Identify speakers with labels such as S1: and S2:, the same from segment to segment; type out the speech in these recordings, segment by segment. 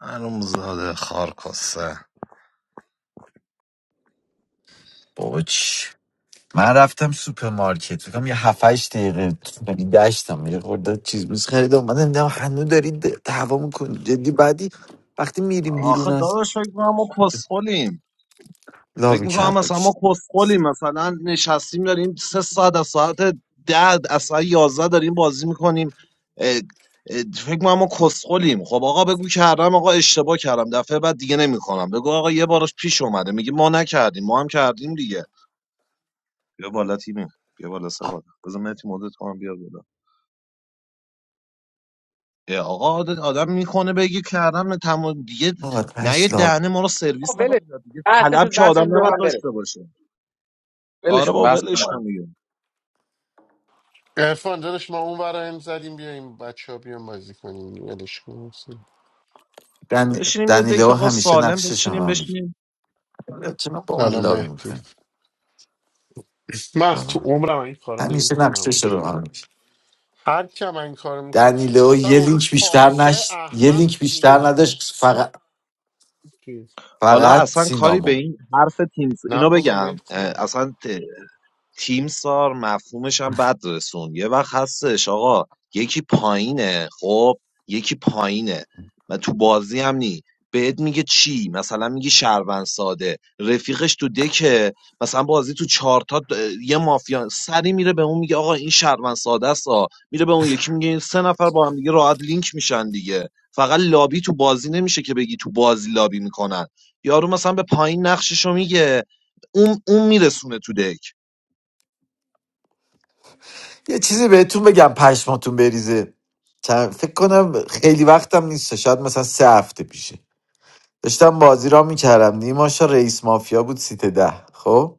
S1: معلوم زاده خارکسته
S2: بابا چی من رفتم سوپرمارکت فکرم یه 7 8 دقیقه ولی داشتم یه خورده چیز میز خریدم اومدم دیدم هنو داری دعوا میکنی جدی بعدی وقتی میریم بیرون
S1: آخه
S2: از
S1: داداش فکر میکنم ما کسخلیم
S2: لابی
S1: فکر میکنم مثلا ما
S2: کردش
S1: کسخلیم مثلا نشستیم داریم سه ساعت از ساعت ده از ساعت یازده داریم بازی میکنیم فکر میکنم ما کسخلیم خب آقا بگو کردم آقا اشتباه کردم دفعه بعد دیگه نمیکنم بگو آقا یه بارش پیش اومده میگه ما نکردیم ما هم کردیم دیگه بیا بالا تیمی بیا بالا سه بالا بذار مهدی مدت کنم بیا بالا اه، آقا عادت آدم میکنه بگی کردم تمام دیگه نه یه
S2: آتش لابی
S1: دهنه ما رو
S3: آقا
S1: سرویس
S3: ولش کن.
S1: نکنه دیگه
S3: بحثش
S1: طلب
S3: شد
S1: که
S3: بحثش
S1: آدم نباید
S3: بودم بره
S1: داشته باشه
S3: ولش
S1: آره
S3: کن
S1: با
S3: بحث
S1: ولش کن
S3: کن.
S1: دیگه
S4: ارفان داداش ما اون ور هم زدیم بیایم بچه ها بیان بازی کنیم ولش کن.
S2: دن...
S1: بشینیم یه دک
S2: دنیلو
S1: آقا
S2: همیشه
S1: سالم
S2: نقشش رو به
S1: بچینیم
S2: من
S1: بشینیم
S2: میگه چرا با من
S4: سلام
S2: لابی
S4: مهدی
S2: میکنه
S4: من از تو عمرم این کارو
S2: همیشه
S4: نمیکنم
S2: نقشش رو به من میگه
S4: هر کم این کارو میکنه
S2: دنیلو
S4: مثلا
S2: یه
S4: اون رو
S2: لینک بیشتر
S4: پارسای
S2: نش یه
S4: احمق
S2: لینک
S4: میگه
S2: بیشتر نداشت فقط
S4: چیز
S1: حالا
S2: فقط
S1: اصلا کاری به
S2: سینامو
S1: این حرف تیم س-
S4: نه
S1: اینو
S4: بابا
S1: بگم
S4: مهدی بیار
S1: اه، اصلا تیم تیمسار مفهومش هم بد رسون یه وقت هستش آقا یکی پایینه خب یکی پایینه و تو بازی هم نی بهت میگه چی مثلا میگه شهروند ساده رفیقش تو دکه مثلا بازی تو چارتا د- یه مافیا سری میره به اون میگه آقا این شهروند ساده است آ. میره به اون یکی میگه این سه نفر با هم دیگه راحت لینک میشن دیگه فقط لابی تو بازی نمیشه که بگی تو بازی لابی میکنن یارو مثلا به پایین نقششو میگه اون اون میرسونه تو دک
S2: یه چیزی بهتون بگم پشماتون بریزه چند- فکر کنم خیلی وقتم نیست شاید مثلا سه هفته پیشه داشتم بازی را میکردم نیماشا رئیس مافیا بود سیت ده خب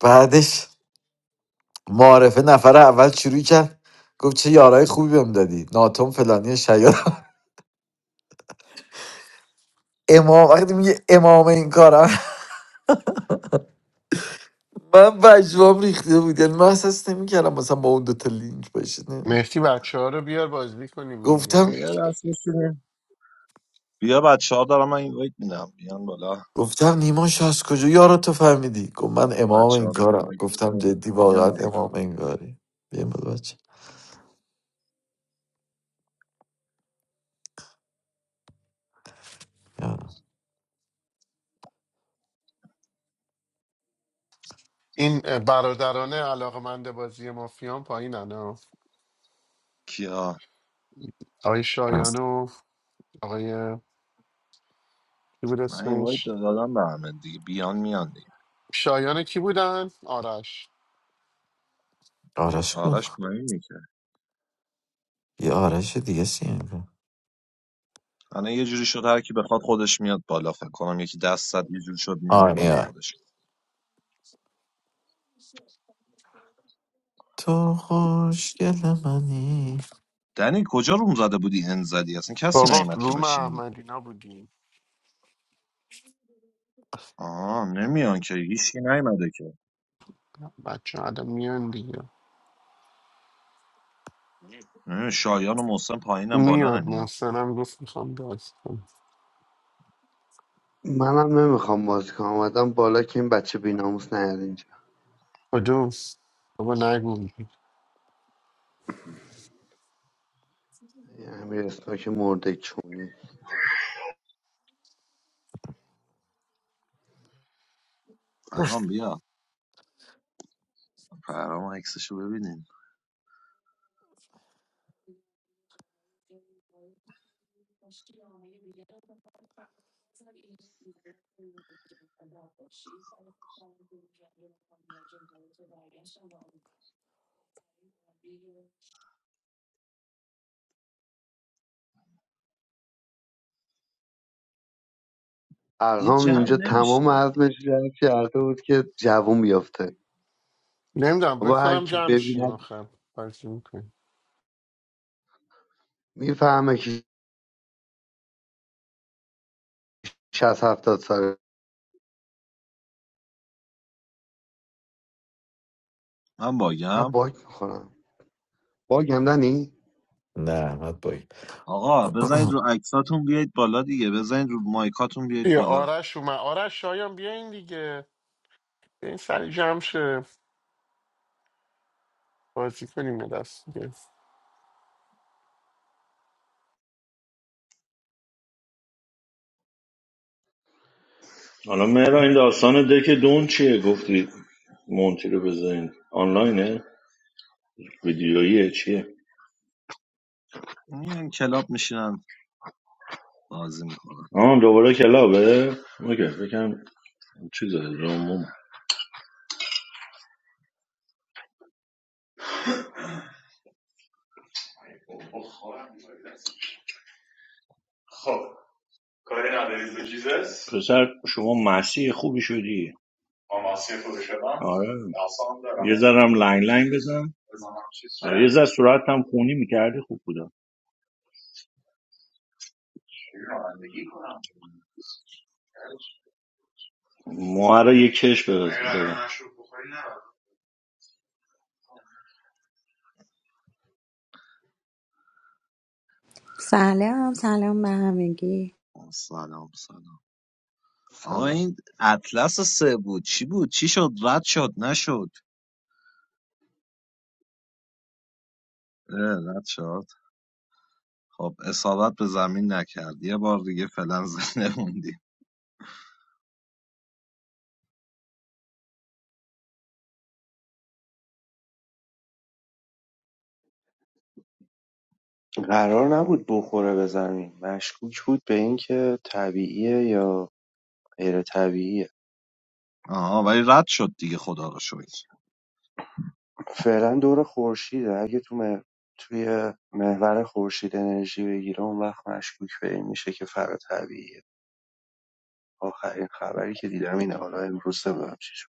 S2: بعدش معارفه نفر اول شروع کرد گفت چه یارای خوبی بهم دادی ناتوم فلانی شیاد امام وقتی میگه امام این کارم من پشمام ریخته بود یعنی من احساس نمیکردم مثلا با اون دوتا لینک باشه نه.
S4: مهدی بچه ها رو بیار بازی کنیم
S2: گفتم
S4: دیگه
S1: آیا راست میشینه بیا بچه ها دارم من اینوایت میدم بیان بالا
S2: گفتم نیما از کجا یارو تو فهمیدی گفت من امام
S1: بچه
S2: این
S1: ها می
S2: کارم
S1: اینوایت
S2: گفتم
S1: بده
S2: جدی واقعا
S1: بیا
S2: امام این کاری بیم بود بچه یا.
S4: این اه، برادران علاقمند بازی مافیان پایین ها.
S1: کیا
S4: آقای شایان و آقای کی بود
S1: من اینوایت
S4: اسمش
S1: دادم به همه دیگه بیان میان دیگه
S4: شایان کی بودن آرش
S2: آرش کن
S1: آرش پایین میشه
S2: یه آرش دیگه سیم کن
S1: الان یه جوری شد هر کی بخواد خودش میاد بالا فکر کنم یکی دست زد یه جوری شد میان بالا
S2: آنیا
S1: خودش
S2: تو خوشگل منی
S1: دنی کجا روم زده بودی ان زدی اصلا کسی
S4: بابا
S1: نیومد که
S4: روم
S1: بشینیم
S4: احمدینا بودیم
S1: آه نمیان که هیچکی نیومده که
S4: بچه الان میان دیگه
S1: نمی‌دونم، شایان و محسن پایینم بالا
S4: میاد
S1: نمیان
S4: محسنم گفت میخوام باز کنم
S5: منم نمیخوام بازی کنم اومدم بالا که این بچه بیناموس نیاد اینجا
S4: کدوم بابا نگو
S5: این امیر اسناک مرده چونی
S1: فرام بیا فرام عکسشو ببینیم دیگه
S5: ارهام
S1: جمع
S5: اینجا
S1: نمیشه
S5: تمام عزمش جمع کرده بود که جوون بیافته
S4: نمیدونم
S5: بابا هر
S4: بکنم
S5: کی
S4: جمع شیم
S5: ببیند
S4: آخر بازی میکنیم
S5: میفهمه که 60 70 ساله
S1: من
S5: من
S1: باگم
S5: باگ میخورم باگ هم دنی
S2: نه احمد بایی
S1: آقا بزنید رو عکساتون بیایید بالا دیگه بزنید رو مایکاتون بیایید
S4: بیا
S1: بالا
S4: آرش اومد آرش شایان بیا این دیگه بیا این سری جمع شه بازی کنیم یه دست دیگه
S6: حالا مهران این داستان دک دون چیه گفتی مونتی رو بزنین آنلاینه ویدیوییه چیه
S1: میان کلاب میشینن بازی میکنن
S6: آه دوباره کلابه اوکی بکنم چیز رومون پسر شما مسیح خوبی شدی آره بذارم لنگ لنگ بزنم یه ذره صورت هم خونی میکردی خوب بودم موها رو یه کش بده
S7: سلام سلام به همگی
S1: سلام سلام آقا
S5: سلام
S1: این اطلس سه بود چی بود چی شد رد شد نشد اه، رد شد خب اصابت به زمین نکرد یه بار دیگه فعلا زنده موندی
S8: قرار نبود بخوره به زمین مشکوک بود به اینکه طبیعیه یا غیر طبیعیه
S1: آها ولی رد شد دیگه خدا رو شکر
S8: فعلا دور خورشیده اگه تو مه- توی محور خورشید انرژی بگیره اون وقت مشکوک به این میشه که فرا طبیعیه آخرین خبری که دیدم اینه حالا امروز نمیدونم چی شد.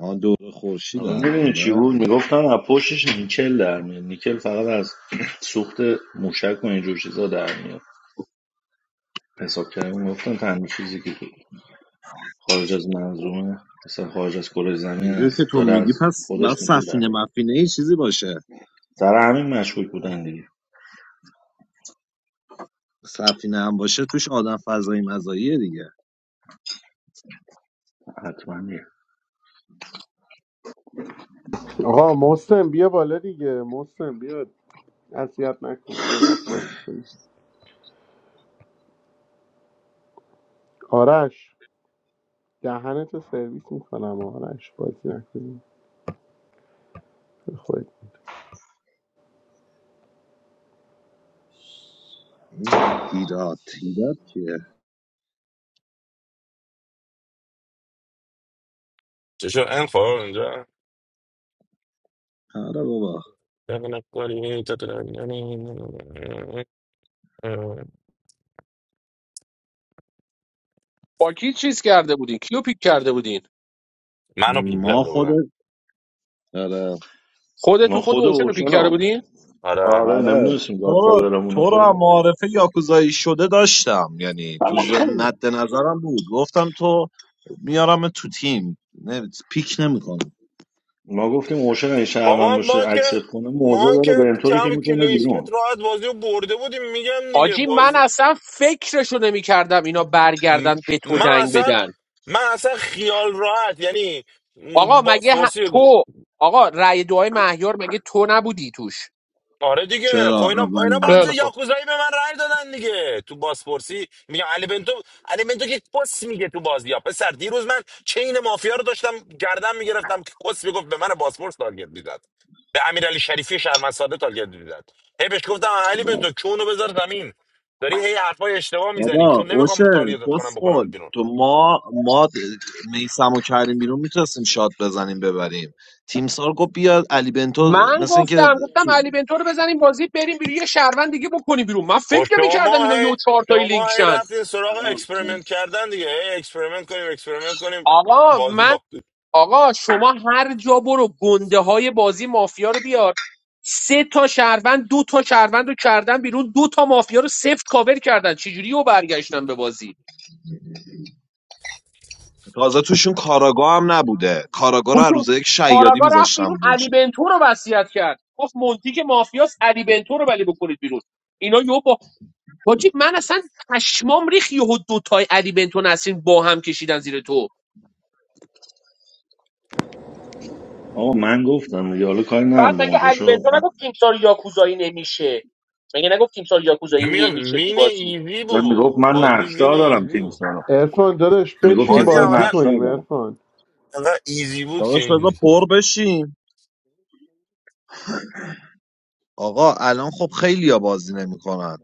S1: آن دور خورشید الان
S6: میدونی چی
S1: آره
S6: بود میگفتن از پشتش نیکل در میاد نیکل فقط از سوخت موشک و اینجور چیزا در میاد حساب کردم گفتن تنها چیزی که تو خارج از منظومه اصلا خارج از کره زمین
S1: اینجوری
S6: است
S1: که تو
S6: داره
S1: میگی
S6: از
S1: پس بعد
S6: خودش میگه در
S1: سفینه
S6: میاد.
S1: مفینه یه چیزی باشه
S6: سر همین مشکوک بودن دیگه
S1: سفینه هم باشه توش آدم فضایی مزاییه دیگه
S6: حتما دیگه
S4: آقا محسن بیا بالا دیگه محسن بیا اذیت نکن یه دست بازی کنیم آرش دهنتو سرویس میکنم آرش بازی نکنیم خود
S1: این هیرات هیرات چیه
S9: Just your info and yeah.
S1: آره بابا
S3: با کی چیز کرده بودین کیو پیک کرده بودین
S9: منو پی
S1: ما
S9: کرده
S1: خود
S9: بودن
S1: آره
S6: ما
S3: خودتون خود
S6: خود
S3: حسین رو
S6: اوشن
S3: پیک کرده
S6: هم
S3: بودین
S9: آره
S6: آره
S1: آره
S6: نمیدونستیم
S1: تو رو
S6: گادفادرمونه
S1: تو رو هم
S6: خودمون
S1: معارفه یاکوزایی شده داشتم یعنی تو ز... مد نظرم بود گفتم تو میارم تو تیم نه... پیک نمیکنم
S6: ما گفتیم اوشن اگه شهروند
S9: بابا ما
S6: باشه
S9: که
S6: اکسپت کنه
S9: ما
S6: موزه داره
S9: که
S6: به انطوری که
S9: کم
S6: میکنه
S9: کلینشیت
S6: بیرون
S9: راحت بازی رو برده بودیم میگم دیگه
S3: حاجی من
S9: بازی
S3: اصلا فکرشو نمیکردم اینا
S9: م-
S3: برگردن به تو
S9: من
S3: دنگ
S9: اصلا
S3: بدن
S9: من اصلا خیال راحت یعنی
S3: آقا
S9: م، با
S3: مگه ه-
S9: سورسی
S3: تو آقا رأی دعای مهیار مگه تو نبودی توش
S9: آره دیگه خب
S1: چرا
S9: اینا اینا
S1: اولین
S9: باز
S3: خیلی خوب
S9: یاکوزایی به من رأی دادن دیگه تو بازپرسی میگم علی بنتو علی بنتو که کس میگه تو بازیا پسر دیروز من چین مافیا رو داشتم گردن میگرفتم که کس میگفت به من بازپرس تارگت میداد به امیرعلی شریفی شرمن ساده تارگت میداد هی بهش گفتم علی
S1: با-
S9: بنتو کونو بذار زمین داری هی حرفای اشتباه میزنی
S1: بابا
S9: چون نمیخوام
S1: اوشه
S9: تارگتت کنم
S1: کسخل
S9: بکنمت بیرون
S1: تو ما ما میسم و کریم بیرون میتونستیم شات بزنیم ببریم تیمسار گفت بیا علی بنتو
S3: من
S1: مثل اینکه
S3: گفتم گفتم علی بنتو رو بزنیم بازی بریم بیرون یه شهروند دیگه بکنیم بیرون من
S9: خب
S3: فکر نمیکردم
S9: شما
S3: اینا
S9: هی
S3: یه چهار تایی لینک
S9: شما هی
S3: شن
S9: رفتین
S10: I
S9: سراغ
S10: don't know.
S9: اکسپریمنت کردن دیگه هی اکسپریمنت کنیم اکسپریمنت کنیم
S3: آقا
S9: بازی
S3: من
S9: باختیم
S3: آقا شما هر جا برو گنده های بازی مافیا رو بیار سه تا شهروند دو تا شهروند رو کردن بیرون دو تا مافیا رو سفت کاور کردن چجوری او برگشتن به بازی
S1: تازه توشون کاراگاه هم نبوده کاراگاه رو هر
S3: خصوص
S1: روز یک شیادی
S3: کاراگا رفت
S1: میذاشتم
S3: بیرون
S1: روش
S3: علی بنتو رو وصیت کرد گفت مونتی که مافیاس علی بنتو رو ولی بکنید بیرون اینا یهو با حاجی من اصلا پشمام ریخ یهو دوتای علی بنتو نسرین با هم کشیدن زیر تو
S6: آقا من گفتم دیگه حالا کاری ندارم
S3: بعد
S6: به
S3: مگه علی
S6: اونجاشو
S3: بنتو نگفت تیمسار یاکوزایی نمیشه مگه نگفت تیمسار یاکوزایی
S9: میگم
S3: نمیشه تو
S9: وین
S3: بازی
S9: ایزی
S6: زن
S9: بود
S6: میگفت من
S9: بازی وین
S6: نقشدار دارم
S9: ایزی
S6: تیم
S9: بود
S6: سارا
S4: ارفان داداش
S6: میگفت
S4: بشین
S6: تیم
S9: بازی
S6: سارا
S4: بازی
S9: عملا
S6: نقشدار
S4: کنیم
S6: دارم
S4: ارفان
S9: انقدر ایزی بود که
S1: داداش بذار
S9: اینجوری شد
S1: پر بشیم آقا الان خب خیلی ها بازی نمیکنن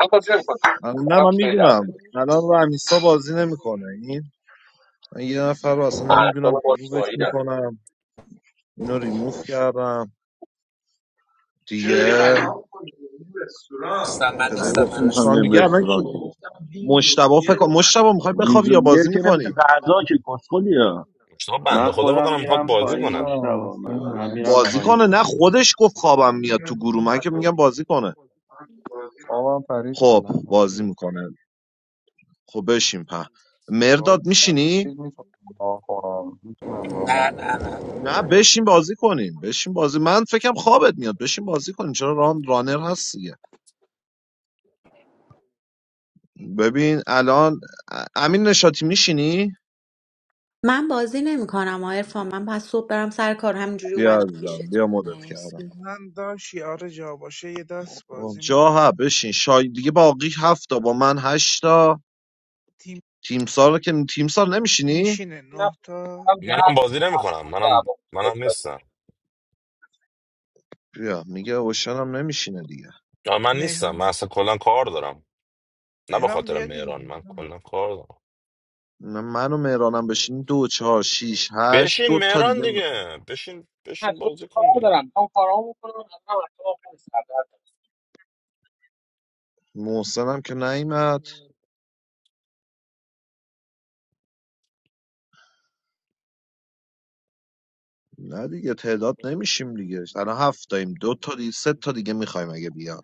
S3: من بازی نمی‌کنم من
S1: نه
S3: سرم
S1: من
S3: خیلی درده
S1: میدونم الان رمیسا بازی نمیکنه این من یه نفر رو اصلا نمیدونم
S3: اعصاب
S1: ریمووش
S3: بالا دارم
S1: میکنم اینو ریموو کردم دیگه
S11: Mr.
S1: بذاری
S11: Minister,
S6: نگفتیم
S1: رفرش
S6: میخوام
S11: Mr.
S1: کنم
S6: بریم
S1: دیگه الان
S6: رستوران
S1: کی مشتبه فکر کنم مشتبه میخوای بخوابی
S6: اینجا
S1: یا
S6: دیگه
S1: بازی
S6: که نمیشه
S1: میکنی
S6: غذا که کسخلیه
S9: مشتاق
S8: من
S9: بنده خدا
S8: خودم
S9: بکنم میخواد
S8: میرم
S9: بازی
S8: پایین
S9: کنم
S12: سلام اوکی
S8: مشتبه من من
S12: میدونم
S8: میرم
S1: بازی
S12: سلام
S8: پایین
S1: کنه نه خودش گفت خوابم میاد تو گروه من که میگم بازی کنه
S12: خوابم پرید
S1: خب
S12: فعلا
S1: بازی
S12: اوکی
S1: میکنه خب بشین په
S12: گاد
S1: مرداد میشینی
S12: نباشید میتونم راه کنم میتونم راه کنم
S11: Na, Na, Na.
S1: نه بشین بازی کنیم بشین بازی من فکرم خوابت میاد بشین بازی کنیم چرا ران رانر هست دیگه ببین الان ا- امین نشاتی میشینی
S7: من بازی نمیکنم عرفان من پس صبح برم سر کار همینجوری
S1: بیا
S7: اومدم
S1: عزیزم بیا
S7: پیشتون
S1: مدت کردم
S7: مرسی
S13: من داشت یار جا باشه یه دست بازی
S1: جا
S13: میکنه
S1: ها بشین شاید دیگه باقی هفت تا با من هشت تا
S13: تیم
S1: تیمسار رو که تیمسار نمیشینی؟
S13: میشینه نه
S3: نفسم
S13: تا
S9: منم
S3: درد
S9: بازی
S3: میکنه الان
S9: نمیکنم
S3: مورد
S9: منم
S3: دعوا میشه بازی
S9: منم نیستم
S1: بیا میگه اوشن هم نمیشینه دیگه
S9: آه، من نیستم من
S13: مهران
S9: اصلا کلا کار دارم نه به
S13: مهران
S9: خاطر
S13: بیا
S9: مهران من
S13: دیگه
S9: کلا کار دارم
S1: نه من و مهرانم بشین دو چهار شیش هشت
S9: بشین
S1: دو تا
S9: مهران
S1: دیگه میخوام
S9: دیگه بشین
S3: بعد
S9: بشین
S3: اصلا
S9: بازی
S3: کار
S9: کن دیگه
S3: دارم میخوام کارامو بکنم الان اعصابم خیلی سرده
S1: محسن هم که نیمد نه دیگه تعداد نمیشیم دیگه الان هفت تاییم دو تا دیگه سه تا دیگه میخوایم اگه بیاد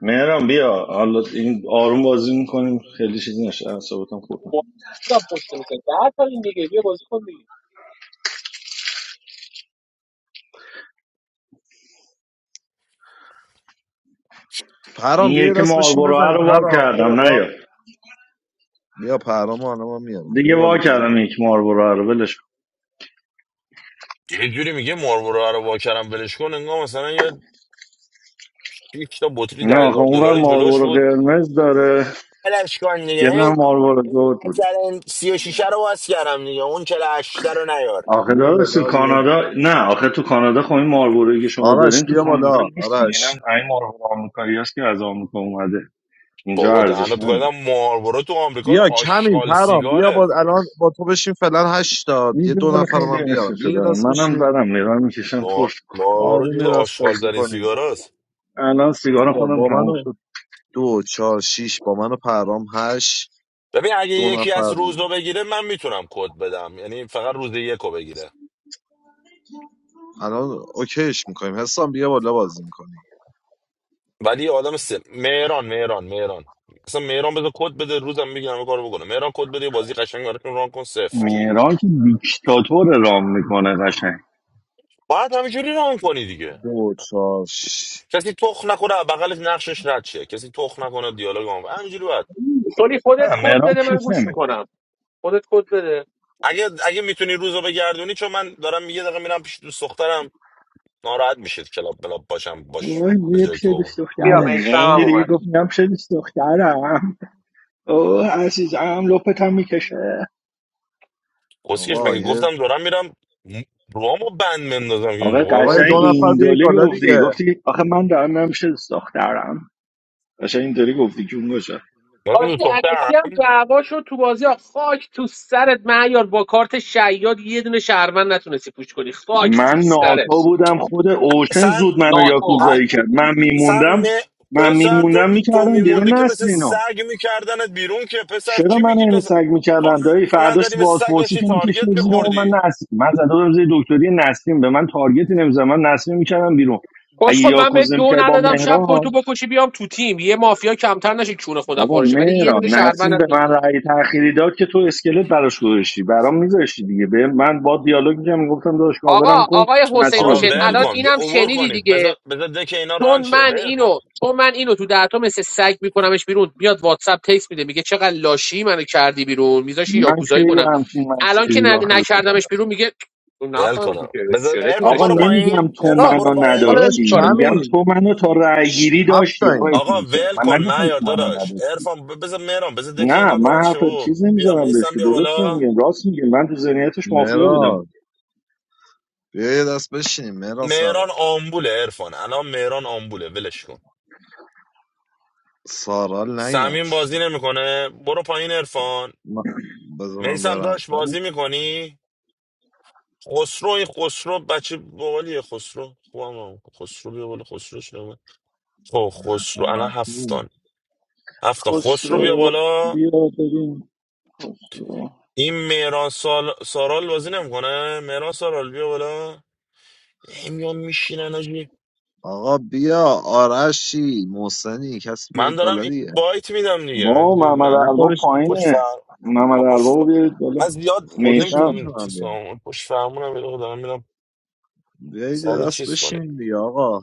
S6: مهرم بیا حالا این آروم بازی میکنیم خیلی چیزی نشه اعصابتم خورد نکنه.
S3: بودم پشت میشه درد تا این دیگه بیا بازی کن دیگه
S6: این
S1: پرام بیا یه
S6: یکی
S1: دست بشین
S6: ماربورو
S1: بزنیم
S6: رو وا
S1: پرام بیا
S6: کردم نه
S1: بالا
S6: یا
S1: بیا پرام و الان من میارم بیا
S6: دیگه
S1: بالا
S6: وا
S1: پرام
S6: کردم یک ماربورو رو ولش کن.
S9: یه جوری میگه مارورا رو واکرم ولش کن انگار مثلا یه یک تا بطری
S6: نه
S9: ده
S6: آخه
S9: هزار
S6: اونور
S9: دلاری جلوش
S6: ماربورو
S9: بود
S6: قرمز داره
S9: بلش کن
S6: یه
S9: دیگه
S6: نه
S9: این
S6: ماربورو
S9: این
S6: زرد بود
S9: مثلا 36 رو باز کردم دیگه اون 48 رو نیار
S6: آخه
S1: بیا
S6: داداش
S1: بالا
S6: تو
S1: یه-
S6: کانادا نه آخه تو کانادا خب این ماربورویی که شما
S1: آرش
S6: دارین تو
S1: بیا
S6: کانادا
S1: بالا
S6: نیست دیگه
S1: آرش
S6: اینم این ماربورو آمریکایی هست که از آمریکا اومده اینجا
S9: بابا دهنت
S6: ارزشمنده
S9: گایدم ماربورو تو آمریکا
S1: بیا کمیم
S9: آشغال
S1: پرام بیا
S9: سیگاره
S1: با الان با تو بشین فعلا هشت تا یه
S6: اینجا
S1: دو
S6: مال
S1: نفر
S6: خیلی
S1: رو من
S6: عشق
S1: بیارم بیا
S6: شده
S1: یه دست
S6: منم
S1: بشینیم
S6: دارم نگاه میکشم
S9: ما-
S6: ترش
S9: ماربورو
S1: آروم
S9: جز
S1: یه دست
S9: آشغال
S1: بازی
S9: ترین
S1: کنیم
S9: سیگاراست
S6: الان سیگار
S1: بیا
S6: خودم
S1: با
S6: تموم
S1: منو
S6: شد
S1: دو چهار شیش با منو پرام هشت
S9: ببین اگه
S1: دو
S9: یکی
S1: نفر
S9: از روز رو
S1: بودیم
S9: بگیره من میتونم کد بدم یعنی فقط روز یک رو بگیره
S1: الان اوکیش میکنیم حسام بیا بالا بازی میکنی
S9: ولی آدم سه مهران مهران مهران اصلا مهران بذار کد بده روزم میگیرم کارو بکنه مهران کد بده یه بازی قشنگ براتون ران کن سفت
S6: مهران که دیکتاتور رام میکنه قشنگ
S9: باید همینجوری ران کنی دیگه
S1: دو چهار شیش
S9: کسی تخ نخوره بغلش نقشش رد شه کسی تخ نکنه دیالوگ ما هم همینجوری باید
S3: سولی خودت
S6: نه
S3: کد
S6: مهران
S3: بده من
S6: کیک
S3: گوش
S6: نمیکنه
S3: میکنم خودت کد بده
S9: اگه اگه میتونی روزو بگردونی چون من دارم یه دقیقه میرم پیش دوست دخترم ناراحت میشید کلاب بلاب باشم باش
S6: اوه
S9: به
S6: یه
S9: جایی که بابا
S6: پسیدیس
S3: بیا
S6: دخترش
S3: میسم هم
S14: میگن
S6: دیدی
S3: اومد
S6: گفت میگم پسیدیس دخترم اوه عزیزم لپت هم میکشه
S9: قصیش
S1: آقا
S9: مگه
S1: یه
S9: گفتم دارم میرم روامو بند مندازم که
S6: آقا
S9: اینجا خدا
S1: آقا یه
S9: رو
S1: دو
S6: قشنگ
S9: بشه.
S1: نفر
S6: این
S1: بیایید
S6: دولی
S1: بالا
S6: گفتی
S1: دیگه
S6: گفتی آخه من دارم میرم پسیدیس دخترم قشنگ این دولی گفتی جون گشه
S9: دارم
S3: حاجی
S9: دوست
S3: علکی
S9: دخترم
S3: هم دعوا شد تو بازی ها خاک تو سرت معیار با کارت شیاد یه دونه شهروند نتونستی پوش کنی خاک تو
S6: من ناتا
S3: سرت
S6: بودم خود اوشن
S9: سن
S6: زود منو
S9: ا-
S6: یاکوزایی
S3: ناتو
S6: کرد من
S9: سن
S6: میموندم
S9: م-
S6: من
S9: پسر تو
S6: میموندم
S9: تو
S6: میکردم
S9: میموندی
S6: بیرون
S9: که مثل
S6: نسرینو
S9: سگ میکردنت بیرون که پسر
S6: چرا
S9: چی
S6: من
S9: میگی تو
S6: این
S9: اصلا-
S6: سگ
S9: تو
S6: میکردن دایی
S9: حرف
S6: فرداش
S9: نزدی
S6: تو
S9: مثل سگ
S6: بازپرسی
S9: داشتی
S6: که
S9: تارگت
S6: میکشیم زیر اون
S9: میخوردی
S6: من نسیم من زده بودم زیر دکتری نسیم به من تارگتی نمیزن من نسیم میکردم بیرون اگه
S3: کسخل من به
S6: یاکوز
S3: دو
S6: نمیکرد با
S3: ندادم شب خودتو
S6: مهران
S3: بکشی بیام تو تیم یه مافیا کمتر نشه کونه خودم
S6: بابا
S3: پارشه ولی یه
S6: مهران
S3: دونه شهروند
S6: نسیم به
S3: نتونی
S6: من رأی تأخیری داد که تو اسکلت براش گذاشتی برام میذاشتی دیگه به من با دیالوگ میکردم میگفتم داداش کاورم
S3: آقا
S6: کن
S3: آقای
S6: نسیم
S3: حسین
S6: رو
S9: آقا
S3: حسین
S6: بکن
S9: ول
S3: الان
S6: بیرون
S9: کن بیا
S3: اینم
S9: اوور
S3: شنیدی
S9: کنید
S3: دیگه
S9: بذار بذار دک اینا ران
S3: چون
S9: شه
S3: من
S9: ول کن
S3: اینو چون من اینو تو دهتا مثل سگ میکنمش بیرون بیاد واتساپ تکس میده میگه چقدر لاشی منو کردی بیرون میذاشی
S6: من که
S3: یاکوزایی
S6: یه
S3: کنم
S6: همچین
S3: الان که
S6: مسیجی رو
S3: ن-
S6: آخه به تو دادم
S3: نکردمش بیرون میگه تو
S9: ول کن
S3: نفهمیدی که
S9: بذار
S3: اسکلت
S9: ارفان
S6: آقا
S3: میذاشتی
S9: برو
S3: برام
S9: پایین
S6: نمیگم تو
S3: آه،
S9: ارفان برو
S6: منو
S9: پایین
S3: حالا
S1: داداش
S3: این
S6: نداشتی
S3: کارت
S6: میگم
S3: می‌کنم.
S1: کمیم
S6: تو منو تا رأی
S1: شش-
S6: گیری
S1: هفت
S6: داشتی
S1: تاییم
S6: آقای
S9: آقا
S6: تیمسا
S9: ول
S6: من
S9: کن
S6: نگفتم
S9: معیار
S6: تو منو
S9: داداش
S6: نداشتی
S9: ارفان ب- بذار مهران بذار دک
S6: نه
S9: اینا
S6: من
S9: ران
S6: حرف
S9: شه و
S6: چیز
S9: بیا
S6: نمیذارم بهش
S9: میسم
S6: که
S9: بیا
S6: درست
S9: بالا
S6: نمیگم راست میگم، من تو ذهنیتش مافیا بودم
S1: مراد بیا یه دست بشینیم مراد
S9: مهران
S1: سرال
S9: آمبوله ارفان الان مهران آمبوله ولش کن
S1: سارال
S9: سمین
S1: نیمت
S9: بازی نمیکنه برو پایین ارفان
S1: بذار من
S9: میسم
S1: برم
S9: داشت بازی
S1: ولی
S9: میکنی خسرو این خسرو بچه باحالیه خسرو خوبم هم. خسرو بیا بالا خسرو شده خب خسرو الان
S1: اصلا
S9: هفتان هفته خسرو بیا
S6: خسرو
S9: بالا
S6: بیا ببین خسرو
S9: این مهران سال... سارال بازی نمیکنه مهران سارال بیا بالا همیان میشینن آجی
S1: آقا بیا آرشی محسنی کسی
S9: من
S1: بیایید
S9: دارم
S1: بالا
S9: این
S1: دیگه
S9: بایت میدم دیگه من
S6: با محمد
S9: من,
S1: نه
S6: الوا
S1: خودش
S9: من پشت
S6: پایینه
S9: فر
S6: محمد
S9: من پشت
S6: الوا رو
S9: فر-
S6: بیارید
S9: من
S6: بالا
S9: زیاد
S1: خودشون
S6: میسم
S9: نمیتونم
S1: میتونم
S9: چیز
S1: بیان
S9: کنم پشت فرمونم یه دقیقه دارم میرم
S1: بیایید یه
S9: سریع
S1: دست
S9: چیز کنید
S1: بشین دیگه آقا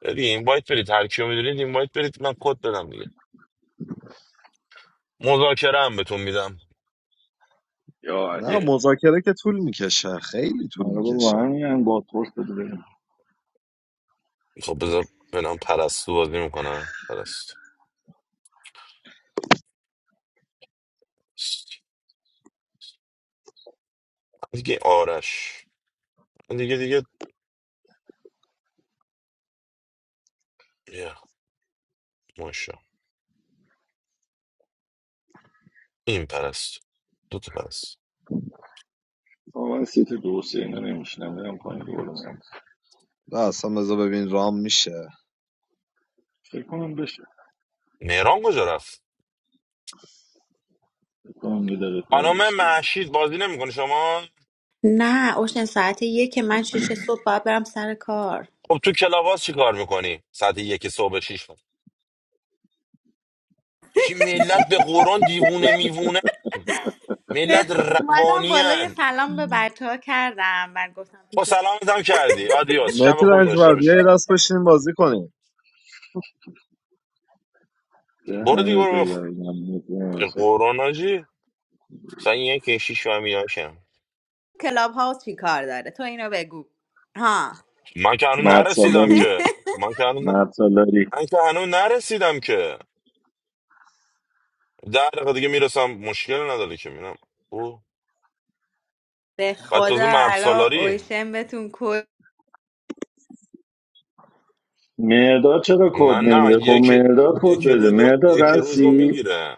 S9: دیگه این بایت برید هر کیو میدونید این بایت برید من کد بدم دیگه مذاکره هم بهتون میدم
S1: نه
S9: اه،
S1: مذاکره که طول میکشه خیلی طول
S6: مرحبا با
S1: میکشه
S6: همین با ترس بده بریم
S9: خب بذار بنام پرستو بازی میکنم پرستو من دیگه آرش من دیگه دیگه بیا. ماشا این پرست دو تا پرست
S6: آقا من سیت دو سه اینا نمیشنم برم پایین دوباره میام
S1: نه اصلا بذار ببین رام میشه
S6: فکر کنم بشه
S9: مهران کجا رفت
S6: فکر کنم یه دقیقه کار
S9: خانم
S6: داشته
S9: محشید بازی نمیکنه شما
S7: نه اوشن ساعت یک من شیش صبح باید برم سر کار
S9: خب تو کلاباس چی کار میکنی ساعت یک صبح شیش بار. چی ملت به قرآن دیوونه میوونه
S7: نه،
S9: ملت
S7: اومدم بالا یه
S9: روانیان
S7: سلام به بچه ها کردم من گفتم
S9: خب
S7: پیش
S9: سلامت هم کردی آدیاس شب
S1: متر
S9: خوبی داشته
S1: انجبر بیا
S9: باشی
S1: یه دست بشین بازی کنیم
S9: برو دیگه
S6: دهنه تو
S9: برو بخ
S6: گاییدم
S9: قرآن آجی سن یک شیش و میام کم
S7: کلاب هاوس چی کار داره تو اینو بگو ها
S9: من که هنوز
S6: مرد
S9: نرسیدم
S6: سالاری
S9: که خب من که هنوز ن...
S6: مرد سالاری
S9: من که هنوز نرسیدم که در دقیقه دیگه میرسم مشکل نداره که میرم
S7: به
S9: بعد تازه
S7: خدا
S9: مرد
S7: الان
S9: سالاری
S7: اوشن بهتون کل
S6: مرداد چرا کد
S9: من نه
S6: نمیده
S9: من
S6: خب
S9: یکی
S6: مرداد کد
S9: یکی
S6: بده
S9: روزو
S6: مرداد
S9: یکی روزو
S6: هستی
S9: میگیره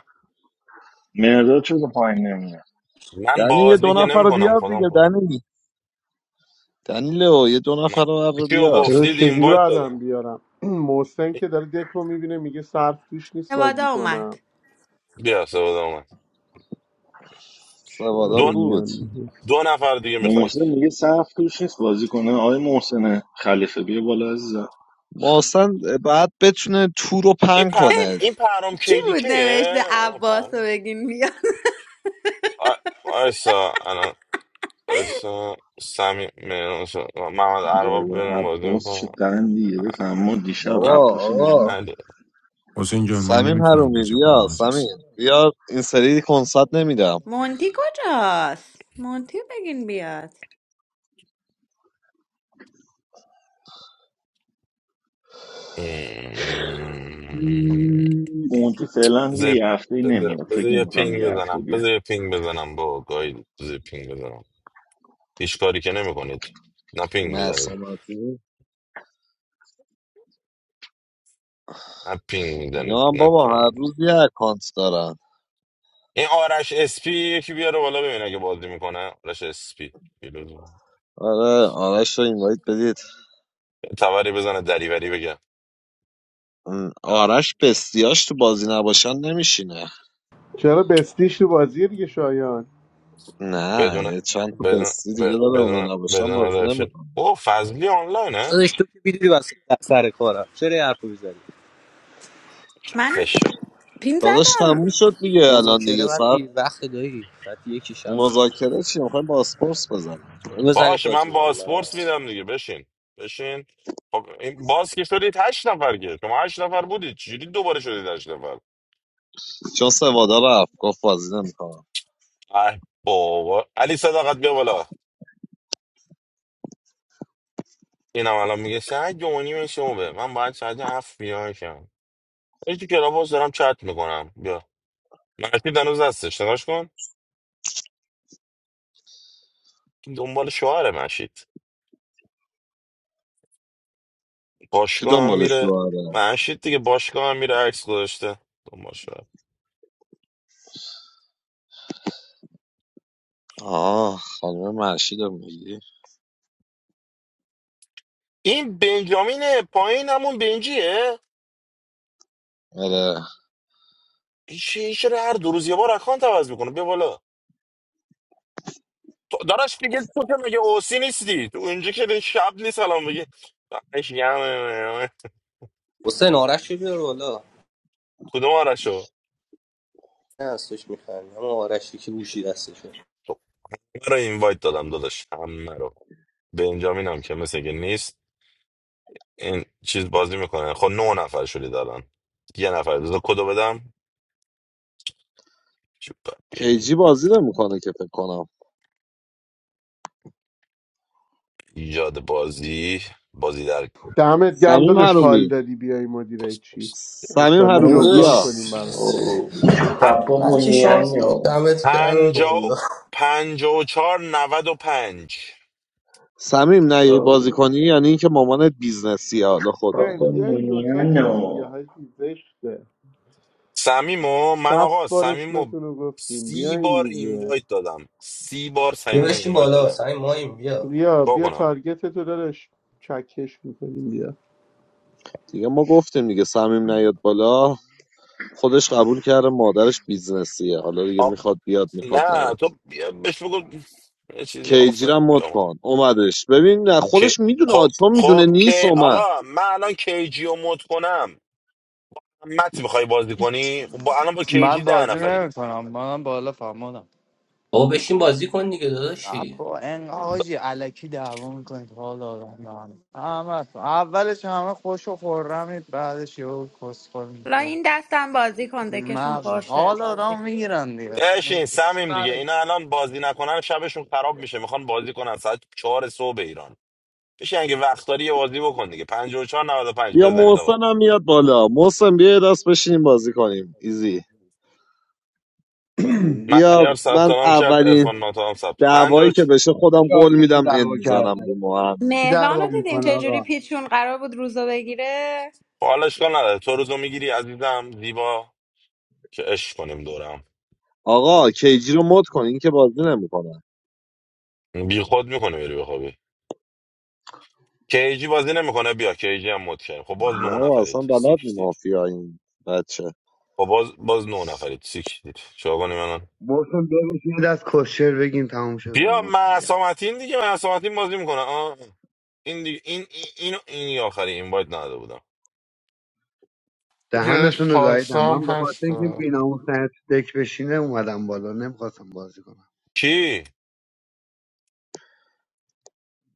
S6: مرداد چرا پایین نمیده
S9: من
S1: دنی یه
S9: بازی
S1: دو
S9: که
S1: نفر رو
S9: نمیکنم
S1: بیار
S9: خودم
S1: دیگه
S9: خودم
S1: دنی دنی لو یه دو
S9: من
S1: نفر رو بر
S9: کیو
S1: بیار
S4: داداش
S9: گفتید
S4: چجوری
S9: اینوایت
S4: بعدم
S9: دادم
S4: بیارم محسن که داره دکو میبینه میگه صرف توش نیست بازی
S7: وادا اومد
S4: کنم
S9: بیا سواد اومد
S4: چرا
S1: سوادا
S9: دو
S1: بود
S4: نمیان میگه
S9: دو نفر دیگه میخواید
S6: محسن میگه صف توش نیست بازی کنه آقای محسن خلیفه بیا بالا عزیزم
S1: محسن بعد بتونه تو رو
S9: این
S1: پن
S9: پ...
S1: کنه
S9: این پرام
S7: کی بود نوشته
S9: کیلیکه آه،
S7: عباس رو
S9: پرام
S7: بگین بیا.
S9: آ- آیسا الان آیسا سمی مهران- محمد
S6: وای
S9: ارباب
S6: وای
S9: برم بازی
S6: عباس چه
S9: میکنم
S6: قندی گرفت اما دیشب عباس رو
S1: بابا
S6: نمی‌دونم.
S9: علی
S15: حسین جان من
S1: سمیم
S15: نمیتونم
S1: حرومی
S15: بازی کنم
S1: بیا
S15: عزیز
S1: سمیم بیا این سری کنسرت نمیدم
S7: مونتی کجاست مونتی رو بگین بیاد
S6: اونتی فعلا
S9: بذار
S6: یه هفته
S9: بذار-
S6: نمیاد
S9: بذار
S6: فکر
S9: یه
S6: نمیکنم
S9: پینگ
S6: یه هفته
S9: بزنم
S6: بیا
S9: بذار یه پینگ بزنم با گاهی بذار یه پینگ بزنم هیچ کاری که نمیکنید نه پینگ میزنید
S1: مرسامتی
S9: نه پینگ میزنید
S1: اینا هم بابا هر
S9: نکنم
S1: روز یه اکانت دارن
S9: این آرش اسپی یکی بیاره بالا ببین اگه بازی میکنه آرش اسپی
S1: آره آرش رو اینوایت بدید
S9: توری بزنه دریوری بگه
S1: م، آرش بستیاش تو بازی نباشن نمیشینه
S4: چرا بستیش تو بازی دیگه شایان
S1: نه
S9: بدون
S1: یه چند تا
S9: بدون
S1: بستی دیگه
S9: ب-
S1: داره
S9: بدون
S1: اونا نباشن
S9: بدون
S1: بازی
S9: رفیق
S1: نمیکنه
S9: او فضلی آنلاینه
S16: داداش تو که میدونی واسه سر کارم چرا یه حرفو میزنی
S7: من
S9: خفش
S7: پین
S1: داداش
S7: زدم
S1: تموم شد دیگه الان دیگه
S16: مذاکره بعد
S1: سر
S16: دیر وقت دایی بعد یکی شب
S1: مذاکره چی میخوایم باسپورس بزنیم
S16: اونو بزنید
S9: باشه
S16: بازی
S9: من
S16: کنه منم
S9: باسپورس
S16: هست
S9: میدم دیگه بشین بشین خب این باز که شدید هشت نفر که شما هشت نفر بودید چجوری دوباره شدید هشت نفر
S1: چون سوادا رفت گفت بازی نمیکنم
S9: ای بابا علی صداقت بیا بالا اینم الان میگه ساعت دو و نیم صبحه من باید ساعت هفت بیاشم این تو کلاباس دارم چت میکنم بیا مشید هنوز هستش نگاش کن دنبال شوهر مشید
S1: کی
S9: باشگاه هم
S1: دنبالش
S9: میره
S1: رو آره
S9: مشید دیگه باشگاه هم میره عکس گذاشته دنبال شوهر
S1: آه خانم مرشید رو میگی
S9: این بنجامین پایین همون بنجیه
S1: آره
S9: هیچ هیچ رو هر دو روز یه بار اکانت عوض میکنه بیا بالا تو دارش دیگه تو که مگه اوسی نیستی تو اینجا که دیگه شب نیست الان بگی دمش گرمه.
S16: حسین آرش رو بیار بالا
S9: کدوم آرشو
S16: نه هستش میخندی اما آرش که گوشی دستشه
S9: تو من رو اینوایت دادم داداش همه رو بنجامین هم که مثل که نیست این چیز بازی میکنه خب نه نفر شدید الان یه نفر بذار کدو بدم چوب
S1: کیجی
S9: بیم.
S1: بازی نمیکنه که فکر کنم
S9: ایجاد بازی بازی در
S4: دمت گم
S1: سمیم
S4: داداش حال
S1: حرومی
S4: دادی بیای مدیره
S9: پست
S4: چی
S9: پست
S1: سمیم
S4: انشالله
S1: حرومی
S4: جبران
S1: بیا
S4: کنیم
S16: آرش
S4: برات
S6: اوه چه
S9: پ-
S6: پاپا
S16: من که شما
S6: مونیانو
S16: دمت کرد
S9: پنجا و-
S16: والله.
S9: پنجا و چهار نود و پنج
S1: سمیم نیای بازی
S6: اوه
S1: کنی یعنی اینکه مامانت بیزنسی حالا خود
S4: حسین
S6: پاپا
S1: بدونی
S4: بیا این دوتاتون
S6: مونیانو
S4: دیگه حاجی زشته
S9: سمیمو من آقا
S4: شست بار
S9: سمیمو
S4: اسمتون رو گفتیم
S9: سی بار
S4: بیاین دیگه
S9: اینوایت دادم سی بار
S16: بیا
S9: سمیمو
S16: بشین
S9: اینوایت
S16: بالا
S9: دادم
S16: سعی مایم بیا
S4: بیا
S9: تو
S4: بیا
S9: کنم
S4: تارگت تو دارش چکش میکنیم بیا
S1: دیگه ما گفتیم دیگه سمیم نیاد بالا خودش قبول کرده مادرش بیزنسیه حالا دیگه
S9: آ...
S1: میخواد بیاد میخواد
S9: نه
S1: نیاد
S9: تو بیا بهش بگو یه چیزی
S1: کیجی
S9: آفر
S1: رو هم مد
S9: بیا من.
S1: کن اومدش ببین نه
S9: که
S1: خودش میدونه
S9: خب
S1: چون میدونه
S9: خب
S1: نیست
S9: که
S1: اومد
S9: آقا من الان کیجی رو مد کنم مت میخوای بازی کنی خب با الان با
S17: من
S9: کیجی ده
S17: بازی
S9: نفرید
S17: نمیکنم منم بالا فهمادم
S16: بابا بشین بازی کن دیگه داداشی
S17: با این حاجی علکی دعوا میکنید حال آدم به هم. همه تو. اولش همه خوش و خورمید بعدش یه کسخور
S7: لا
S17: میگیرن
S7: این دستم بازی کن دکشون
S17: مردم
S7: پرشه
S17: حال
S7: بازی
S17: آدم
S7: کن
S17: میگیرن دیگه
S9: بشین سمیم دیگه اینا الان بازی نکنن شبشون خراب میشه میخوان بازی کنن ساعت چهار صبح ایران بشین اگه وقت داری یه بازی بکن دیگه 54 پنج
S1: بیا
S9: بزنید آقا
S1: محسن هم میاد بالا محسن بیا یه دست بشینیم بازی کنیم ایزی
S9: من
S1: بیا
S9: ایار ثبت
S1: من
S9: نام کرد
S1: اولین
S9: ارفان ناتا هم ثبت پنج
S1: دعوایی
S9: و چ-
S1: که بشه خودم
S5: چهار
S1: قول
S5: کشی
S1: میدم اند
S5: دعوا
S1: میزنم به
S5: کرده
S1: مهم
S5: کی
S7: مهران
S5: دعوا
S7: رو دیدین
S5: میکنه
S7: چجوری
S5: آقا
S7: پیچون قرار بود روزو بگیره
S9: خب حالا اشکال نداره تو روزو میگیری عزیزم زیبا که عشق کنیم دورم
S1: آقا کیجی رو مد کن این که بازی نمیکنه
S9: بی خود میکنه بری بخوابی کیجی بازی نمیکنه بیا کیجی هم مد کردیم خب باز نه
S1: نه اصلا
S9: نفرید
S1: بلد نی
S9: سیکشتید
S1: مافیا این بچه
S9: خب باز باز نه نفرید سیکشتید چه کنیم الان
S5: محسن ببین یه دست کشر بگیم تموم شه بره
S9: بیا
S5: محسن بیا
S9: معصومتین دیگه معصومتین بازی میکنه آه. این دیگه این این این, این آخری این باید نداده بودم
S5: دهنتون
S4: بیادش
S5: رو گاییدم
S4: پارسام
S5: من به خاطر اینکه
S4: هست
S5: بیناموس نت دک بشینه اومدم بالا نمیخواستم بازی کنم
S9: کی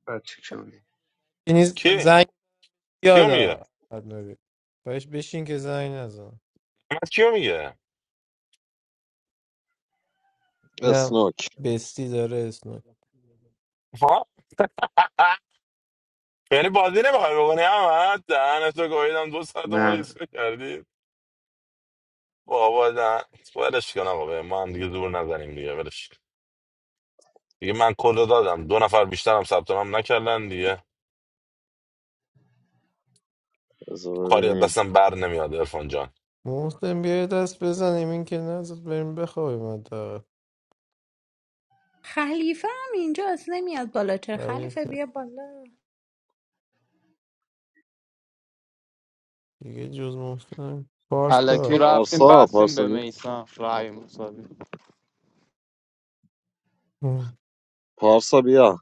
S5: بچه چونی
S18: یعنی
S9: کی
S18: زنگ
S9: کیو میگه
S18: یادا بهش بشین که زنگ نزن
S9: من کیو میگه
S18: نه
S1: اسنوک
S18: بستی داره اسم
S9: یعنی بازی نمیخوای بکنی اما دهنتو گاهیدم دو ساعت ما
S5: نه
S9: ریس کردی بابا دهن ولش کن آقا به ما هم دیگه زور نزنیم دیگه ولش کن. دیگه من کل رو دادم دو نفر بیشتر هم ثبت نام نکردن دیگه
S1: بذار
S9: کاری از
S1: ببینیم
S9: دستم بر نمیاد ارفان جان
S18: محسن بیای دست بزنیم این که نزد بریم بخوابیم حداقل
S7: خلیفه هم اینجاست نمیاد بالا چه
S18: یعنی
S7: خلیفه بیا بالا
S18: دیگه جز محسن پارسا
S17: علکی رفتیم
S1: پارسا
S17: بستیم
S1: پارسا
S17: به
S1: نی...
S17: میسان رای مساوی
S18: هم.
S1: پارسا بیا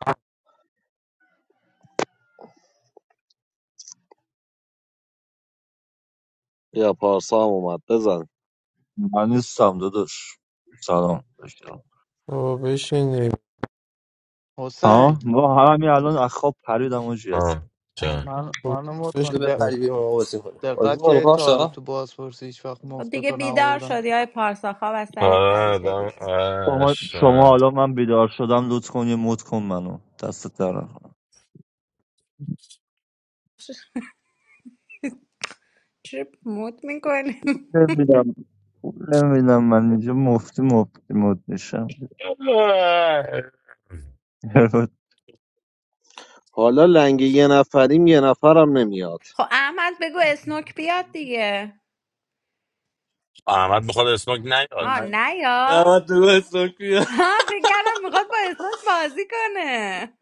S1: یا پارسا هم اومد بزن
S19: من نیستم داداش سلام بشم
S18: بابا بشین دیگه.
S19: ها
S17: حسین
S19: ما همین الان از خواب پریدم و اصلا
S9: آه. چه؟
S17: من
S18: بابا
S17: منو مت
S18: بشین
S16: تو
S17: کن دق-
S18: دیگه.
S16: بپری بیا ما بازی کنیم بازی
S17: دقت
S16: کنیم
S17: که تا حالا
S16: پاشا
S17: تو بازپرسی هیچ وقت
S7: خب دیگه
S17: مفتتو
S7: بیدار
S17: نبردم
S7: شدی های پارسا خواب از سرت
S9: آره
S7: پریده
S9: دم
S7: دیگه
S19: شما
S9: آش،
S19: شما
S9: آره.
S19: حالا من بیدار شدم لطف کن یه مد کن منو دستت در نکنم
S7: چرا مود میکنی
S19: نمیدونم من اینجا مفتی مفتی مد میشم
S1: حالا لنگ یه نفریم یه نفرم نمیاد
S7: خب احمد بگو اسنوک بیاد دیگه
S9: احمد میخواد اسنوک نیاد
S7: ها نیار
S16: دمت تو گستاکی
S7: ها فکر کردم میخواد با اسنوک بازی کنه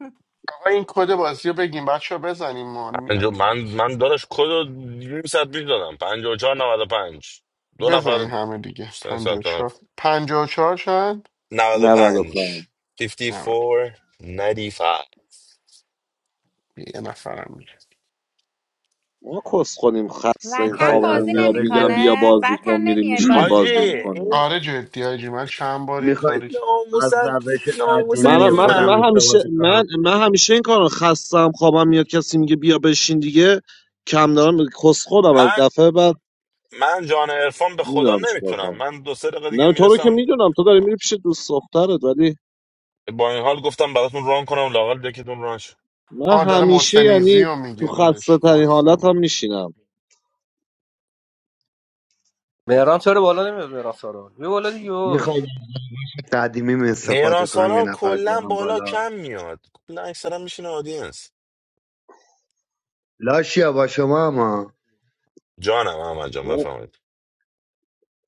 S4: آقا این کد بازی رو بگیم بچه ها بزنیم مان
S9: پنجا
S4: میاد
S9: من
S4: دیگه کی.
S9: من داداش کد رو نیم ساعت پیش دادم پنجا و چهار نود و پنج دو نفر
S4: بزنین همه دیگه
S9: سن
S4: پنج و
S9: ثبت نام
S4: چهار
S9: کرد.
S4: پنج و چهار شد
S9: نود و پنج
S1: 95
S9: فیفتی
S4: نبود
S9: فور نایدی فایو
S4: یه نفرم میگه
S1: ما کس خونیم خسته ایم
S7: وطن
S5: میخواید از
S1: خوابمون
S7: بازی
S1: میاد
S5: روش
S1: میگم بیا
S7: نمیکنه
S1: بازی
S7: وطن
S1: کن میریم
S7: نمیای
S1: میشینیم
S7: بازی
S9: حاجی
S1: بازی
S7: کنی
S1: میکنیم
S9: این
S4: آره جدی آجی من چند بار این
S5: میخواید
S4: کاری که
S5: از
S9: ناموسن
S5: روش
S9: ناموسن
S1: من,
S5: قدیمی
S9: این
S1: من,
S5: خودم
S9: من
S1: من همیشه
S5: استفاده
S1: من,
S5: کنم
S1: من همیشه این کارو خستم خوابم میاد کسی میگه بیا بشین دیگه کم دارم کس خودم از
S9: من
S1: دفعه بعد
S9: من جان عرفان به خدا
S1: میدونم چیکار
S9: نمیتونم
S1: کنم
S9: من دو سه دقیقه دیگه
S1: نه تو رو که
S9: میرسم
S1: میدونم تو داری میری پیش دوست دخترت ولی
S9: با این حال گفتم براتون ران کنم لاقل دکتون ران شه.
S1: من
S4: آه داره
S1: همیشه
S4: محسنیزی
S1: یعنی
S4: رو
S1: تو
S4: میگه
S1: خسته
S4: دادش
S1: ترین
S4: محسن
S1: حالت
S4: رو
S1: هم
S4: میگه.
S1: میشینم
S16: مهران چرا بالا نمیاد مهران سارا بیا بالا دیگه
S5: میخواید قدیمیم
S9: مهران
S5: استفاده کنم یه
S9: سالار
S5: نفر
S9: کلا
S5: بیارم
S9: بالا
S5: بالا
S9: کم میاد کلا اکثرا میشینه آدینس
S5: لاشیا با شما اما
S9: جانم احمد جان بفهمید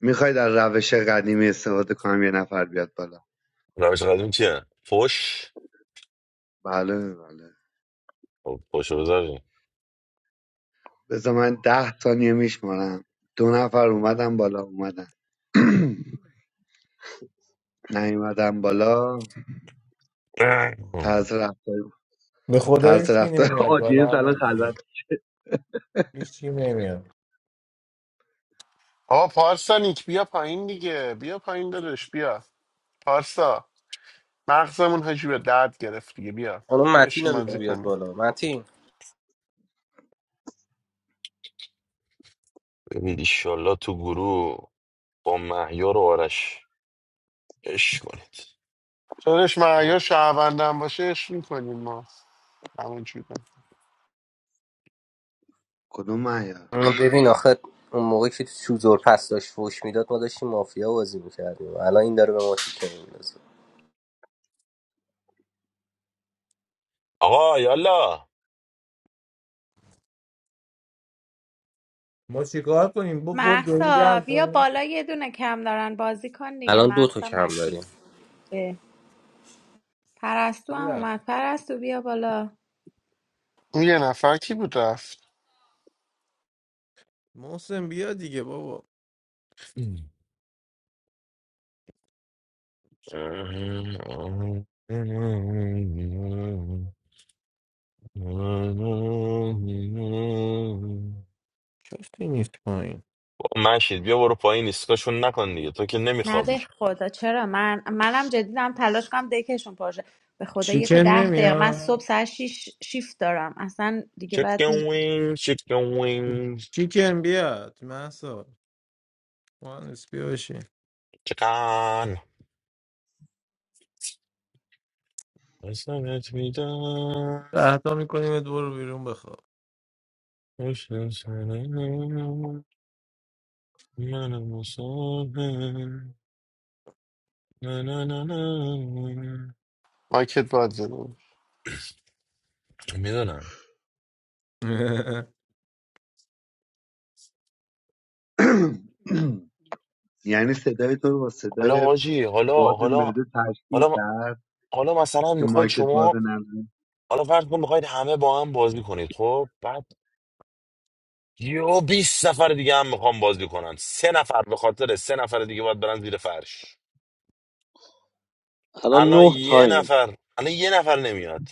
S5: میخواید از روش قدیمی استفاده کنم یه نفر بیاد بالا
S9: روش قدیم چیه فش
S5: بله بله
S9: خب، فش رو بذاریم
S5: بذار من ده ثانیه میشمارم دو نفر اومدن بالا اومدن نیومدم بالا طرز رفتار
S18: به خدا
S5: طرز
S18: هیچکی
S5: رفتار
S18: نمیاد بالا
S5: آدینس
S18: هم
S5: الان خلوت
S18: نمیاد هیچکی نمیاد
S4: آه پارسا نیک بیا پایین دیگه بیا پایین دادش بیا پارسا مغزمون حاجی به درد گرفت دیگه بیا
S16: اون
S4: بیا
S16: متین
S4: بشین
S16: رو بگو
S4: بازی
S16: بیاد
S4: کنیم
S16: بالا متین
S9: ببین ایشالله تو گروه با مهیار و آرش اش کنید
S4: دادش معیار
S9: دور.
S4: شهروندم باشه عشق میکنیم ما همون جوره.
S5: کدوم معیار
S16: اما ببین آخه اون موقعی که تو چوزور پس داشت فوش میداد ما داشتیم مافیا بازی میکردیم الان این داره به ما تیکه میندازه
S9: آقا یالا بابا،
S18: ما چیکار کنیم با با دنیا
S7: محسا
S18: گرم
S7: بیا
S18: کنیم
S7: بالا یه دونه کم دارن بازی کن دیگه
S16: الان دو تا
S7: محسا
S16: کم داریم
S7: متین اه. پرستو هم
S18: میرم
S7: اومد پرستو بیا بالا
S4: اون یه نفر کی بود رفت
S18: محسن بیا دیگه بابا کسی نیست پایین
S9: مشید بیا برو پایین ایستگاهشون نکن دیگه تو که
S7: نه
S9: نمیخوابی
S7: به خدا چرا من منم جدیدم تلاش کنم دکشون پاشه به خدا یک و
S18: چیکن
S7: ده دقیقه من
S18: نمیاد
S7: صبح ساعت شیش شیفت دارم اصلا دیگه بعد
S9: Chicken wings, chicken wings,
S18: چیکن بیاد محسا مهندس بیا بشین
S9: chicken. It's not meant to be done.
S18: ده تا میکنیم برو بیرون بخواب
S9: It's just- Na, na, na, na.
S4: مایکت باید زنم
S9: میدونم
S5: یعنی صدای تو رو با
S9: حالا
S5: صدای
S9: حاجی حالا
S5: باد
S9: حالا
S5: معده تشکیل
S9: حالا
S5: کرد
S9: حالا مثلا
S5: که
S9: میخواید
S5: مایکت باز
S9: شما
S5: نمونه
S9: حالا فرض کن میخواید همه با هم بازی کنید خب بعد یه 20 نفر دیگه هم میخوام بازی کنن سه نفر به خاطر سه نفر دیگه باید برن زیر فرش
S1: الان
S9: الان
S1: نه
S9: یه
S1: تایم
S9: نفر الان یه نفر نمیاد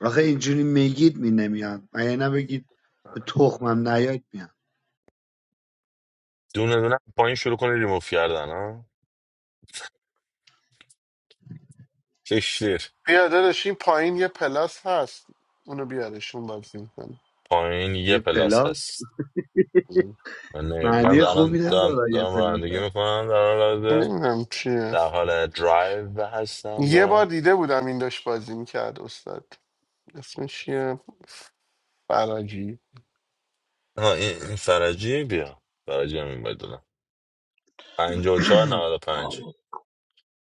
S5: آخه اینجوری میگید می نمیاد مگه نبگید به تخمم نیاد میاد
S9: دونه دونه پایین شروع کنه ریموف کردن ها کشتیر
S4: بیا داداش این پایین یه پلاس هست اونو بیارش اون بازی میکنه
S9: پایین یه
S5: یه
S9: پلاس
S5: پلاس
S9: هست من نمی- من
S5: معنی
S9: الان
S5: خوبی
S9: دارم,
S5: نداره یه
S9: دارم
S5: پلاس
S9: رانندگی
S5: هست
S9: میکنم در حال حاضر
S4: نمیدونم چیه
S9: در حال درایو هستم و
S4: یه بار
S9: آه
S4: دیده بودم این داشت بازی میکرد استاد اسمش چیه فراجی
S9: این, این فرجی بیا فرجی هم این باید دادم 54 پنج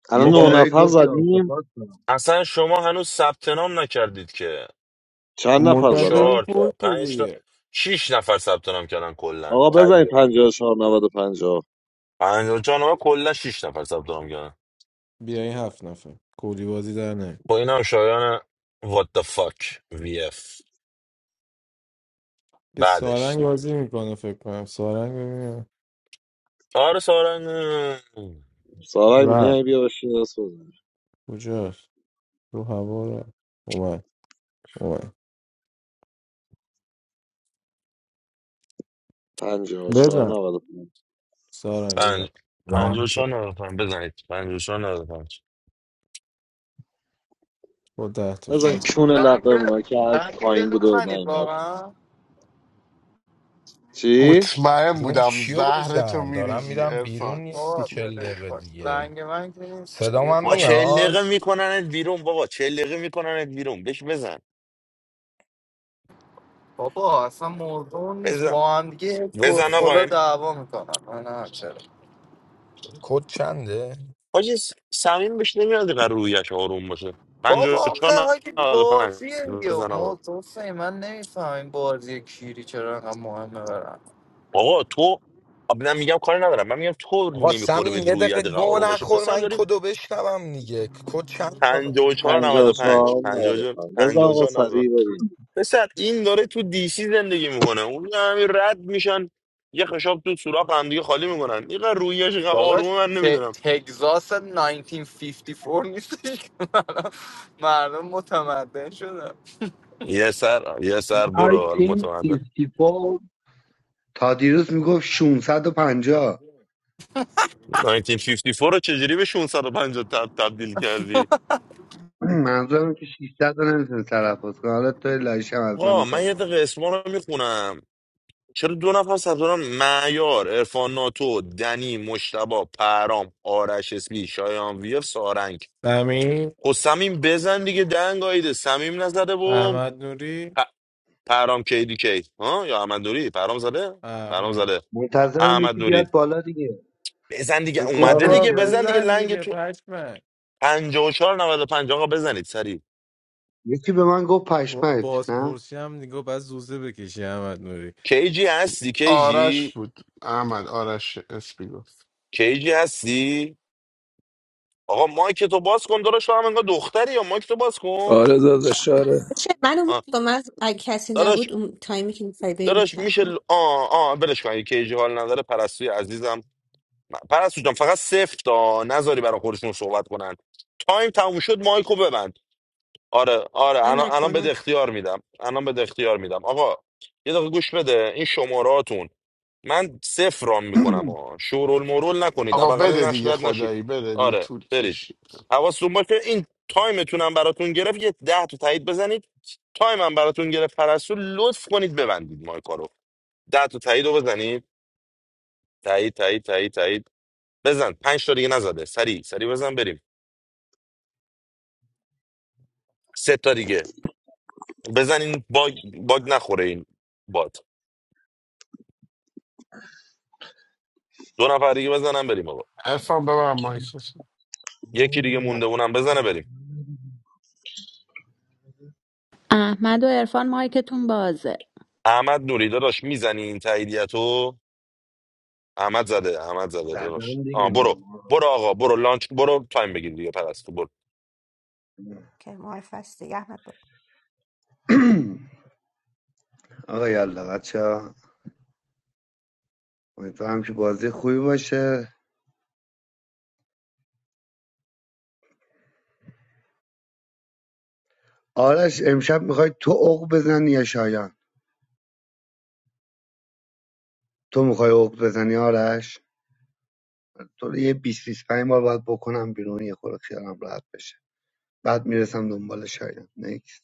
S1: الان
S5: یه
S1: نه
S9: بابا
S5: جورایی
S1: نفر
S5: گفتی
S1: زدیم
S5: آسفات کنم
S9: اصلا شما هنوز ثبت نام نکردید که
S1: چند
S9: این
S1: نفر زدن
S18: منتظریم
S9: چهار تا
S18: پر شه
S9: پنج تا
S18: دیگه
S9: شیش نفر ثبت نام کردن کلا
S1: آقا بزنید
S9: تاییدات
S1: 54 90 پنجاه.
S9: پنجاه و چهار نامه کلا شیش نفر ثبت نام کردن
S18: بیا این هفت نفر کودی بازی در نه
S9: با اینم شایان what the fuck vf
S18: یه
S9: بعدش
S18: سارنگ بازی میکنه فکر کنم سارنگ ببینم
S9: آره سارن
S1: سارنگ
S18: رفت
S1: میای بیا بشین دست بزن
S18: کجاست رو هوا رفت اومد اومد
S1: 54
S18: بزن
S1: 90
S18: سارنگ
S9: پنج
S18: بزن
S9: پنج و
S20: زمان
S9: چهار نود و پنج بزنید پنج و چهار نود و پنج
S18: با ده تا
S1: بزن
S18: شد
S1: کون
S17: من
S1: لقه
S17: که
S1: اونا که هر کی
S17: من که یه
S1: پایین بود
S17: دونه
S1: و
S17: منید
S1: نیومد
S17: واقعا
S1: چی
S4: مطمئن
S20: بیرون
S4: بودم
S20: چیو
S4: زهرتو
S20: بزن دارم
S4: میریزی
S20: میرم بیرون
S4: ارفان
S20: یه
S17: آه،
S20: چل
S17: آره،
S20: دقیقه
S17: فاک.
S20: دیگه
S17: رنگ من که نیست
S20: صدام
S17: یه
S20: هم
S17: دو
S9: با
S17: نفر
S9: چهل
S20: میاد
S9: دقیقه میکننت بیرون بابا چهل دقیقه میکننت بیرون بش بزن
S17: بابا اصلا موضوع نیست
S9: بزن
S17: با هم دیگه
S9: بزن آقا
S17: خلا
S9: این
S17: دعوا میکنن من هم چرا
S20: کد چنده
S9: حاجی سمیم بهش نمیاد قرار رویش آروم باشه پنج و
S17: بابا
S9: چهار
S17: آخه های
S9: نود و پنج
S17: بازی یا
S9: بزن آقا
S17: موضوع سه من نمیفهم این بازی کیری چرا انقدر مهمه برن
S9: آقا تو آب- نه میگم کاری ندارم من میگم تو
S20: آقا
S9: نمیخوره به
S20: سمین یه دقیقه
S9: رویت
S20: گو
S9: آروم باشه
S20: نخور
S9: پسر
S20: من
S9: داری
S20: کدو بشنوم دیگه کد چند آقا؟
S9: پنجاه و چهار نود و پنج،
S1: 54
S9: پنجاه و چهار
S1: 95 رضا
S9: پنجاه و
S1: آقا
S9: چهار نود و پنج 54 95 54 54 95
S1: سریع ببین
S9: پسر این داره تو دیسی زندگی میکنه اون همین رد میشن یه خشاب تو سوراخ هم دیگه خالی میکنن این رویش اینقدر
S17: داداش
S9: آرومه من
S17: ت-
S9: نمیدونم
S17: تگزاس 1954 نیستش که الان مردم متمدن شدن
S9: یه سر یه سر
S5: I
S9: برو حالا
S5: think
S9: متمدن
S5: 64 تا دیروز میگفت ششصد و پنجاه.
S9: 1954 رو چجوری به 650 تب تبدیل کردی
S5: منظورم که 600 رو نمیتونه تلفظ کنه حالا تو لایش هم از من
S9: آقا من
S5: میخوای
S9: یه دقیقه اسما رو میخونم چرا دو نفر ثبت نام معیار عرفان ناتو دنی مشتبا پرام آرش اسبی شایان ویف سارنگ
S18: سمین
S9: خب سمیم بزن دیگه دنگ آیده سمیم نزده و
S18: احمد نوری
S9: پ... پرام کیدی کی ها یا احمد نوری پرام زده پرام
S18: احمد
S9: زده
S5: منتظرم
S9: احمد
S5: یکی
S9: نوری
S5: بیاد بالا دیگه
S9: بزن دیگه
S5: من
S9: اومده
S5: گفتم
S18: بابا
S9: دیگه
S5: که
S9: بزن دیگه
S18: بزن
S9: لنگ
S18: دیگه
S9: تو
S18: پشمک
S9: 54 95 آقا بزنید سریع
S5: یکی به من گفت
S18: با-
S5: پشمک نه
S18: بازپرسی هم نگاه باید زوزه بکشی احمد نوری
S9: کیجی هستی
S4: آرش
S9: کیجی
S4: بود احمد آرش اسمی گفت
S9: کیجی هستی آقا مایک تو باز کن داداش تو هم انگار دختری یا مایک تو باز کن
S21: All of the shares.
S22: چه منو
S9: آه.
S22: بود کن من اگه کسی
S9: داداش
S22: نبود اون تایمی که میخوای بریم
S9: داداش میشه
S22: چرخون
S9: ل- آه آ برش کن اگه کیجی حال نداره پرستوی عزیزم پرستو جان فقط صفر تا نذاری برای خودشون صحبت کنن تایم تموم شد مایکو ببند آره آره
S22: من
S9: الان الان بده
S22: نکنم
S9: اختیار میدم الان بده اختیار میدم آقا یه دقیقه گوش بده این شماراتون من صفر رام میکنم آ شورول مورول نکنید
S4: آقا
S9: ابقل
S4: بده
S9: نش
S4: دیگه
S9: رد نشید
S4: خدایی بده دیگه
S9: آره
S4: طول
S9: برید
S4: کشید
S9: حواستون باشه این تایمتونم براتون گرفت یه ده تا تایید بزنید تایمم براتون گرفت پرستو لطف کنید ببندید مایکا رو ده تا تایید رو بزنید تایید تایید تایید تایید بزن پنج تا دیگه نزده سری سری بزن بریم سه تا دیگه بزن این باگ باگ نخوره این باد دو نفر دیگه بزنن بریم آقا
S4: ارفان ببرم مایکت
S9: یکی دیگه
S1: نه.
S9: مونده اونم بزنه بریم
S7: احمد و عرفان مایکتون بازه
S9: احمد نوری داداش میزنی این تاییدیتو احمد زده احمد زده ببخش
S5: زدم
S9: آه
S5: دیگه
S9: برو برو آقا برو لانچ برو تایم بگیر دیگه پرستو برو
S22: که معرف هست دیگه احمد بود
S5: آقا یالا بچه ها امیدوارم که بازی خوبی باشه آرش امشب میخوای تو عق بزنی یا شایان تو میخوای عق بزنی آرش تو رو یه 20 25 بار باید بکنم بیرون یه خورده خیالم راحت بشه بعد میرسم دنبال شایان نیکس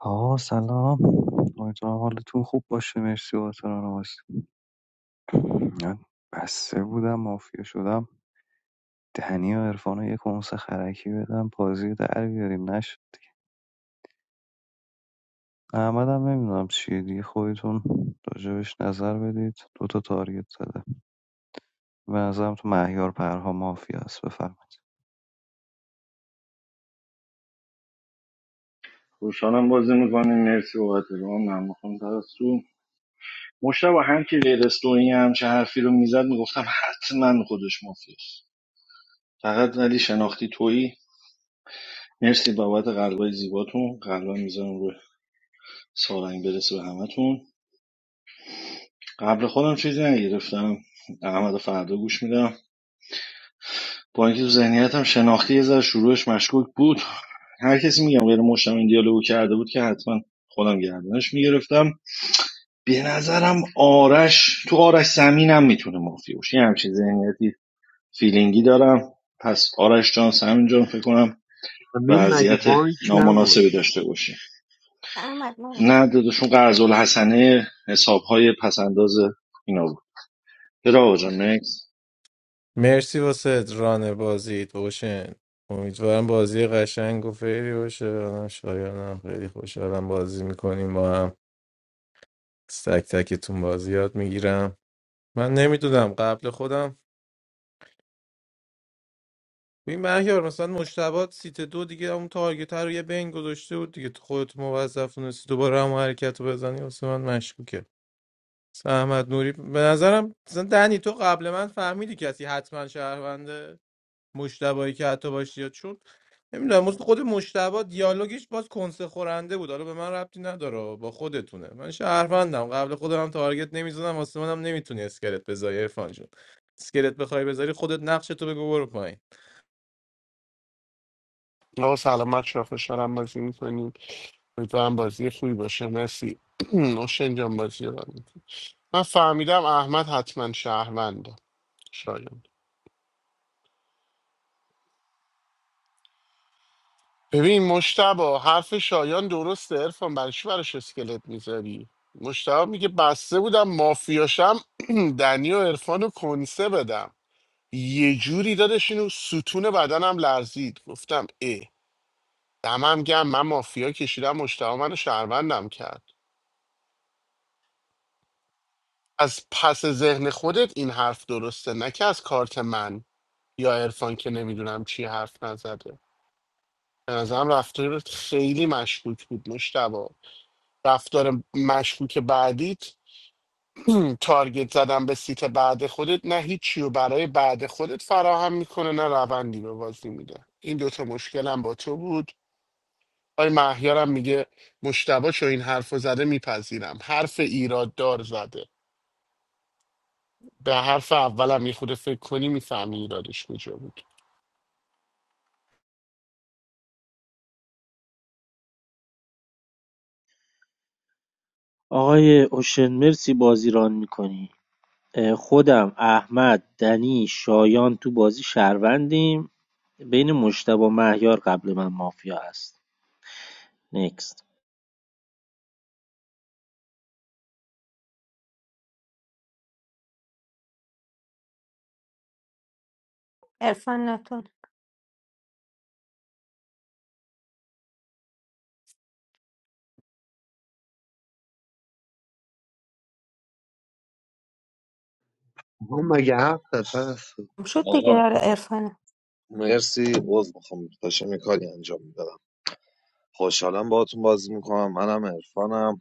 S12: آقا سلام امیدوارم حالتون خوب باشه مرسی باتران واسه من بسته بودم مافیا شدم دنی و عرفان رو یه کنس خرکی بدم بازی رو در بیاریم نشد احمد هم نمیدونم چیه دیگه خودتون راجبش نظر بدید دو تا تارگت زده به نظرم تو مهیار پرها مافیا است بفرمایید
S6: خوشحالم بازی میکنیم مرسی بابت رو من میخوام پرستو مشتبه هم که غیر استوری همچه حرفی رو میزد میگفتم حتما خودش مافیاست فقط ولی شناختی تویی مرسی بابت قلبای زیباتون قلبا میذارم رو سارنگ برسه به همتون قبل خودم چیزی نگرفتم احمد فردا گوش میدم با اینکه تو ذهنیتم شناختی یه ذره شروعش مشکوک بود هر کسی میگم غیر مشتم این دیالوگو کرده بود که حتما خودم گردنش میگرفتم به نظرم آرش تو آرش زمین میتونه مافیا باشه یه همچین ذهنیتی فیلینگی دارم پس آرش جان سمین جان فکر کنم
S5: امین مگه
S6: وضعیت
S5: بانک نبود
S6: نامناسبی داشته باشه
S22: احمد ما
S6: نه داداشون قرض الحسنه حسابهای پسنداز اینا بود چرا آقا جان نکس
S18: مرسی واسه ران بازیت باشن امیدوارم بازی قشنگ و فیری باشه من شایانم خیلی خوشحالم بازی میکنیم با هم از تک تکتون بازی یاد میگیرم من نمیدونم قبل خودم این مهیار مثلا مشتبات سیت دو دیگه اون تارگت رو یه بین گذاشته بود دیگه تو خودت موظف نیستی دوباره هم حرکت رو بزنی واسه من مشکوکه احمد نوری به نظرم مثلا دنی تو قبل من فهمیدی کسی حتما شهرونده مشتبایی که حتی باشی یا چون نمیدونم مثل خود مشتبا دیالوگش باز کنسه خورنده بود حالا به من ربطی نداره با خودتونه من شهروندم قبل خودم هم تارگت نمیزدم واسه منم نمیتونی اسکلت بذاری عرفان جون اسکلت بخوای بذاری خودت نقش تو بگو برو پایین
S4: آقا سلامت شما خوشحالم بازی میکنیم امیدوارم بازی خوبی باشه مرسی نوشن جان بازی رو برمی من فهمیدم احمد حتما شهرونده شایان ببین مشتبا حرف شایان درسته ارفان برای چی براش اسکلت میذاری مشتبا میگه بسته بودم مافیاشم دنی و عرفان رو کنسه بدم یه جوری دادش اینو ستون بدنم لرزید گفتم اه دمم گم من مافیا کشیدم مشتبا منو شهروندم کرد از پس ذهن خودت این حرف درسته نه که از کارت من یا عرفان که نمیدونم چی حرف نزده به نظرم رفتارت خیلی مشکوک بود مشتبا رفتار مشکوک بعدیت تارگت زدن به سیت بعد خودت نه هیچی و برای بعد خودت فراهم میکنه نه روندی به بازی میده این دوتا مشکلم با تو بود آی مهیارم میگه مشتبا چو این حرف زده میپذیرم حرف ایراد دار زده به حرف اولم یه خود فکر کنی میفهمی ایرادش کجا بود
S14: آقای اوشن مرسی بازی ران میکنی خودم احمد دنی شایان تو بازی شهروندیم بین مشتبه و مهیار قبل من مافیا هست نکست
S22: ارفان نتون
S5: آقا مگه حرف زد پرستو
S22: شد دیگه
S1: آقا
S22: آره ارفانه
S1: مرسی عوض میخوام داشتم یه کاری انجام میدادم خوشحالم باهاتون بازی میکنم منم عرفانم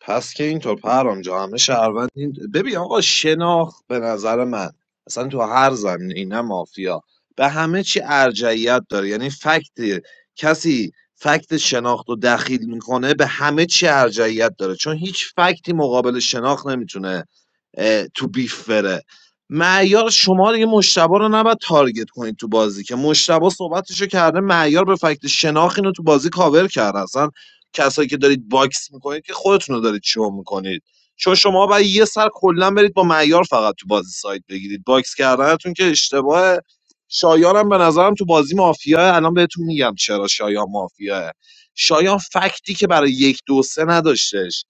S1: پس که اینطور پرام جا همه شهروندین ببین آقا شناخت به نظر من اصلا تو هر زمینه نه مافیا به همه چی ارجعیت داره یعنی فکت کسی فکت شناخت رو دخیل میکنه به همه چی ارجعیت داره چون هیچ فکتی مقابل شناخت نمیتونه اه، تو بیف بره معیار شما دیگه مشتبه رو نباید تارگت کنید تو بازی که مشتبه صحبتشو کرده معیار به فکت شناخت اینو تو بازی کاور کرده اصلا کسایی که دارید باکس میکنید که خودتون رو دارید شو میکنید چون شما باید یه سر کلا برید با معیار فقط تو بازی سایت بگیرید باکس کردنتون که اشتباه شایانم به نظرم تو بازی مافیا الان بهتون میگم چرا شایان مافیاه شایان فکتی که برای یک دو سه نداشتش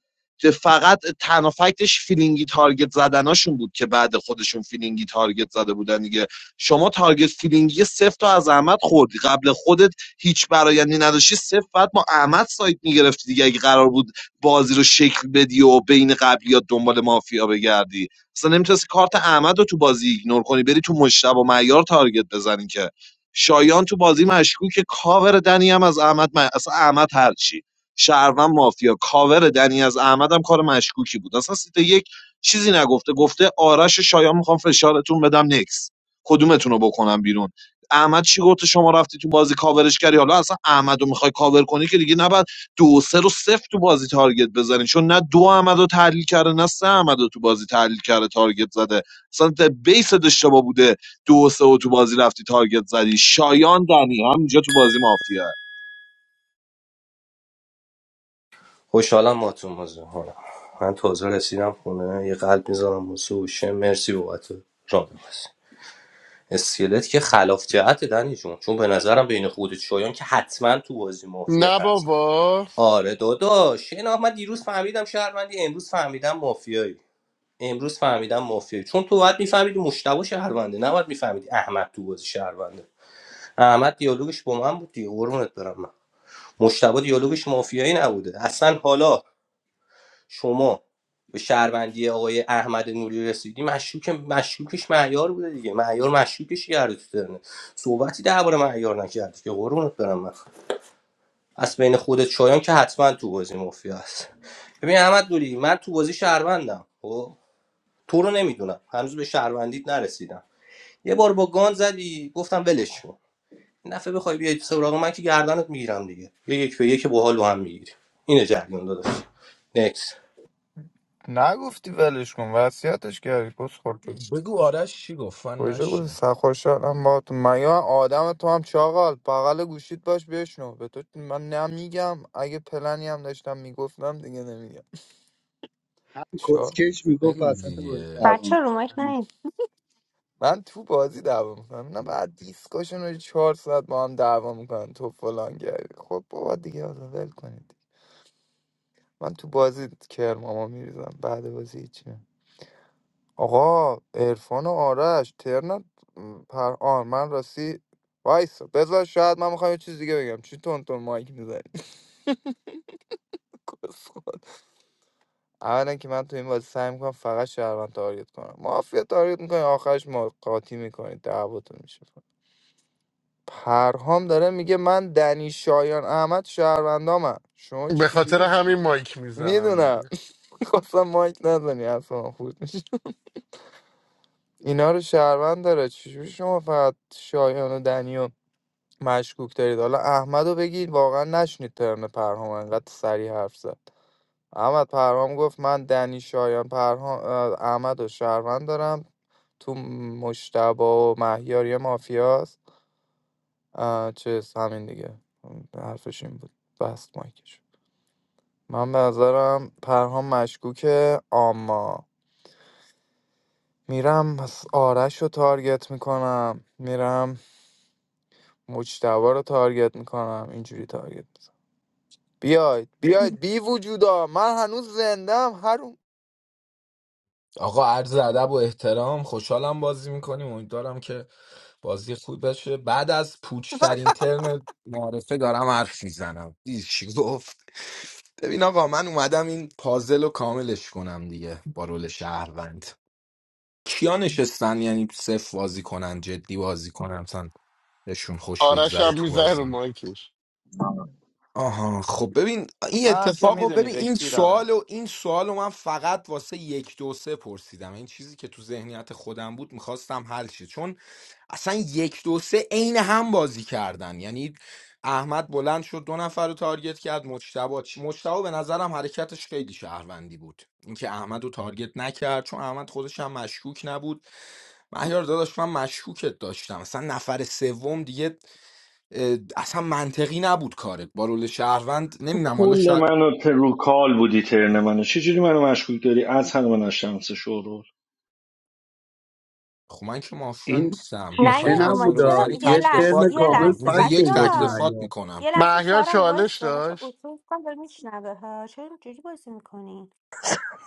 S1: فقط تنها فکتش فیلینگی تارگت زدناشون بود که بعد خودشون فیلینگی تارگت زده بودن دیگه شما تارگت فیلینگی سفت و از احمد خوردی قبل خودت هیچ برایندی نداشتی صفر باید با احمد سایت میگرفتی دیگه اگه قرار بود بازی رو شکل بدی و بین قبلیات دنبال مافیا بگردی اصلا نمیتونستی کارت احمد رو تو بازی ایگنور کنی بری تو مشتب و معیار تارگت بزنی که شایان تو بازی مشکوک کاور دنی هم از احمد م... اصلا احمد هرچی شهروند مافیا کاور دنی از احمد هم کار مشکوکی بود اصلا سیت یک چیزی نگفته گفته آرش و شایان میخوام فشارتون بدم نکس کدومتون رو بکنم بیرون احمد چی گفته شما رفتی تو بازی کاورش کردی حالا اصلا احمد رو میخوای کاور کنی که دیگه نباید دو و سه رو صفر تو بازی تارگت بزنی چون نه دو احمد رو تحلیل کرده نه سه احمد رو تو بازی تحلیل کرده تارگت زده اصلا ت- بیست اشتباه بوده دو و سه رو تو بازی رفتی تارگت زدی شایان دنی همینجا تو بازی مافیا
S16: خوشحالم با تو موضوع کنم من تازه رسیدم خونه یه قلب میذارم واسه هوشه مرسی بابت راه بازی اسکلت که خلاف جهت دنی جون چون به نظرم بین خودت شایان که حتما تو بازی مافیا
S4: نه
S16: هست
S4: بابا
S16: آره داداش این آخ، من دیروز فهمیدم شهروندی امروز فهمیدم مافیایی امروز فهمیدم مافیایی چون تو باید میفهمیدی مشتبه شهرونده نباید میفهمیدی احمد تو بازی شهرونده احمد دیالوگش با من بود دیگه قربونت برم من مشتبه دیالوگش مافیایی نبوده اصلا حالا شما به شهروندی آقای احمد نوری رسیدی مشکوک مشکوکش معیار بوده دیگه معیار مشکوکش کرده تو ترنه صحبتی درباره معیار نکردی که قربونت برم من از بین خودت شایان که حتما تو بازی مافیا است ببین احمد دوری من تو بازی شهروندم خب تو رو نمیدونم هنوز به شهروندیت نرسیدم یه بار با گان زدی گفتم ولش کن این دفعه بخوای بیای سراغ من که گردنت میگیرم دیگه یه یک به یک باحال با هم میگیری اینه جریان داداش نکس
S17: نگفتی ولش کن وصیتش کردی پس خورد
S20: بگو آرش چی گفت من
S17: کجا گفتی
S20: نشینم
S17: سرخوشحالم با تو من یا آدم تو هم چاقال بغل گوشیت باش بشنو به تو من نمیگم اگه پلنی هم داشتم میگفتم دیگه نمیگم
S5: همین
S17: چهار
S5: کسکش میگفت
S20: بگو
S5: وسط بازی
S20: دیگه
S5: دعوا
S22: بچه
S5: میشه
S22: رومک
S5: همین
S22: نه
S17: من تو بازی دعوا میکنم نه بعد دیسکاشن رو چهار ساعت با هم دعوا میکنن تو فلان کردی خب بابا دیگه حالا ول کنید من تو بازی کرماما میریزم بعد بازی هیچی نه. آقا عرفان و آرش ترنت پر آن من راستی وایسا بذار شاید من میخوام یه چیز دیگه بگم چی تون تون مایک می‌زنی؟ بسخود. اولا که من تو این بازی سعی میکنم فقط شهروند تارگت کنم مافیا تارگت میکنی آخرش ما قاطی میکنی دعواتون میشه پرهام داره میگه من دنی شایان احمد شهروندامم شما
S4: به خاطر
S17: چجوری
S4: همین مایک میزنم
S17: میدونم
S4: دیگه
S17: خواستم مایک نزنی اصلا خورد میشه اینا رو شهروند داره چجوری شما فقط شایان و دنی و مشکوک دارید حالا احمد رو بگید واقعا نشنید ترم پرهام انقدر سریع حرف زد احمد پرهام گفت من دنی شایان پرهام احمد و شهروند دارم تو مشتبه و مهیار یه مافیاست اه، چیز همین دیگه حرفش این بود بست مایکش من به نظرم پرهام مشکوکه اما میرم پس آرش رو تارگت میکنم میرم مجتبا رو تارگت میکنم اینجوری تارگت میزنم بیاید بیاید بی وجودا من هنوز زندم هر
S20: آقا عرض ادب و احترام خوشحالم بازی میکنیم امیدوارم که بازی خوب بشه بعد از پوچترین ترم معارفه دارم حرف میزنم دیدی چی گفت ببین آقا من اومدم این پازل رو کاملش کنم دیگه با رول شهروند کیا نشستن یعنی صفر بازی کنن جدی بازی کنن مثلا بهشون خوش
S4: آرش
S20: بگذره
S4: هم
S20: تو
S4: میزنه رو
S20: بازی
S4: مایکش
S20: آها خب ببین این
S17: من هم که
S20: اتفاق رو
S17: میدونی
S20: ببین
S17: به
S20: این
S17: کیرم
S20: سوال و این سوال رو من فقط واسه یک دو سه پرسیدم این چیزی که تو ذهنیت خودم بود میخواستم حل شه چون اصلا یک دو سه عین هم بازی کردن یعنی احمد بلند شد دو نفر رو تارگت کرد مجتبا چی مجتبا به نظرم حرکتش خیلی شهروندی بود اینکه احمد رو تارگت نکرد چون احمد خودش هم مشکوک نبود مهیار داداش من مشکوکت داشتم اصلا نفر سوم دیگه اه، اصلا منطقی نبود کارت با رول شهروند
S6: تو
S20: نمیدونم حالا
S6: کل
S20: شاید
S6: منو رو بودی ترن منو چجوری منو مشکوک داری از هر من از شمس شورور
S20: خب من که مافیا
S5: این
S20: نیستم
S22: نه
S5: تیکه
S20: بخوای
S22: یه
S20: حرفا
S22: رومک
S20: رو
S5: نبودا
S22: چرا
S20: بزنی
S22: یه
S5: یه ترم
S20: تکلفات
S22: لحظه یه
S5: کامل
S20: میکنم
S22: لحظه
S20: روز
S5: فکت
S22: بچه
S20: یک
S5: آورد
S22: ها
S20: تکلفات
S5: معیار
S20: میکنم
S22: یه لحظه
S4: مهیار
S22: سارنگ
S4: چالش
S22: وایستا بچه ها،
S4: داشت
S22: اتو کن داره میشنوه ها چرا اینجوری بازی میکنین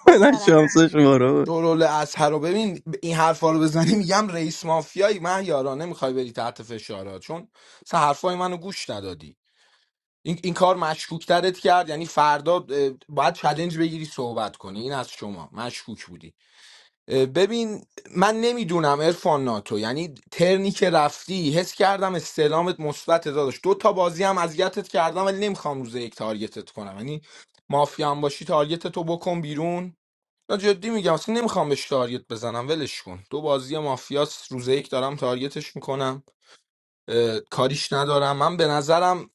S22: برو
S16: نه
S22: سارنگ
S16: شانس شماره
S20: تو رول اصحر رو ببین ب- این حرفا رو بزنی میگم رئیس مافیایی من یارا نمیخوای بری تحت فشارا چون سه حرفای منو گوش ندادی این, این کار مشکوکترت کرد یعنی فردا اه، باید چلنج بگیری صحبت کنی این از شما مشکوک بودی ببین من نمیدونم ارفان ناتو یعنی ترنی که رفتی حس کردم استعلامت مثبت داداش دو تا بازی هم اذیتت کردم ولی نمیخوام روز یک تارگتت کنم یعنی مافیا هم باشی تارگتت رو بکن بیرون نه جدی میگم اصلا نمیخوام بهش تارگت بزنم ولش کن دو بازی مافیاس روز یک دارم تارگتش میکنم کاریش ندارم من به نظرم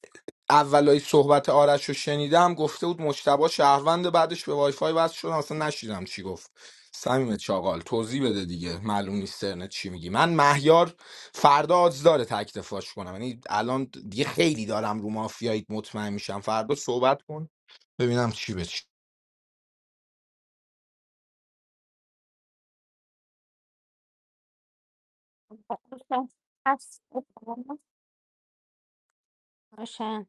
S20: اولای صحبت آرش رو شنیدم گفته بود مجتبا شهروند بعدش به وایفای وصل شدم اصلا نشیدم چی گفت صمیم چاقال توضیح بده دیگه معلوم نیست ترنت چی میگی من مهیار فردا آدز داره تک دفاعش کنم یعنی الان دیگه خیلی دارم رو مافیایی مطمئن میشم فردا صحبت کن ببینم چی به چی
S22: هست. اوشن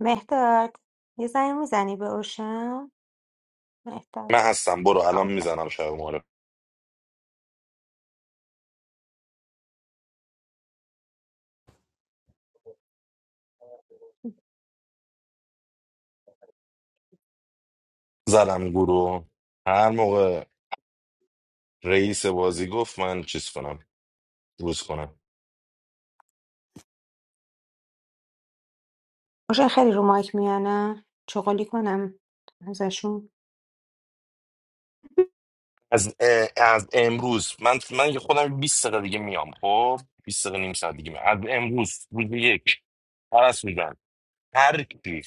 S22: مهداد یه زنگ میزنی به اوشن مهداد
S9: من هستم برو الان
S22: اوکی
S9: میزنم شب ما رو زدم گروه هر موقع رئیس بازی گفت من چیز کنم روز کنم
S22: باشه خیلی رو مایک میانه چغالی کنم ازشون
S9: از اه، از امروز من من که خودم بیست دقیقه دیگه میام خب بیست دقیقه نیم ساعت دیگه میام. از امروز روز یک پرست میدن هر کی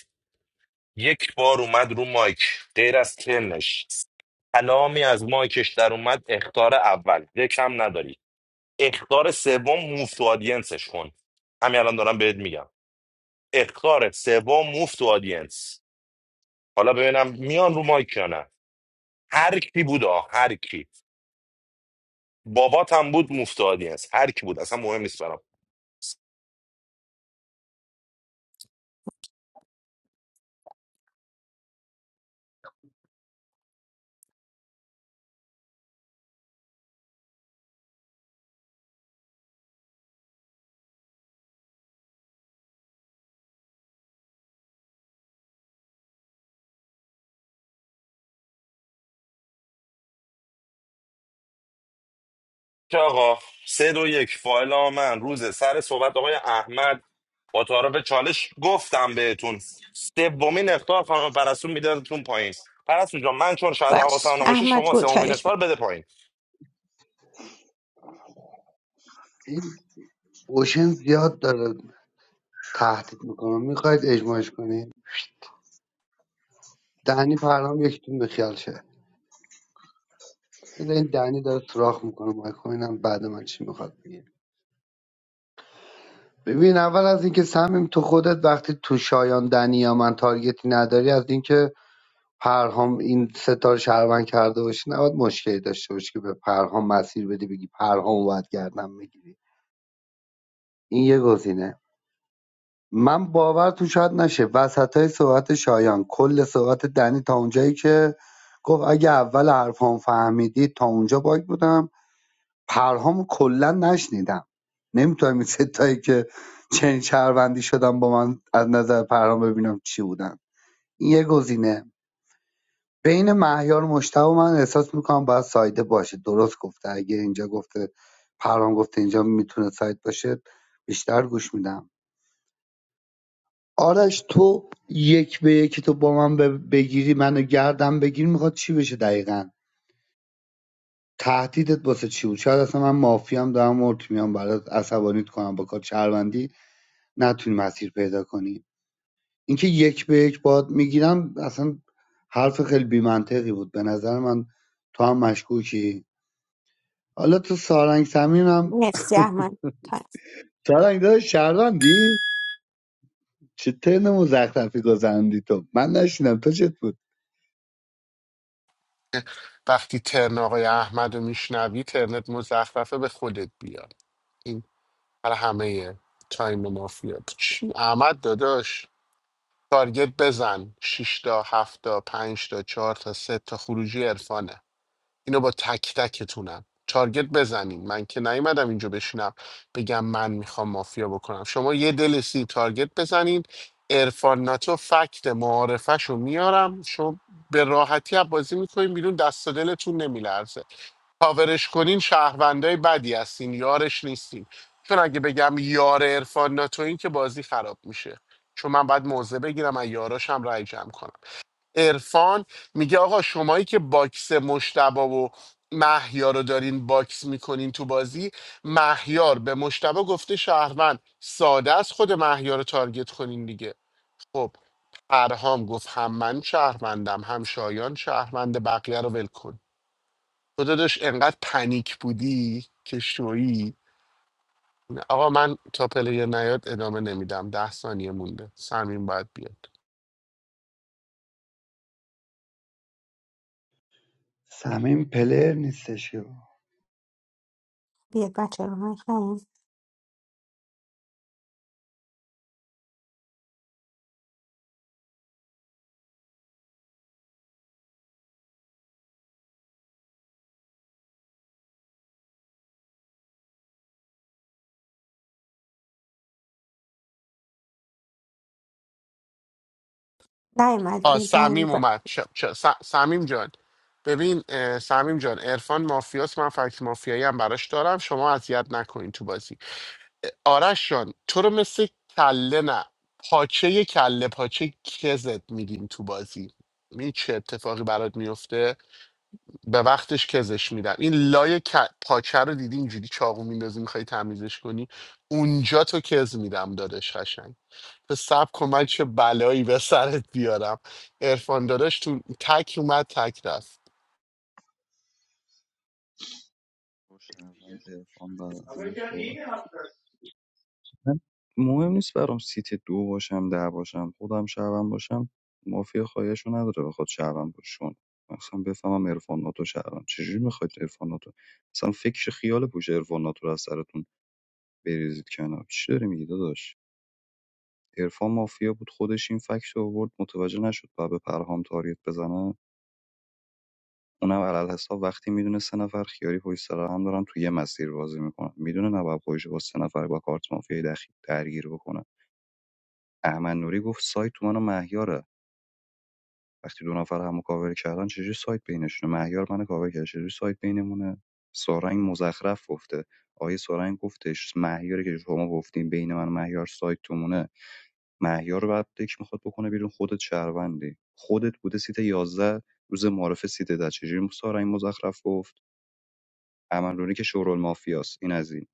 S9: یک بار اومد رو مایک غیر از ترنش کلامی از مایکش در اومد اختار اول یکم نداری اختار سوم موف تو آدینسش کن همین الان دارم بهت میگم اختار سوم موف تو آدینس حالا ببینم میان رو مایک یا نه هر کی بود آه هر کی بابات هم بود مفت آدینس هر کی بود اصلا مهم نیست برام که آقا سه دو یک فایل ها من روز سر صحبت آقای احمد با تعارف چالش گفتم بهتون سومین اختار خانم پرستو میدادتون پایین پرستو جان من چون شاید
S22: باش
S9: حواسم نباشه
S22: احمد
S9: شما
S22: برو
S9: سومین
S22: چالش
S9: اختار
S22: بده
S9: بده پایین
S5: این اوشن زیاد داره تهدید میکنه میخواید اجماعش کنین دهنی پرام یکیتون به خیال شه بذار این دهنی داره سراخ میکنه مایکو اینم بعد من چی میخواد بگه ببین اول از اینکه سمیم تو خودت وقتی تو شایان دنی یا من تارگتی نداری از اینکه پرهام این ستا رو شهروند کرده باشی نباید مشکلی داشته باشی که به پرهام مسیر بدی بگی پرهام باید گردن بگیری این یه گزینه من باورتون شاید نشه وسطای های صحبت شایان کل صحبت دنی تا اونجایی که گفت اگه اول حرفام فهمیدی تا اونجا باگ بودم پرهام کلا نشنیدم نمیتونم این ستایی که چنین شهروندی شدم با من از نظر پرهام ببینم چی بودن این یه گزینه بین مهیار مشتبه من احساس میکنم باید سایده باشه درست گفته اگه اینجا گفته پرام گفته اینجا میتونه ساید باشه بیشتر گوش میدم آرش تو یک به یک تو با من ب- بگیری منو گردم بگیر میخواد چی بشه دقیقا تهدیدت واسه چی بود شاید اصلا من مافیام دارم مرت میام برات عصبانیت کنم با کار شهروندی نتونی مسیر پیدا کنی اینکه یک به یک باد میگیرم اصلا حرف خیلی بیمنطقی بود به نظر من تو هم مشکوکی حالا تو سارنگ سمیم هم
S22: مرسی احمد تا
S5: سارنگ داداش شهروندی چه ترن مزخرفی گذرندی تو من نشینم تو چت بود
S4: وقتی ترن آقای احمد رو میشنوی ترنت مزخرفه به خودت بیار این برای همه تایم مافیا چی؟ احمد داداش تارگت بزن 6 تا 7 تا 5 تا 4 تا 3 تا خروجی عرفانه اینو با تک تکتونم تارگت بزنین من که نیومدم اینجا بشینم بگم من میخوام مافیا بکنم شما یه دل سی تارگت بزنین ارفان ناتو فکت معارفش رو میارم شما به راحتی از بازی میکنین بیرون دست و دلتون نمیلرزه کاورش کنین شهروندای بدی هستین یارش نیستین چون اگه بگم یار ارفان ناتو این که بازی خراب میشه چون من باید موضع بگیرم از یاراشم رای جمع کنم عرفان میگه آقا شمایی که باکس مشتبا و مهیار رو دارین باکس میکنین تو بازی مهیار به مشتبه گفته شهروند ساده است خود مهیار رو تارگت کنین دیگه خب پرهام گفت هم من شهروندم هم شایان شهروند بقیه رو ول کن تو داداش انقدر پنیک بودی که شویی آقا من تا پلیر نیاد ادامه نمیدم ده ثانیه مونده سمین باید بیاد
S5: سمیم پلر نیستش که
S22: بیاد بچه رو مایک نیم نیمد
S4: آ
S22: دیدن
S4: سمیم اومد ش... ش- س... سمیم جان ببین اه، سمیم جان عرفان مافیاس من فکت مافیایی هم براش دارم شما اذیت نکنین تو بازی اه، آرش جان تو رو مثل کله نه پاچه کله پاچه کزت میدیم تو بازی این چه اتفاقی برات میفته به وقتش کزش میدم این لای ک- پاچه رو دیدی اینجوری چاقو میندازی میخوای تمیزش کنی اونجا تو کز میدم دادش تو سب کن من چه بلایی به سرت بیارم عرفان داداش تو تک اومد تک رفت
S12: با شهروند عرفان بعد از من صحبت کن. مهم نیست برام سیت دو باشم ده باشم خودم شهروند باشم مافیا خواهشو نداره بخواد شهروند باشون مثلا بفهمم عرفان ناتو شهروند چجوری میخواید عرفان ناتو مثلا فکر خیال پوش عرفان ناتو رو از سرتون بریزید کنار چی داری میگی داداش عرفان مافیا بود خودش این فکت رو آورد متوجه نشد و به پرهام تاریت بزنه اونم علل حساب وقتی میدونه سه نفر خیاری پشت سر هم دارن تو یه مسیر بازی میکنن میدونه نباید خودش با سه نفر با کارت مافیای دخیل درگیر بکنه احمد نوری گفت سایت تو منو مهیاره وقتی دو نفر همو کاور کردن چجوری سایت بینشونه مهیار منو کاور کرد چجوری سایت بینمونه سارنگ مزخرف گفته آیه سارنگ گفتش مهیاری که شما گفتین بین من و مهیار سایت تو مونه مهیار رو بعد دک میخواد بکنه بیرون خودت شهروندی خودت بوده سیت 11 روز معرف سیت ده چجوری سارنگ مزخرف گفت تمرونی که شورالمافیاست این از این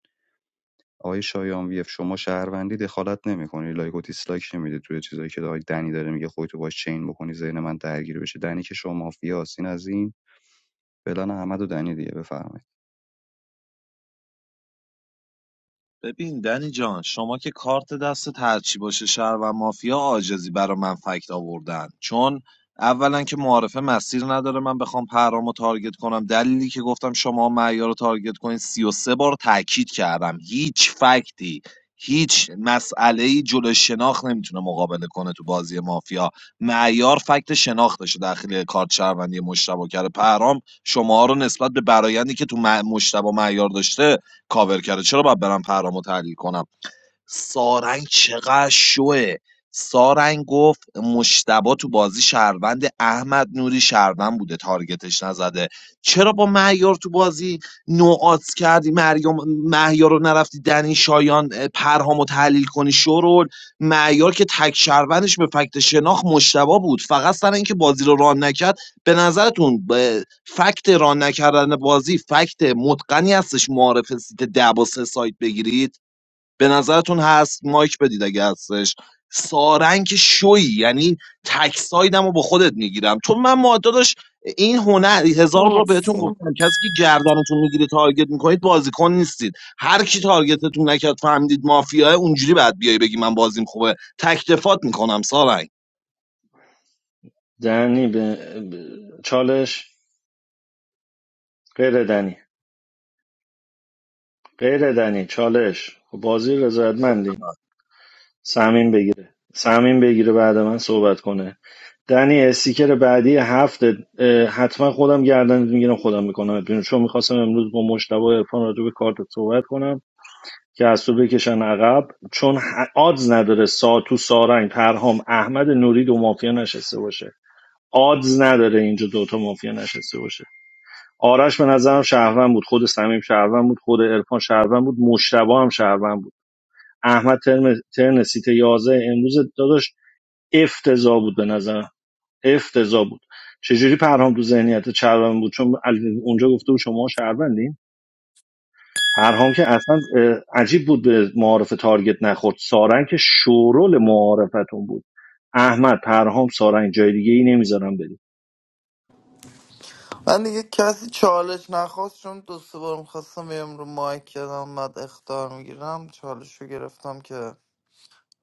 S12: آقای شایان وی اف شما شهروندی دخالت نمیکنی لایک و دیسلایک نمیده توی چیزایی که آقای دنی داره میگه خودتو باش چین بکنی ذهن من درگیر بشه دنی که شما مافیاست این از این فلان احمد و دنی دیگه بفرمایید
S1: ببین دنی جان شما که کارت دستت هرچی باشه شهر و مافیا عاجزی برا من فکت آوردن چون اولا که معارفه مسیر نداره من بخوام پرام رو تارگت کنم دلیلی که گفتم شما معیار رو تارگت کنین 33 بار تاکید کردم هیچ فکتی هیچ مسئله ای جلو شناخت نمیتونه مقابله کنه تو بازی مافیا معیار فکت شناختش داخل کارت شهروندی مشتبه کرده پرام شما رو نسبت به برایندی که تو م- مشتبه معیار داشته کاور کرده چرا باید برم پرامو تحلیل کنم سارنگ چقدر شوه سارنگ گفت مشتبا تو بازی شهروند احمد نوری شهروند بوده تارگتش نزده چرا با مهیار تو بازی نوعات کردی مریم مهیار رو نرفتی دنی شایان پرهامو تحلیل کنی شورول معیار که تک شهروندش به فکت شناخت مشتبا بود فقط سر اینکه بازی رو ران نکرد به نظرتون به فکت ران نکردن بازی فکت متقنی هستش معارف سیت ده با سه سایت بگیرید به نظرتون هست مایک بدید اگه هستش سارنگ که شوی یعنی تک سایدم رو با خودت میگیرم تو من ماداداش این هنر هزار بار بهتون
S22: مرسی
S1: گفتم کسی که گردنتون میگیره تارگت میکنید بازیکن نیستید هر کی تارگتتون نکرد فهمیدید مافیاه اونجوری بعد بیای بگی من بازیم خوبه تک دفات میکنم سارنگ
S6: دنی به به- چالش غیر دنی غیر دنی چالش خب بازی رضایتمندی سمیم بگیره سمیم بگیره بعد من صحبت کنه دنی استیکر بعدی هفته حتما خودم گردن میگیرم خودم میکنم بیرون چون میخواستم امروز با مشتبه ارفان راجع به کارت صحبت کنم که از تو بکشن عقب چون ه- آدز نداره سا تو سارنگ پرهام احمد نوری دو مافیا نشسته باشه آدز نداره اینجا دوتا مافیا نشسته باشه آرش به نظرم شهروند بود خود سمیم شهروند بود خود ارفان شهروند بود مشتبه هم شهروند بود احمد ترن, ترن سیت 11 امروز داداش افتضاح بود به نظرم افتضاح بود چجوری پرهام تو ذهنیت چربن بود چون اونجا گفته بود شما شهروندین پرهام که اصلا عجیب بود به معارف تارگت نخورد سارنگ که شورول معارفتون بود احمد پرهام سارنگ جای دیگه ای نمیذارم بریم
S17: من دیگه کسی چالش نخواست چون دو سه بار میخواستم بیم رو مایک کردم بعد اختار میگیرم چالش رو گرفتم که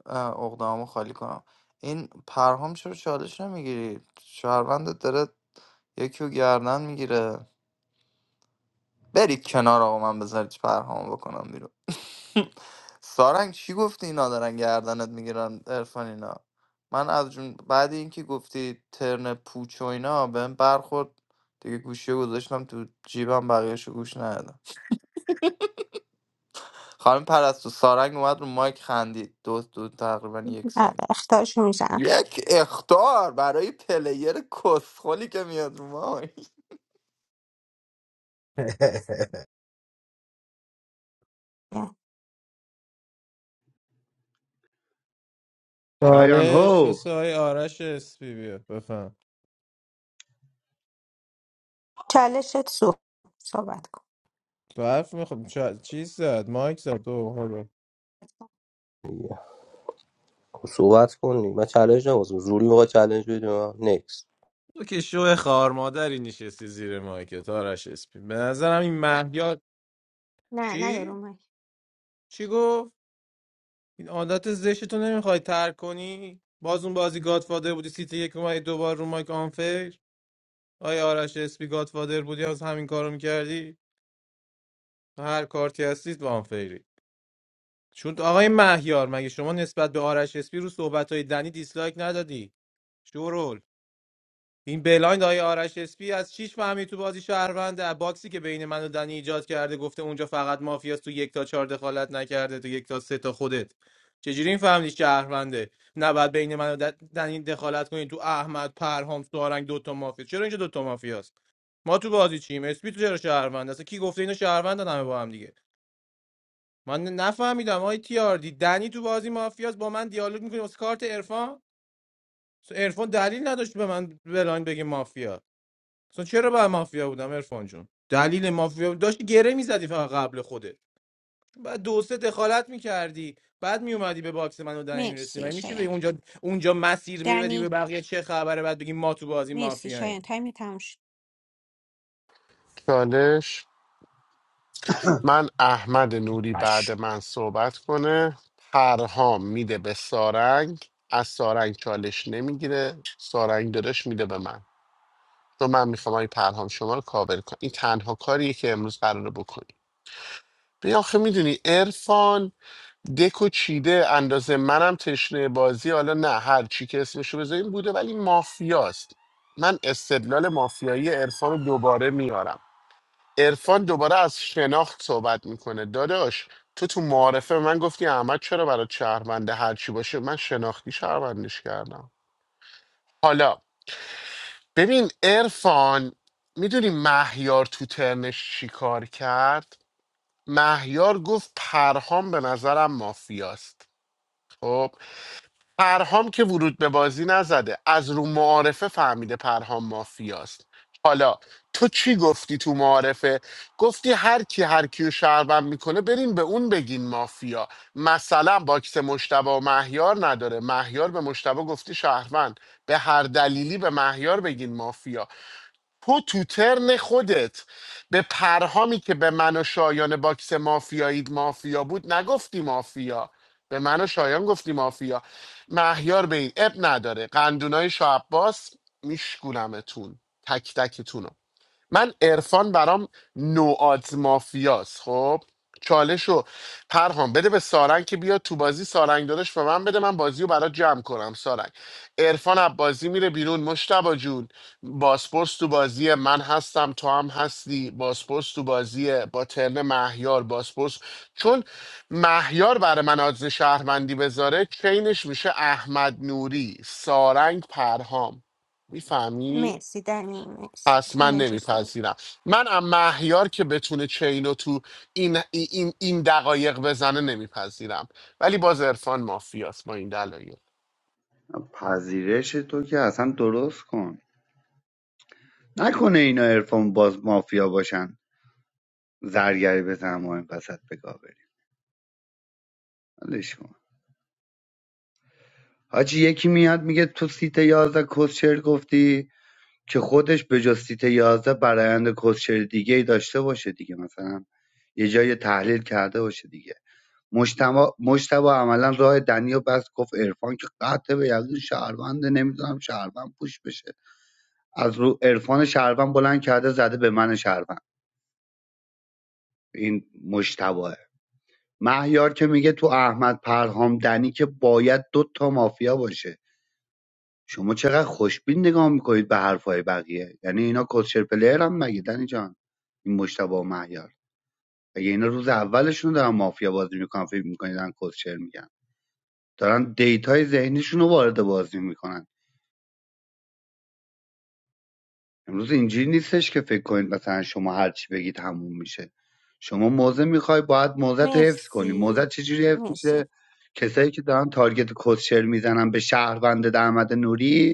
S17: اقدامو خالی کنم این پرهام چرا چالش نمیگیری شهروندت داره یکی رو گردن میگیره برید کنار آقا من بذارید پرهامو بکنم بیرون سارنگ چی گفتی اینا دارن گردنت میگیرن عرفان اینا من از جون بعد اینکه گفتی ترن پوچ و اینا بهم برخورد دیگه گوشی رو گذاشتم تو جیبم بقیهش رو گوش ندادم خانم پرستو سارنگ اومد رو مایک خندید دو دو تقریبا یک
S22: آره،
S17: ثانیه
S22: اختارشو میزنم
S17: یک اختار برای پلیر کسخلی که میاد رو مایک
S5: شایان
S18: چالش
S5: هو
S18: واسه های آرش اسپی بیا بفهم
S22: چالشت سو صحبت کن
S18: تو حرف میخوام چیز زد مایک زد تو برو.
S16: صحبت کنی من چالش نوازم زوری آقا چالش بدیم نکس
S18: تو که شو خار مادری نشستی زیر مایکت آرش اسپی به نظرم این مهیار
S22: نه نه یا
S18: چی
S22: رو مایک
S18: چی گفت این عادت زشتتو نمیخوای ترک کنی باز اون بازی گادفادر بودی سیت یک اومدی دوبار رو مایک آنفیر آیا آرش اسپی گادفادر بودی از همین کارو میکردی هر کارتی هستید با آنفیری چون آقای مهیار مگه شما نسبت به آرش اسپی رو صحبت های دنی دیسلایک ندادی شورول این بلایند آقای آرش اسپی از چیش فهمید تو بازی شهروند از باکسی که بین من و دنی ایجاد کرده گفته اونجا فقط مافیاست تو یک تا چهار دخالت نکرده تو یک تا سه تا خودت چجوری این فهمیدی شهرونده نباید بین من و د- دنی دخالت کنی تو احمد پرهام سوارنگ دوتا مافیا چرا اینجا دوتا مافیاست ما تو بازی چیم اسپی تو چرا شهروند اصلا کی گفته اینا شهروندن همه با هم دیگه من نفهمیدم آی تی دی دنی تو بازی مافیاست با من دیالوگ میکنی واسه کارت عرفان عرفان دلیل نداشت به من بلاین بگه مافیا اصلا چرا باید مافیا بودم عرفان جون دلیل مافیا بود- داشتی گره میزدی فقط قبل خودت بعد دو سه دخالت میکردی بعد میومدی به باکس منو دنی میرسی من
S22: مرسی
S18: میشه به
S22: شایان
S18: اونجا اونجا مسیر بدی به
S22: دنی
S18: بقیه چه خبره بعد بگی ما تو بازی
S22: مرسی شایان
S18: مافیاییم
S22: تایم تموم شد
S4: چالش من احمد نوری
S20: باش.
S4: بعد من صحبت کنه پرهام میده به سارنگ از سارنگ چالش نمیگیره سارنگ داداش میده به من تو من میخوام این پرهام شما رو کاور کنم این تنها کاریه که امروز قراره بکنی بیا آخه میدونی عرفان دکو چیده اندازه منم تشنه بازی حالا نه هر چی که اسمشو بذاریم بوده ولی مافیاست من استدلال مافیایی عرفان رو دوباره میارم عرفان دوباره از شناخت صحبت میکنه داداش تو تو معارفه به من گفتی احمد چرا برات شهرونده هر چی باشه من شناختی شهروندش کردم حالا ببین عرفان میدونی مهیار تو ترنش چی کار کرد مهیار گفت پرهام به نظرم مافیاست خب پرهام که ورود به بازی نزده از رو معارفه فهمیده پرهام مافیاست حالا تو چی گفتی تو معارفه گفتی هر کی هر کیو شهروند میکنه بریم به اون بگین مافیا مثلا باکس مشتبه و مهیار نداره مهیار به مشتبه گفتی شهروند به هر دلیلی به مهیار بگین مافیا تو تو ترن خودت به پرهامی که به من و شایان باکس مافیایی مافیا بود نگفتی مافیا به من و شایان گفتی مافیا مهیار به این اب نداره قندونای شاه عباس میشکونمتون تک تکتون من عرفان برام نوآت مافیاست خب چالشو پرهام بده به سارنگ که بیاد تو بازی سارنگ داداش به من بده من بازی رو برات جمع کنم سارنگ عرفان از بازی میره بیرون مشتبا جون باسپورس تو بازیه من هستم تو هم هستی باسپورس تو بازیه با ترن مهیار باسپورس چون مهیار برای من آدز شهروندی بذاره چینش میشه احمد نوری سارنگ پرهام میفهمی؟
S22: مرسی دنی مرسی
S4: پس من
S22: چالنجر صحبت
S4: نمیپذیرم من ام مهیار که بتونه چینو تو این, این, این دقایق بزنه نمیپذیرم ولی باز عرفان مافیاست با این دلایل
S5: پذیرش تو که اصلا درست کن نکنه اینا عرفان باز مافیا باشن زرگری بزنن ما این وسط بگاه بریم ولش کن حاجی یکی میاد میگه تو سیت یازده کسچر گفتی که خودش به جز سیت 11 برایند کسچر دیگه ای داشته باشه دیگه مثلا یه جای تحلیل کرده باشه دیگه مجتبا مجتبا عملا راه دنیا بس گفت عرفان که قطع به یقین شهرونده نمیدونم شهروند پوش بشه از رو عرفان شهروند بلند کرده زده به من شهروند این مجتباه مهیار که میگه تو احمد پرهام دنی که باید دو تا مافیا باشه شما چقدر خوشبین نگاه میکنید به حرفهای بقیه یعنی اینا کوچر پلیر هم مگه دنی جان این مشتبه و مهیار اگه اینا روز اولشون دارن مافیا بازی میکنن فکر میکنید دارن کوچر میگن دارن دیتای ذهنیشون رو وارد بازی میکنن امروز اینجوری نیستش که فکر کنید مثلا شما هر چی بگید تموم میشه شما موزه میخوای باید موزه رو حفظ کنی موزه
S22: مرسی
S5: چجوری حفظ
S22: مرسی
S5: میشه کسایی که دارن تارگت کوچر میزنن به شهروند درآمد نوری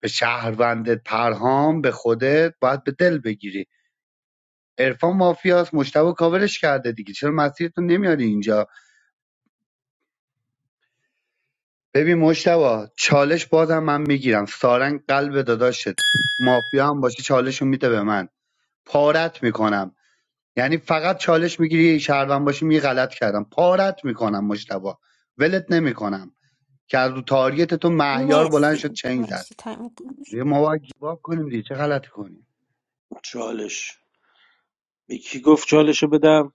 S5: به شهروند پرهام به خودت باید به دل بگیری عرفان مافیاس مشتبه کاورش کرده دیگه چرا مسیرتو نمیاری اینجا ببین مشتبه چالش بازم من میگیرم سارنگ قلب داداشت مافیا هم باشه چالشو میده به من پارت میکنم یعنی فقط چالش میگیری شهروند باشی می غلط کردم پارت میکنم مشتبه ولت نمیکنم که از رو تارگت تو مهیار بلند شد
S22: مرسی
S5: چنگ زد
S22: مرسی تایم
S5: دیگه ما باید گیواب کنیم دیگه چه غلطی کنیم
S14: چالش به کی گفت چالشو بدم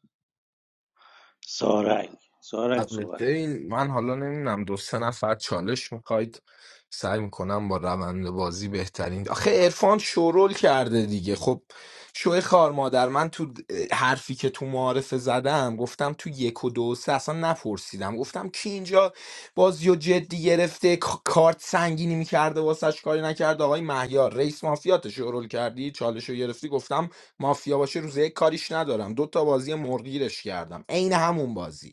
S14: سارنگ سارنگ
S20: البته
S14: صحبت
S20: این من حالا نمیدونم دو سه نفر چالش میخواید سعی میکنم با روند بازی بهترین آخه عرفان شورول کرده دیگه خب شوی خار مادر من تو حرفی که تو معارفه زدم گفتم تو یک و دو و سه اصلا نپرسیدم گفتم کی اینجا بازی و جدی گرفته ک- کارت سنگینی میکرده واسش کاری نکرده آقای مهیار رئیس مافیات شورول کردی چالش رو گرفتی گفتم مافیا باشه روزه یک کاریش ندارم دو تا بازی مرگیرش کردم عین همون بازی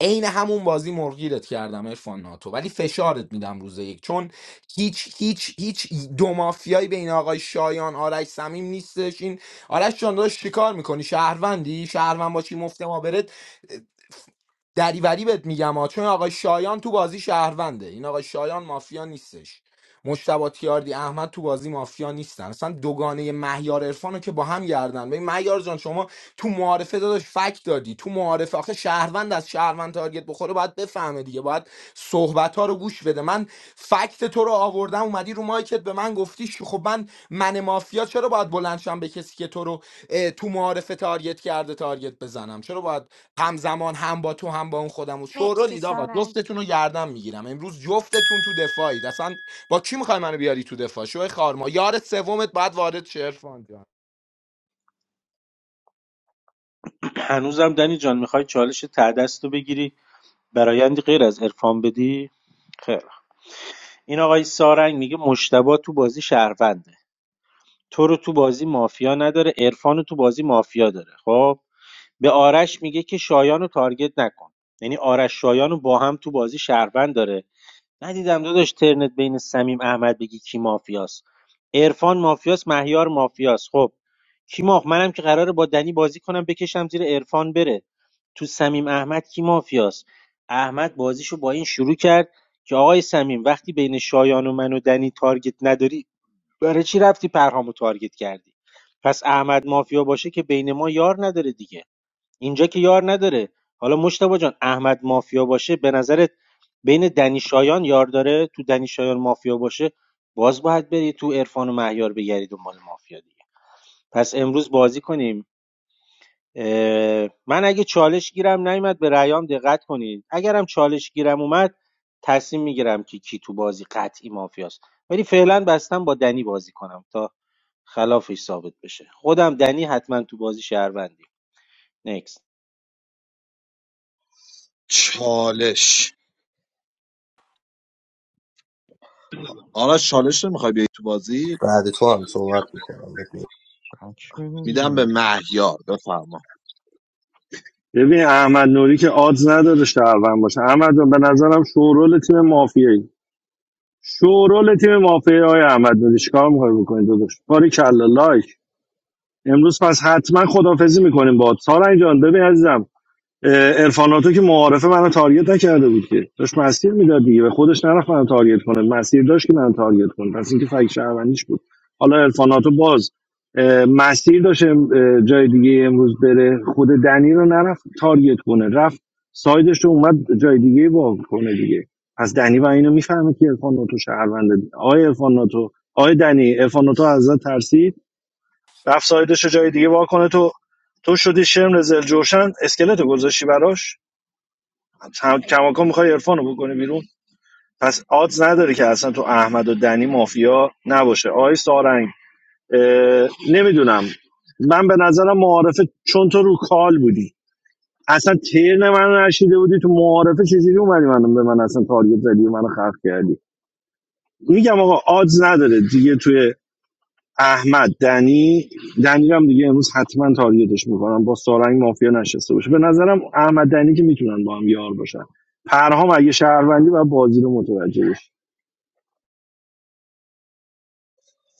S20: عین همون بازی مرگیرت کردم ارفان ناتو ولی فشارت میدم روز یک چون هیچ هیچ هیچ دو مافیایی بین آقای شایان آرش صمیم نیستش این آرش جان داشت چیکار میکنی شهروندی شهروند باشی مفت ما برد دریوری بهت میگم ها چون آقای شایان تو بازی شهرونده این آقای شایان مافیا نیستش مشتبه تیاردی احمد تو بازی مافیا نیستن اصلا دوگانه مهیار عرفان که با هم گردن ببین مهیار جان شما تو معارفه داداش فک دادی تو معارفه آخه شهروند از شهروند تارگت بخوره باید بفهمه دیگه باید صحبت ها رو گوش بده من فکت تو رو آوردم اومدی رو مایکت به من گفتی ش- خب من من مافیا چرا باید بلند شم به کسی که تو رو اه، تو معارفه تارگت کرده تارگت بزنم چرا باید همزمان هم با تو هم با اون خودم و شورا
S22: مرسی
S20: لید آقا
S22: سارنگ
S20: جفتتون رو گردم میگیرم امروز جفتتون تو دفاعید اصلا با کی میخوای منو بیاری تو دفاع شو خارما یار سومت باید وارد شه عرفان جان
S14: هنوزم دنی جان میخوای چالش تعدست رو بگیری برایندی غیر از عرفان بدی خیر این آقای سارنگ میگه مشتبه تو بازی شهرونده تو رو تو بازی مافیا نداره عرفان رو تو بازی مافیا داره خب به آرش میگه که شایان رو تارگت نکن یعنی آرش شایان رو با هم تو بازی شهروند داره ندیدم داداش ترنت بین سمیم احمد بگی کی مافیاست عرفان مافیاست مهیار مافیاست خب کی ماف منم که قراره با دنی بازی کنم بکشم زیر عرفان بره تو سمیم احمد کی مافیاست احمد بازیشو با این شروع کرد که آقای سمیم وقتی بین شایان و من و دنی تارگت نداری برای چی رفتی پرهامو تارگت کردی پس احمد مافیا باشه که بین ما یار نداره دیگه اینجا که یار نداره حالا مشتبه جان احمد مافیا باشه به نظرت بین دنی شایان یار داره تو دنی شایان مافیا باشه باز باید بری تو عرفان و مهیار بگردی دنبال مافیا دیگه پس امروز بازی کنیم اه، من اگه چالش گیرم نیومد به رأیام دقت کنید اگرم چالش گیرم اومد تصمیم میگیرم که کی تو بازی قطعی مافیاست ولی فعلا بستم با دنی بازی کنم تا خلافش ثابت بشه خودم دنی حتما تو بازی شهروندیم نکس
S1: چالش آرش چالش نمیخوای بیای تو بازی
S16: بعد تو هم صحبت میکنم بهت میگم.
S12: بک بده
S1: میدم به
S12: دیگه
S1: مهیار بفرما
S6: ببین احمد نوری که آدز نداره شهروند باشه احمد جان، به نظرم شورول تیم مافیایی شورول تیم مافیایی های احمد نوری چیکار می‌خوای بکنی داداش باری کلا لایک امروز پس حتما خدافزی میکنیم با سارنگ جان ببین عزیزم ارفاناتو که معارفه منو تارگت نکرده بود که داشت مسیر میداد دیگه به خودش نرفت منو تارگت کنه مسیر داشت که منو تارگت کنه پس اینکه فکر شهروندیش بود حالا ارفاناتو باز اه، مسیر داشت اه، جای دیگه امروز بره خود دنی رو نرفت تارگت کنه رفت سایدش رو اومد جای دیگه با کنه دیگه پس دنی و اینو میفهمه که ارفاناتو شهرونده آقای ارفاناتو آقای دنی ارفاناتو ازت ترسید رفت سایدش رو جای دیگه وا کنه تو تو شدی شرم رزل جوشن اسکلت رو گذاشتی براش هم- کماکان میخوای عرفان بکنی بیرون پس آدز نداره که اصلا تو احمد و دنی مافیا نباشه آی سارنگ نمیدونم من به نظرم معارفه چون تو رو کال بودی اصلا ترن من نشیده بودی تو معارفه چجوری اومدی من به من اصلا تارگت زدی و منو خلق کردی میگم آقا آدز نداره دیگه توی احمد دنی دنی رو هم دیگه امروز حتما تارگتش میکنم با سارنگ مافیا نشسته باشه به نظرم احمد دنی که میتونن با هم یار باشن پرهام اگه شهروندی و بازی رو متوجه بشه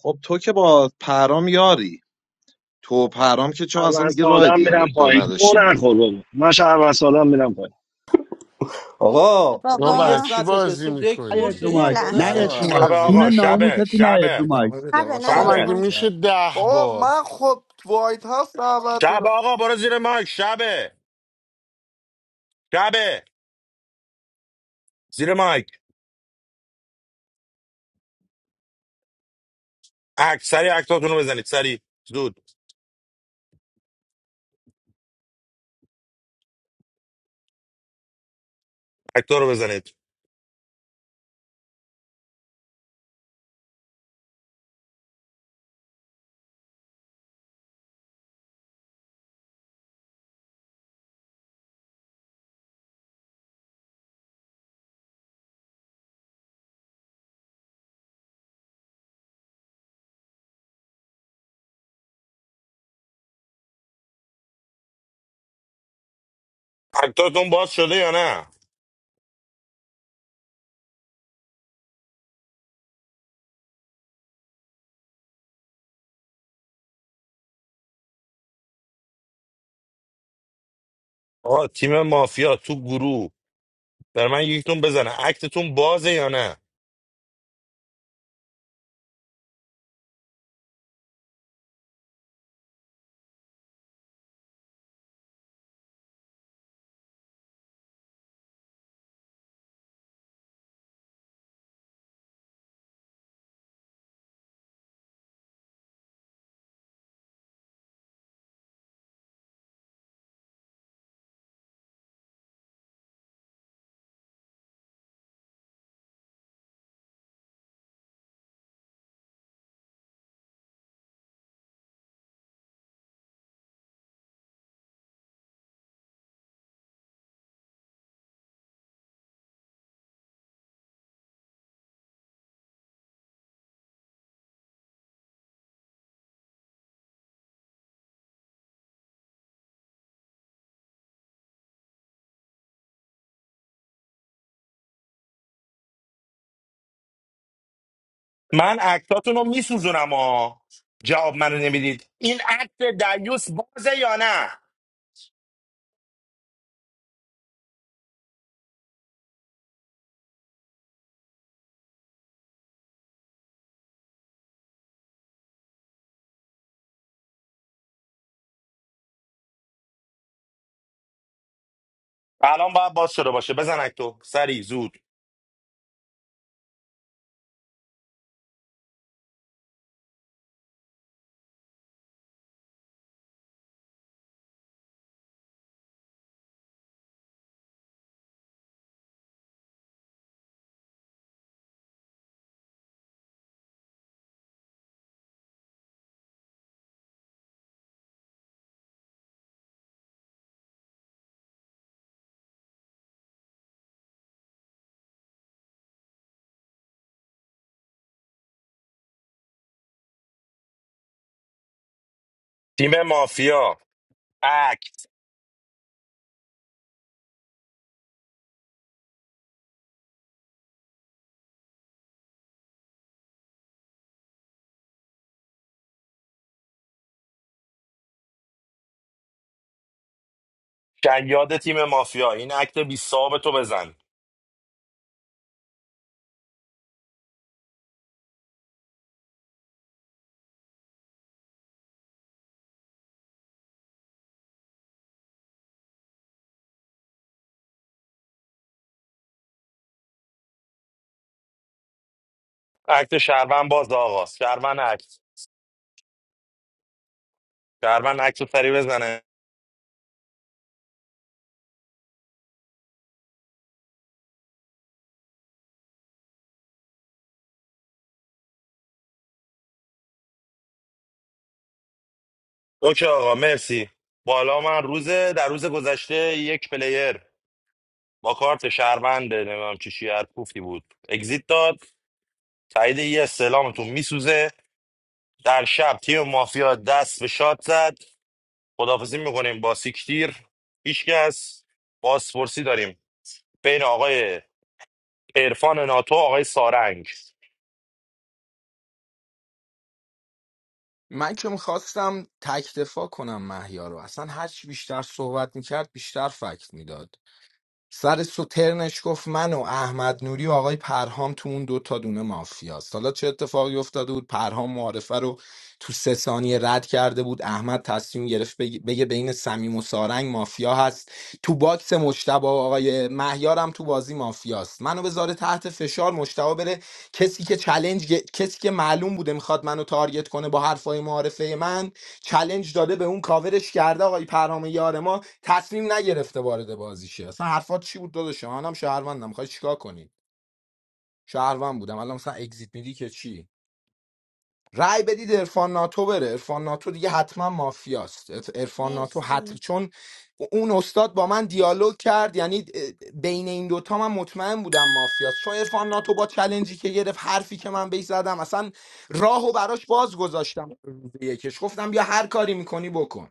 S1: خب تو که با پرام یاری تو و پرام که چون اصلا
S6: شهروند
S1: دیگه راه
S6: سادم میرم
S1: دیالوگ تو
S6: پایین گو
S1: نداشتیم
S6: نخور بابا من شهروند سادم میرم پایین
S16: آقا خب
S4: ما
S16: ما یه
S4: برای
S22: بابا
S4: چی
S16: ساعت
S4: بازی
S16: نشستیم دک
S5: نیاید
S16: فرش
S4: میکنی؟
S5: رو
S22: یه
S16: دیگه
S5: مایک
S16: داداش
S22: لحظه
S4: برای
S5: نیاید
S4: چی
S5: رو
S16: من
S5: مایک
S9: شب
S4: بازی
S5: جون
S9: آقا
S4: میکنی؟
S9: شبه
S5: ناموستون نیاید
S9: شبه
S5: رو مایک
S20: ادامه بده
S22: قبل
S20: آقا
S22: نه یه
S4: آقا
S20: شب
S4: مگه
S9: شبه
S22: جمعه.
S4: میشه
S20: شب
S4: ده
S17: بابا
S4: بار
S17: من خب وایت هاوس دعوت
S9: شب
S17: بودم
S9: آقا برو زیر مایک شبه شبه زیر مایک اک سری اکتاتون رو بزنید سری زود اکتا رو بزنید اکتاتون باز شده یا نه آقا تیم مافیا تو گروه بر من یکتون بزنه اکتتون بازه یا نه من اکتاتون رو میسوزونم ها جواب منو نمیدید این اکت دیوس بازه یا نه الان باید باز شده باشه بزن اکتو سری زود تیم مافیا اکت شیاد تیم مافیا این اکت بی صاحب تو بزن اکت شهروند باز آقا شهروند اکت شهروند اکت رو سری بزنه اوکی آقا مرسی بالا من روز در روز گذشته یک پلیر با کارت شهرونده نمیدونم چی چی هر کوفتی بود اگزیت داد تایید یه استلامتون میسوزه در شب تیم مافیا دست به شاد زد خدافزی میکنیم با سیکتیر هیچکس بازپرسی داریم بین آقای عرفان ناتو آقای سارنگ
S20: من که میخواستم تک دفاع کنم محیا رو اصلا هرچی بیشتر صحبت میکرد بیشتر فکت میداد سر سو ترنش گفت من و احمد نوری و آقای پرهام تو اون دو تا دونه مافیاست حالا چه اتفاقی افتاده بود پرهام معارفه رو تو سه ثانیه رد کرده بود احمد تصمیم گرفت بگه, بگه بین صمیم و سارنگ مافیا هست تو باکس مشتبه و آقای مهیارم تو بازی مافیاست منو بذاره تحت فشار مشتبه بره کسی که چلنج کسی که معلوم بوده میخواد منو تارگت کنه با حرفای معارفه من چلنج داده به اون کاورش کرده آقای پرهام یار ما تصمیم نگرفته وارد بازی شه اصلا حرفات چی بود داداش منم شهروندم میخوای چیکار کنی شهروند بودم الان مثلا اگزییت میدی که چی رای بدید عرفان ناتو بره عرفان ناتو دیگه حتما مافیاست عرفان ناتو حتم
S22: مرسی
S20: چون اون استاد با من دیالوگ کرد یعنی بین این دوتا من مطمئن بودم مافیاست چون عرفان ناتو با چلنجی که گرفت حرفی که من بهش زدم اصلا راهو براش باز گذاشتم روز یکش گفتم بیا هر کاری میکنی بکن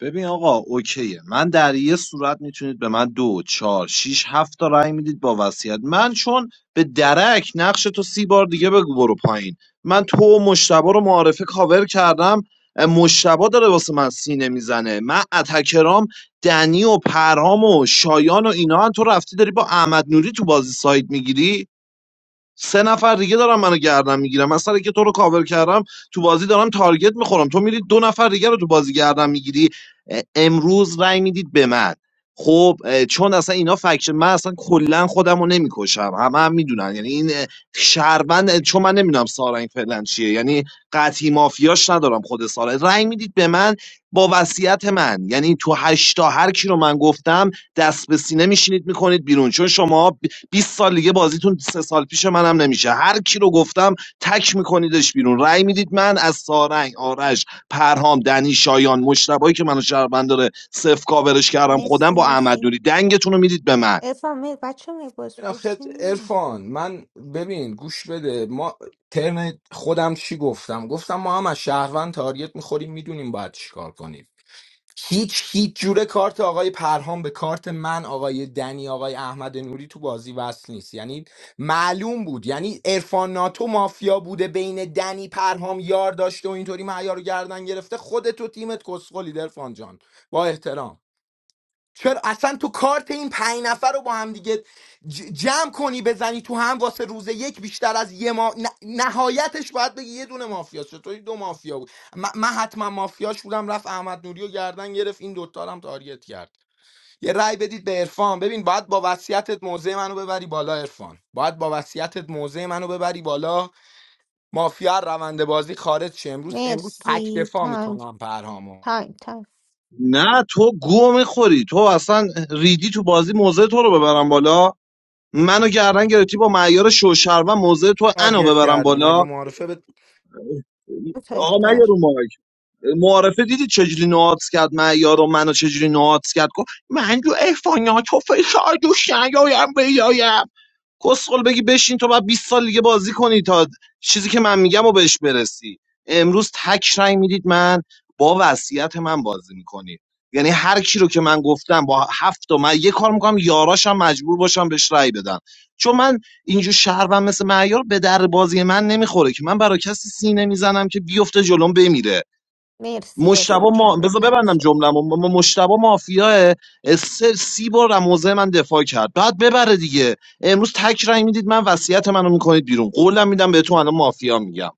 S1: ببین آقا اوکیه من در یه صورت میتونید به من دو چهار شیش هفت تا رأی میدید با وصیت من چون به درک نقش تو سی بار دیگه بگو برو پایین من تو و مشتبه رو معارفه کاور کردم اه، مشتبه داره واسه من سینه میزنه من اتکرام دنی و پرهام و شایان و اینا هم تو رفتی داری با احمد نوری تو بازی ساید میگیری سه نفر دیگه دارن منو گردن میگیرم. من سر که تو رو کاور کردم تو بازی دارم تارگت میخورم تو میری دو نفر دیگه رو تو بازی گردن میگیری امروز رأی میدید به من خب اه، چون اصلا اینا فکشن من اصلا کلا خودم رو نمیکشم همه هم میدونن یعنی این اه، شهروند اه، چون من نمیدونم سارنگ فعلا چیه یعنی قطعی مافیاش ندارم خود سارنگ رأی میدید به من با وصیت من یعنی تو هشتا هر کی رو من گفتم دست به سینه میشینید میکنید بیرون چون شما 20 سال دیگه بازیتون سه سال پیش منم نمیشه هر کی رو گفتم تک میکنیدش بیرون رأی میدید من از سارنگ آرش پرهام دنی شایان مشتبایی که منو شهروند داره صفر کاورش کردم
S22: مرسی
S1: خودم با احمد
S22: مرسی
S1: نوری دنگتون رو میدید به من
S22: ارفان میر بچه می
S20: این آخه
S22: بازپرسی نی
S20: ارفان من ببین گوش بده ما ترم خودم چی گفتم گفتم ما هم از شهروند تارگت میخوریم میدونیم باید چیکار کنیم هیچ هیچ جوره کارت آقای پرهام به کارت من آقای دنی آقای احمد نوری تو بازی وصل نیست یعنی معلوم بود یعنی ارفان ناتو مافیا بوده بین دنی پرهام یار داشته و اینطوری معیار رو گردن گرفته خودت و تیمت کسخلی ارفان جان با احترام چرا اصلا تو کارت این پنج نفر رو با هم دیگه ج- جمع کنی بزنی تو هم واسه روز یک بیشتر از یه ما ن- نهایتش باید بگی یه دونه مافیا چطوری دو مافیا بود م- من حتما مافیاش بودم رفت احمد نوری رو گردن گرفت این دوتا رو هم تارگت کرد یه رأی بدید به عرفان ببین باید با وصیتت موزه منو ببری بالا عرفان باید با وصیتت موزه منو ببری بالا مافیا از روند بازی خارج شه امروز امروز تک
S22: مرسی
S20: دفاع
S22: تایم
S20: میکنم پرهامو
S22: تایم تایم
S1: نه تو گو میخوری تو اصلا ریدی تو بازی موزه تو رو ببرم بالا منو گردن گرفتی با معیار شوشر و موزه تو انو
S20: تارگت
S1: ببرم
S20: کردی مگه
S1: بالا
S20: معارفه به
S22: دو تا
S1: آقا نه
S22: اختار
S1: رو معارفه دیدی چجوری نواتس کرد من یارو منو چجوری نواتس کرد گفت من جو افانیا تو فشار دوش نیایم بیایم کسخل بگی بشین تو بعد 20 سال دیگه بازی کنی تا چیزی که من میگم و بهش برسی امروز تک رای میدید من با وصیت من بازی میکنید یعنی هر کی رو که من گفتم با هفت تا من یه کار میکنم یاراشم مجبور باشم بهش رای بدم چون من اینجور شهروند مثل معیار به در بازی من نمیخوره که من برای کسی سینه میزنم که بیفته جلوم بمیره
S22: مرسی
S1: مشتبه
S22: ارفان
S1: ما
S22: تایم
S1: بذار
S22: تموم
S1: ببندم
S22: شد
S1: جمله‌مو م- م- مشتبه مافیاه سه سی بار از موضع من دفاع کرد بعد ببره دیگه امروز تک رای میدید من وصیت منو میکنید بیرون قولم میدم به تو الان مافیا میگم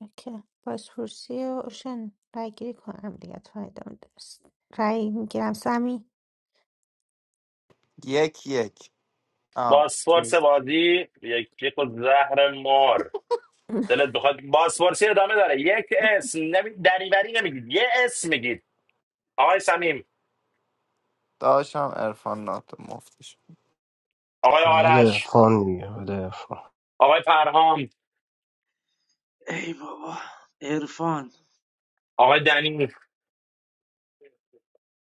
S22: اوکی بازپرسی و اوشن رای گیری کنم دیگه تو ادامه درست رای میگیرم سمی
S17: یک یک آه.
S9: بازپرس بازی یک یک زهر مار دلت بخواد بازپرسی ادامه داره یک اسم نمی... دریوری نمیگید یه اسم میگید آقای سمیم
S17: داشتم عرفان ناتو مفتش
S9: آقای
S16: بده
S9: آرش
S16: فان دیگه بده فان
S9: آقای پرهام
S14: ای بابا عرفان
S9: آقای دنی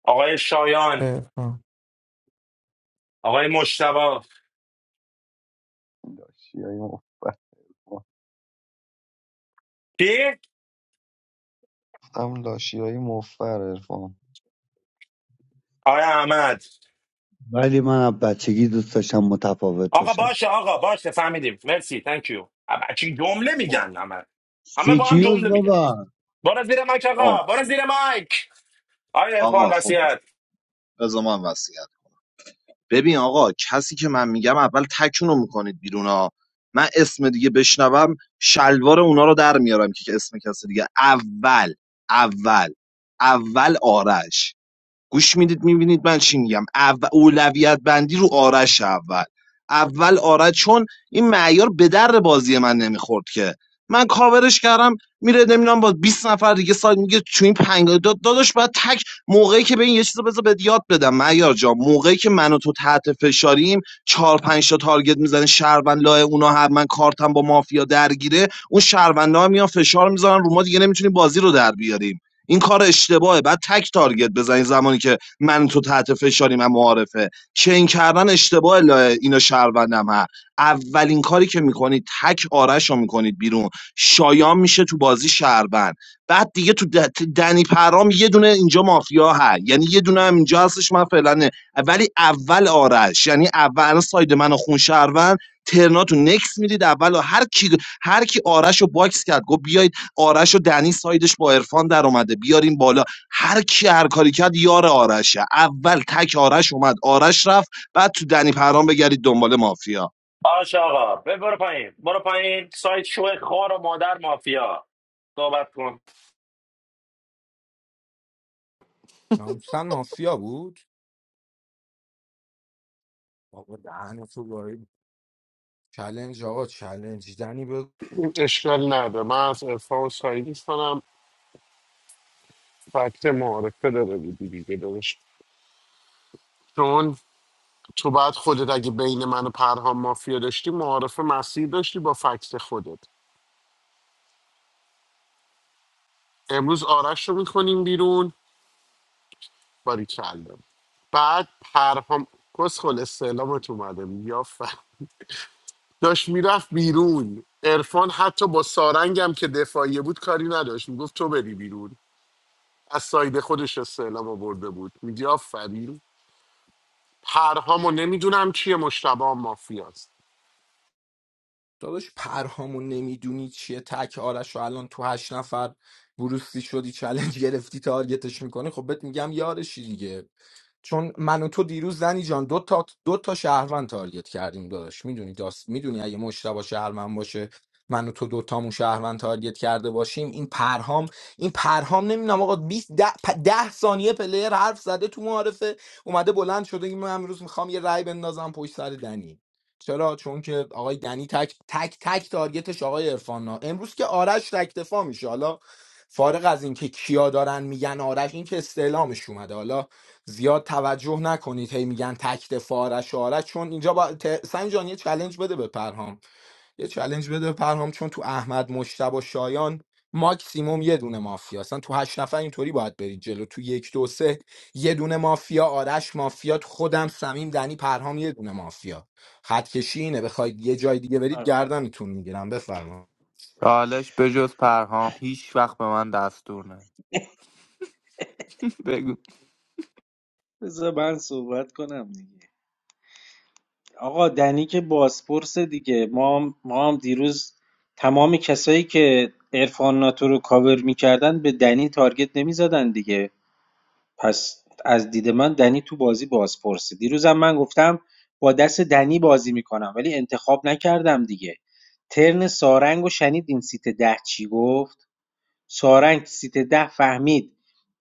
S9: آقای شایان
S18: عرفان
S9: آقای مشتبا
S12: لاشی های مفر
S9: کی
S12: هم لاشی های مفر ارفان
S9: آقای احمد
S5: ولی من از بچگی دوست داشتم متفاوت
S9: آقا
S5: باشم
S9: باشه آقا باشه فهمیدیم مرسی تانک یو ابا چی جمله
S1: خب
S9: میگن همه همه با هم
S5: سیکیوز
S9: جمله میگن
S5: بابا
S9: برو زیر مایک
S1: خب
S9: آقا برو زیر مایک آقای عرفان
S1: آقا خب
S9: وصیت
S1: بذار من وصیت ببین آقا کسی که من میگم اول تکونو میکنید بیرون ها من اسم دیگه بشنوم شلوار اونا رو در میارم که اسم کسی دیگه اول اول اول آرش گوش میدید میبینید من چی میگم اول اولویت بندی رو آرش اول اول آرش چون این معیار به در بازی من نمیخورد که من کاورش کردم میره نمیدونم با 20 نفر دیگه سایت میگه تو این پنگ داداش باید تک موقعی که به این یه چیزو بذار بهت یاد بدم معیار جا موقعی که من و تو تحت فشاریم چهار پنج تا تارگت میزنه شهروند لای اونا هر من کارتم با مافیا درگیره اون شهروندا هم میان فشار میذارن رو ما دیگه نمیتونیم بازی رو در بیاریم این کار اشتباهه بعد تک تارگت بزنی زمانی که من تو تحت فشاریم و معارفه چین کردن اشتباه لایه اینا شهروندم ها اولین کاری که میکنید تک آرش رو میکنید بیرون شایان میشه تو بازی شهروند بعد دیگه تو د- دنی پرام یه دونه اینجا مافیا هست یعنی یه دونه هم اینجا هستش من فعلا نه. ولی اول آرش یعنی اول الان ساید من و خون شهروند ترناتو نکس میدید اول هر کی هر کی آرش رو باکس کرد گفت بیا آرش و دنی سایدش با عرفان در اومده بیاریم بالا هر کی هر کاری کرد یار آرشه اول تک آرش اومد آرش رفت بعد تو دنی پرام بگردید دنبال مافیا
S9: باشه آقا ب- برو پایین برو پایین سایت شو خار و مادر مافیا صحبت کن
S20: ناموسن مافیا بود آقا دهن تو گاهی چلنج آقا چلنج دنی به
S4: اشکال نداره من از عرفان و سعیدی کنم فکت معارفه داره بودی دیگه داشت چون تو بعد خودت اگه بین من و پرهام مافیا داشتی معارفه مسیر داشتی با فکت خودت امروز آرش رو میکنیم بیرون باری کلم بعد پرهام کسخل استعلامت اومده یا ف... داشت میرفت بیرون عرفان حتی با سارنگم که دفاعیه بود کاری نداشت میگفت تو بری بیرون از ساید خودش استعلام آورده بود میگی آفرین پرهامو نمیدونم چیه مشتبه هم مافیاست
S20: داداش پرهامون نمیدونی چیه تک آرش و الان تو هشت نفر بروسی شدی چلنج گرفتی تارگتش میکنی خب بهت میگم یارشی دیگه چون من و تو دیروز زنی جان دو تا دو تا شهروند تارگت کردیم داداش میدونی داست میدونی اگه مشتبه شهروند باشه من و تو دو تامون شهروند تارگت کرده باشیم این پرهام این پرهام نمیدونم آقا بیست ده, پ- ده ثانیه پلیر حرف زده تو معارفه اومده بلند شده که من امروز میخوام یه رای بندازم پشت سر دنی چرا چون که آقای دنی تک تک تک تارگتش آقای عرفان امروز که آرش تکتفا میشه حالا فارغ از اینکه کیا دارن میگن آرش این که استعلامش اومده حالا زیاد توجه نکنید هی میگن تک دفاع آرش آرش چون اینجا با ت... سنجان یه چلنج بده به پرهام یه چلنج بده به پرهام چون تو احمد مشتبه و شایان ماکسیموم یه دونه مافیا اصلا تو هشت نفر اینطوری باید برید جلو تو یک دو سه یه دونه مافیا آرش مافیا خودم سمیم دنی پرهام یه دونه مافیا خط کشی اینه بخواید یه جای دیگه برید
S14: آره.
S20: گردنتون میگیرم بفرما
S17: چالش به جز پرهام هیچ وقت به من دستور نه بگو
S14: بذار من صحبت کنم دیگه آقا دنی که بازپرسه دیگه ما هم, ما هم دیروز تمام کسایی که عرفان ناتو رو کاور میکردن به دنی تارگت نمیزدن دیگه پس از دید من دنی تو بازی بازپرسه دیروزم من گفتم با دست دنی بازی میکنم ولی انتخاب نکردم دیگه ترن سارنگ و شنید این سیت ده چی گفت سارنگ سیت ده فهمید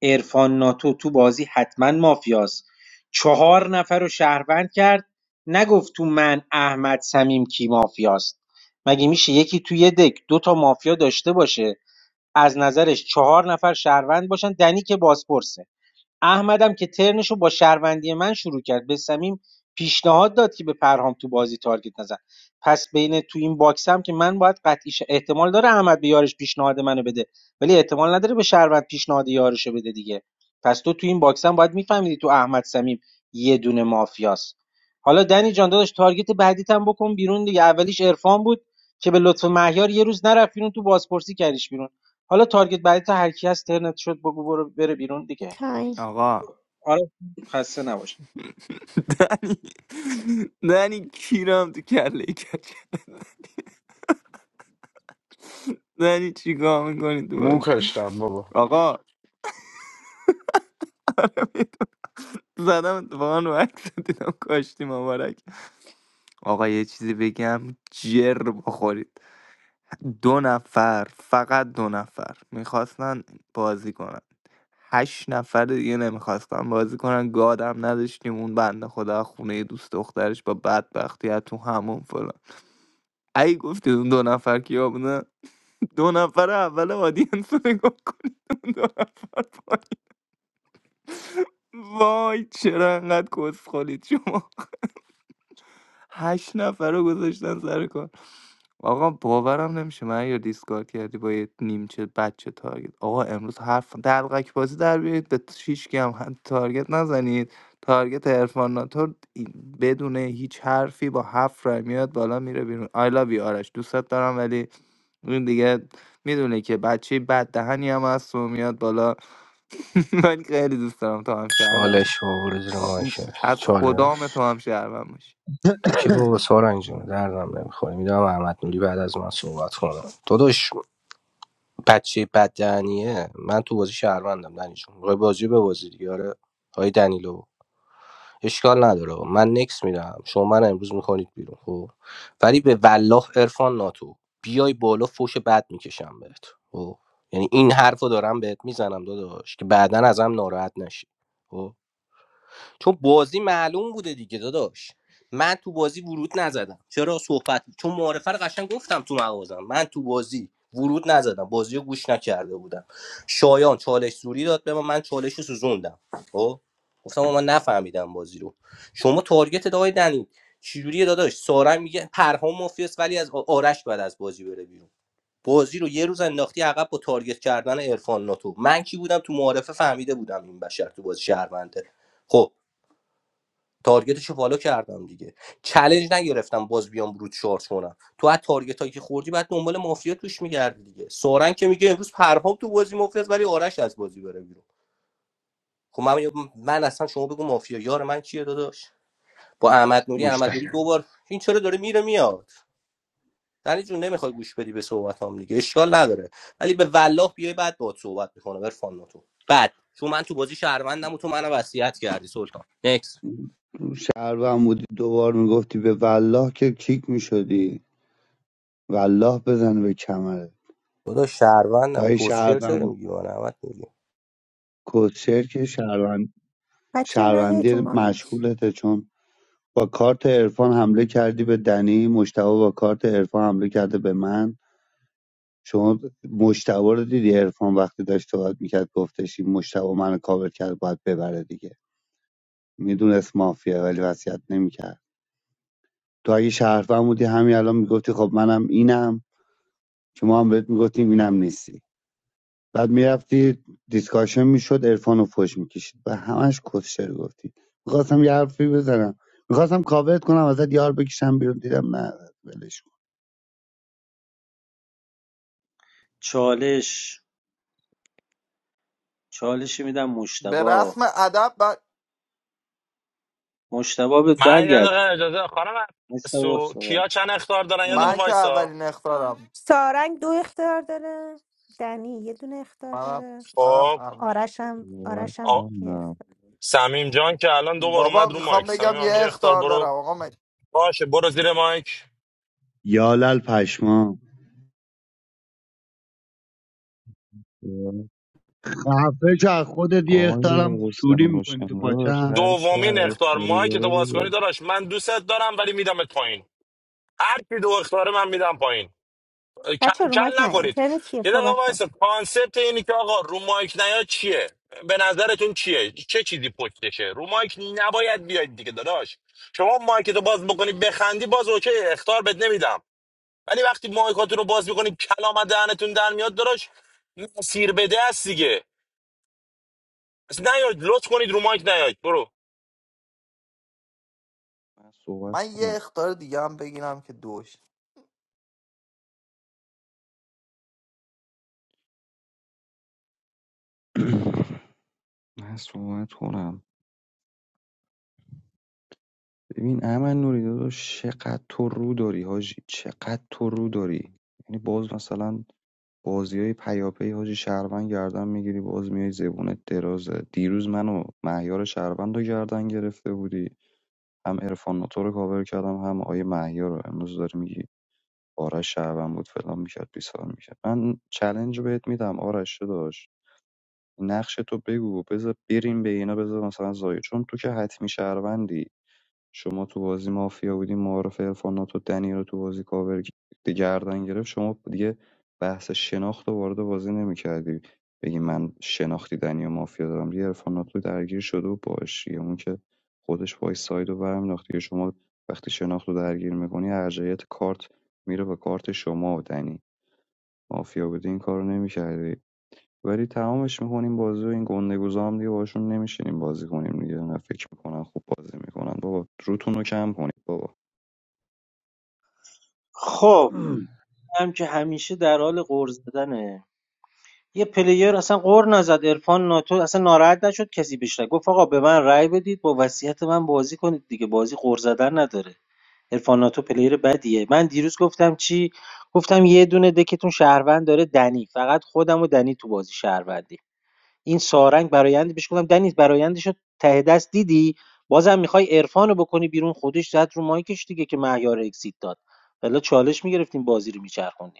S14: عرفان ناتو تو بازی حتما مافیاست چهار نفر رو شهروند کرد نگفت تو من احمد سمیم کی مافیاست مگه میشه یکی توی یه دک دو تا مافیا داشته باشه از نظرش چهار نفر شهروند باشن دنی که بازپرسه احمدم که ترنشو با شهروندی من شروع کرد به صمیم پیشنهاد داد که به پرهام تو بازی تارگت نزن پس بین تو این باکس هم که من باید قطعی شه- احتمال داره احمد به یارش پیشنهاد منو بده ولی احتمال نداره به شهروند پیشنهاد یارشو بده دیگه پس تو تو این باکس هم باید میفهمیدی تو احمد صمیم یه دونه مافیاست حالا دنی جان داداش تارگت بعدیت هم بکن بیرون دیگه اولیش عرفان بود که به لطف مهیار یه روز نرفت بیرون تو بازپرسی کردیش بیرون حالا تارگت بعدی تا هر کی هست ترنت شد بگو برو بره بیرون دیگه
S22: تایم
S17: آقا
S14: آره خسته نباش
S17: دنی دنی کیرم تو کله کچ دنی چیکار میکنی تو
S4: مو
S17: بازی
S4: کشتم بابا
S17: آقا زدم اتفاقا رو عکس دیدم کاشتی مبارک آقا یه چیزی بگم جر بخورید دو نفر فقط دو نفر میخواستن بازی کنن هشت نفر دیگه نمیخواستن بازی کنن گادم نداشتیم اون بنده خدا خونه دوست دخترش با بدبختی از تو همون فلان ای گفتید اون دو نفر کیا بودن دو نفر اول آدینس رو نگاه کنید اون دو نفر پایین وای چرا انقدر کسخلید شما هشت نفر رو گذاشتن سر کار آقا باورم نمیشه من یا دیسکارد کردی با یه نیمچه بچه تارگت آقا امروز حرف دلقک بازی در بیارید به شیشکی هم ه- تارگت نزنید تارگت عرفان ناتور این- بدون هیچ حرفی با هفت رای میاد بالا میره بیرون I love you آرش دوستت دارم ولی این دیگه میدونه که بچه بد دهنی هم هست و میاد بالا من خیلی دوست دارم تو هم شهرم باش
S16: چالش ما برو زیر ماشه
S17: از
S16: چالش
S17: خدام تو هم شهرم باش
S16: تو که بابا سارنگ جون دردم نمیخوری میدونم احمد نوری بعد از من صحبت کنم داداش بچه بد دهنیه من تو بازی شهروندم دنی جون می‌خوای بازی رو ببازی دیگه آره آی دنیلو اشکال نداره من نکس میدم شما من امروز میکنید بیرون خب ولی به والله عرفان ناتو بیای بالا فوش بد میکشم بهت خب یعنی این حرفو دارم بهت میزنم داداش که بعدا ازم ناراحت نشی خب؟ چون بازی معلوم بوده دیگه داداش من تو بازی ورود نزدم چرا صحبت چون معارفه رو قشنگ گفتم تو مغازم من تو بازی ورود نزدم بازی رو گوش نکرده بودم شایان چالش سوری داد به من من چالش رو سوزوندم خب گفتم آقا من نفهمیدم بازی رو شما تارگت دای دنی چجوریه داداش سارنگ میگه پرهام مافیاس ولی از آرش بعد از بازی بره بیرون بازی رو یه روز انداختی عقب با تارگت کردن عرفان ناتو من کی بودم تو معارفه فهمیده بودم این بشر تو بازی شهرونده خب تارگتشو فالو کردم دیگه چالش نگرفتم باز بیام رو چارج کنم تو از تارگت هایی که خوردی بعد دنبال مافیا توش میگردی دیگه سورن که میگه امروز پرهام تو بازی مافیا ولی آرش از بازی بره بیرون خب من من اصلا شما بگو مافیا یار من کیه داداش با احمد نوری احمد نوری
S5: مشتبه
S16: دوبار این چرا داره میره میاد یعنی جون نمیخوای گوش بدی به صحبت دیگه اشکال نداره ولی به والله بیای بعد باهات صحبت میکنه عرفان تو بعد چون من تو بازی شهروندم و تو منو وصیت کردی سلطان نکس
S5: شهروند بودی دوبار میگفتی به والله که کیک میشدی والله بزن به کمره
S16: خدا شهروندم
S5: دایی
S16: کوسشر چرا
S5: شهروند
S16: میگی با نعمت میگی
S5: کوچر که شهروند
S22: بچه نه یه
S5: شهروندی
S22: جمعه.
S5: مشغولته چون با کارت عرفان حمله کردی به دنی مشتبه با کارت عرفان حمله کرده به من شما مجتبا رو دیدی عرفان وقتی داشت صحبت میکرد گفتش این مجتبا منو کاور کرد باید ببره دیگه میدونست مافیا ولی وصیت نمیکرد تو اگه شهروند بودی همین الان میگفتی خب منم اینم که ما هم بهت میگفتیم اینم نیستی بعد میرفتی دیسکاشن میشد عرفان رو فش میکشید و همش کسشر گفتی میخواستم یه حرفی بزنم میخواستم کاورت کنم ازت یار بکشم بیرون دیدم نه ولش کن
S14: چالش چالشی میدم
S17: به
S14: مشتبا
S17: رسم ادب ب-
S14: مشتبا بهت
S9: من یه دقیقه
S14: برگردون
S9: اجازه خانم
S14: مشتبا
S9: سو
S14: صحبت
S9: کیا چند اختار دارن یه دقیقه
S17: من
S22: نه.
S17: که
S9: وایسا
S17: اولین اختارم
S22: سارنگ دو اختار داره دنی یه دونه اختار
S17: منم
S22: داره
S17: منم
S9: خب
S17: ام-
S22: آرشم
S12: صحبت
S9: آ-
S22: آرشم یخ
S12: کنم
S9: سمیم جان که الان دوبار
S17: بابا
S9: اومد رو
S17: میخوام
S9: مایک سمیم
S17: بگم
S9: هم
S17: یه
S9: یه اختار
S17: اختار
S9: برو
S17: دارم آقا من,
S9: باشه برو زیر مایک
S5: یالل پشمام خفه شو از خودت یه
S12: آقای
S5: اخطارم سوری
S12: حسین
S5: میکنی تو
S12: حسین داشت
S5: پاچم
S12: هر کی هر
S9: دومین اختار
S12: اختیاری
S9: مایک تو
S12: داره
S9: باز کنی
S12: داره
S9: داداش من دوستت دارم ولی میدمت پایین هر کی دو اختاره من میدم پایین اه، کل,
S22: بچه رو مایک
S9: کل
S22: نه
S9: نکنید
S22: اینترنت چیه
S9: یه دقیقه
S22: صحبت کن
S9: وایسا کانسپت اینی که آقا رو مایک نیا چیه به نظرتون چیه چه چیزی پشتشه رو مایک نباید بیاید دیگه داداش شما مایک تو باز بکنی بخندی باز اوکی اختار بد نمیدم ولی وقتی مایکاتون رو باز میکنید کلام از دهنتون در میاد داداش مسیر بده است دیگه پس نیاید لطف کنید رو مایک نیاید برو
S12: من صحبت
S17: من یه
S12: کنم
S17: اختار دیگه هم بگیرم که دوش
S12: من صحبت کنم ببین امن نوری داداش چقدر تو رو داری حاجی چقدر تو رو داری یعنی باز مثلا بازی های پیاپی حاجی شهروند گردن میگیری باز میای زبونت درازه دیروز منو مهیار شهروند رو گردن گرفته بودی هم عرفان ناتو رو کاور کردم هم آیه مهیار رو امروز داری میگی آرش شهروند بود فلان میکرد بیسار میکرد من چلنج بهت میدم آرش داشت نقش تو بگو بذار بریم به اینا بذار مثلا زایه چون تو که حتمی شهروندی شما تو بازی مافیا بودی معارف عرفانات و دنی رو تو بازی کاور گ- گردن گرفت شما دیگه بحث شناخت رو وارد بازی نمیکردی بگی من شناختی دنی و مافیا دارم دیگه عرفانات رو درگیر شده و باش دیگه اون که خودش وای ساید رو برمیداخت دیگه شما وقتی شناخت رو درگیر میکنی ارجعیت کارت میره به کارت شما و دنی مافیا بودی این کارو نمیکردی ولی تمامش میکنیم بازی و این گندگوزا هم دیگه باشون نمیشینیم بازی کنیم دیگه نه فکر میکنن خوب بازی میکنن بابا روتون رو کم کنید بابا
S14: خب هم که همیشه در حال قور زدنه یه پلیر اصلا قور نزد عرفان ناتو اصلا ناراحت نشد کسی بهش رای گفت آقا به من رای بدید با وصیت من بازی کنید دیگه بازی قور زدن نداره عرفان ناتو پلیر بدیه من دیروز گفتم چی گفتم یه دونه دکتون شهروند داره دنی فقط خودم و دنی تو بازی شهروندی این سارنگ برآیندی بهش گفتم دنیز برآیندش رو ته دست دیدی بازم میخوای عرفانو بکنی بیرون خودش زد رو مایکش دیگه که مهیار اکسیت داد والا چالش میگرفتیم بازی رو میچرخوندیم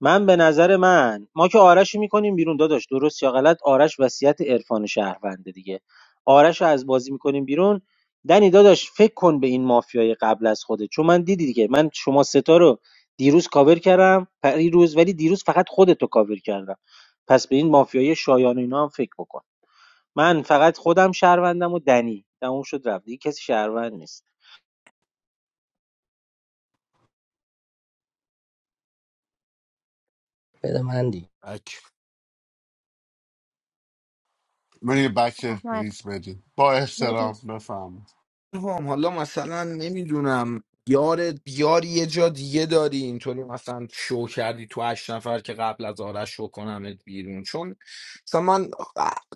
S14: من به نظر من ما که آرش رو میکنیم بیرون داداش درست یا غلط آرش وصیت عرفان شهرونده دیگه آرش از بازی میکنیم بیرون دنی داداش فکر کن به این مافیای قبل از خوده چون من دیدی دیگه من شما ستا رو دیروز کاور کردم پریروز ولی دیروز فقط خودتو کاور کردم پس به این مافیای شایان و اینا هم فکر بکن من فقط خودم شهروندم و دنی تموم شد رفت دیگه کسی شهروند نیست
S16: بده من دیگه
S4: من یه بک
S22: احمد
S4: ریز بدین با احترام
S22: نوری
S4: بفهم
S20: هم حالا مثلا نمیدونم یار یاری یه جا دیگه داری اینطوری مثلا شو کردی تو هشت نفر که قبل از آرش شو کنمت بیرون چون مثلا من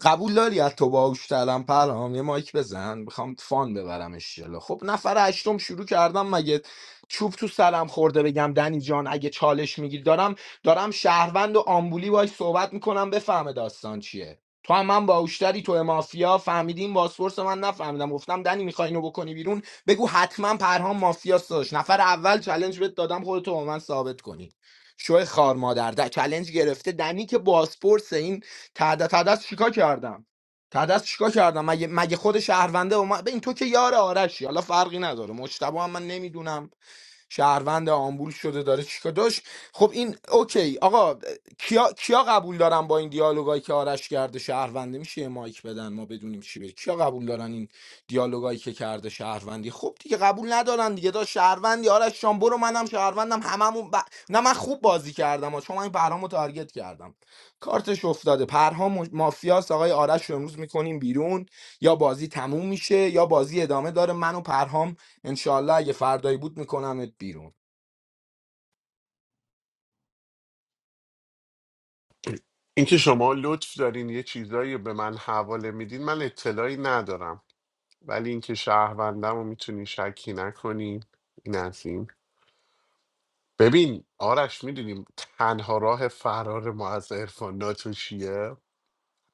S20: قبول داری از تو باهوشترم پرام یه مایک بزن میخوام فان ببرمش جلو خب نفر هشتم شروع کردم مگه چوب تو سرم خورده بگم دنی جان اگه چالش میگیر دارم دارم شهروند و آمبولی باش صحبت میکنم بفهمه داستان چیه تو هم من باوشتری تو مافیا فهمیدین بازپرس من نفهمیدم گفتم دنی میخوای اینو بکنی بیرون بگو حتما پرهام مافیا داشت نفر اول چلنج بهت دادم خودتو با من ثابت کنی شو خار مادر ده چلنج گرفته دنی که بازپرس این تعداد تعداد چیکار کردم تعداد چیکار کردم مگه مگه خود شهرونده و من... این تو که یار آرشی حالا فرقی نداره مجتبی هم من نمیدونم شهروند آمبول شده داره چیکار داشت خب این اوکی آقا کیا, کیا قبول دارن با این دیالوگایی که آرش کرده شهرونده میشه یه مایک بدن ما بدونیم چی بگه کیا قبول دارن این دیالوگایی که کرده شهروندی خب دیگه قبول ندارن دیگه داشت شهروندی آرش جان برو منم شهروندم هممون ب... نه من خوب بازی کردم آ، چون من این پرهامو تارگت کردم کارتش افتاده پرهام مافیاس آقای آرش رو امروز میکنیم بیرون یا بازی تموم میشه یا بازی ادامه داره من و پرهام انشالله اگه فردایی بود میکنمت بیرون
S4: اینکه شما لطف دارین یه چیزایی به من حواله میدین من اطلاعی ندارم ولی اینکه شهروندم رو میتونی شکی نکنین این از این ببین آرش میدونیم تنها راه فرار ما از عرفان ناتو چیه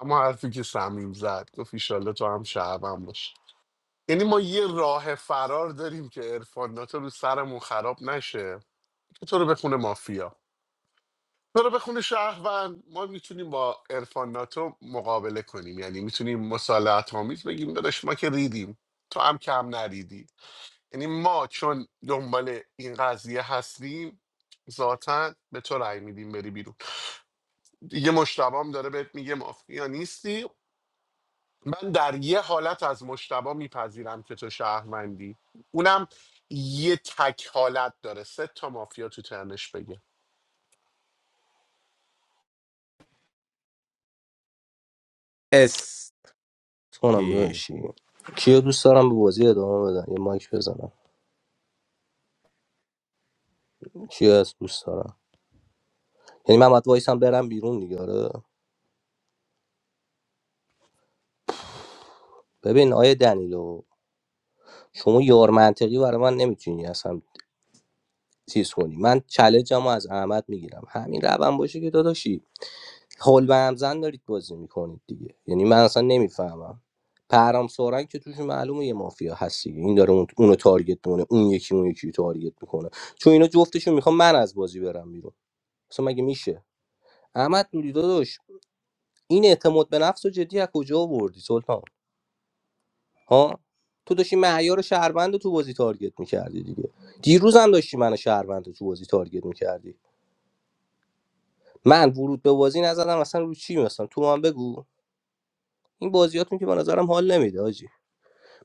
S4: اما حرفی که سمیم زد گفت ایشالله تو هم شهروند باش یعنی ما یه راه فرار داریم که عرفان ناتو رو سرمون خراب نشه که تو رو بخونه مافیا تو رو بخونه شهروند ما میتونیم با عرفان ناتو مقابله کنیم یعنی میتونیم مسالمت آمیز بگیم داداش ما که ریدیم تو هم کم نریدی یعنی ما چون دنبال این قضیه هستیم ذاتا به تو رأی میدیم بری بیرون دیگه مشتبام داره بهت میگه مافیا نیستی من در یه حالت از مشتبا میپذیرم که تو شهروندی اونم یه تک حالت داره سه تا مافیا تو ترنش بگه
S18: اس
S16: اونم داشتی کیو دوست دارم به بازی ادامه بدن یه مایک بزنم کیو از دوست دارم یعنی من باید وایسم برم بیرون دیگه آره ببین آیه دنیلو شما یار منطقی برای من نمیتونی اصلا چیز کنی من چالنجمو از احمد میگیرم همین روند باشه که داداشی هول به همزن دارید بازی میکنید دیگه یعنی من اصلا نمیفهمم پرام سورن که توش معلومه یه مافیا هست دیگه این داره اون- اونو تارگت میکنه اون یکی اون یکی رو تارگت میکنه چون اینا جفتشون میخوام من از بازی برم بیرون اصلا مگه میشه احمد نوری داداش این اعتماد به نفس و جدی از کجا آوردی سلطان ها تو داشتی معیار شهروند رو تو بازی تارگت میکردی دیگه دیروز هم داشتی من شهروند رو تو بازی تارگت میکردی من ورود به بازی نزدم اصلا رو چی مثلا تو من بگو این بازیاتون که به نظرم حال نمیده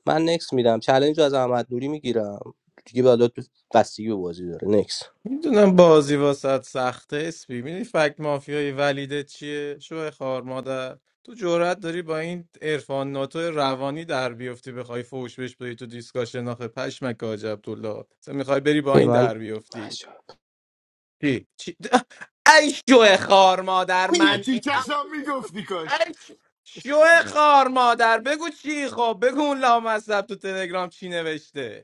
S16: من نکس میدم چلنج رو از احمد نوری میگیرم دیگه بالا تو بستگی به بازی داره نکس
S18: میدونم بازی واسط سخته اسپی میدونی فکت مافیای ولیده چیه شو خار مادر تو جرأت داری با این عرفان ناتو روانی در بیفتی بخوای فوش بش بدی تو دیسکاشن آخه پشمک حاج عبدالله تو میخوای بری با این
S16: من
S18: در بیفتی چی چی ای شو خار مادر
S4: اون یه
S18: من ای
S4: تیکش هم میگفتی کاش
S18: شو خار مادر بگو چی خب بگو اون لامصب تو تلگرام چی نوشته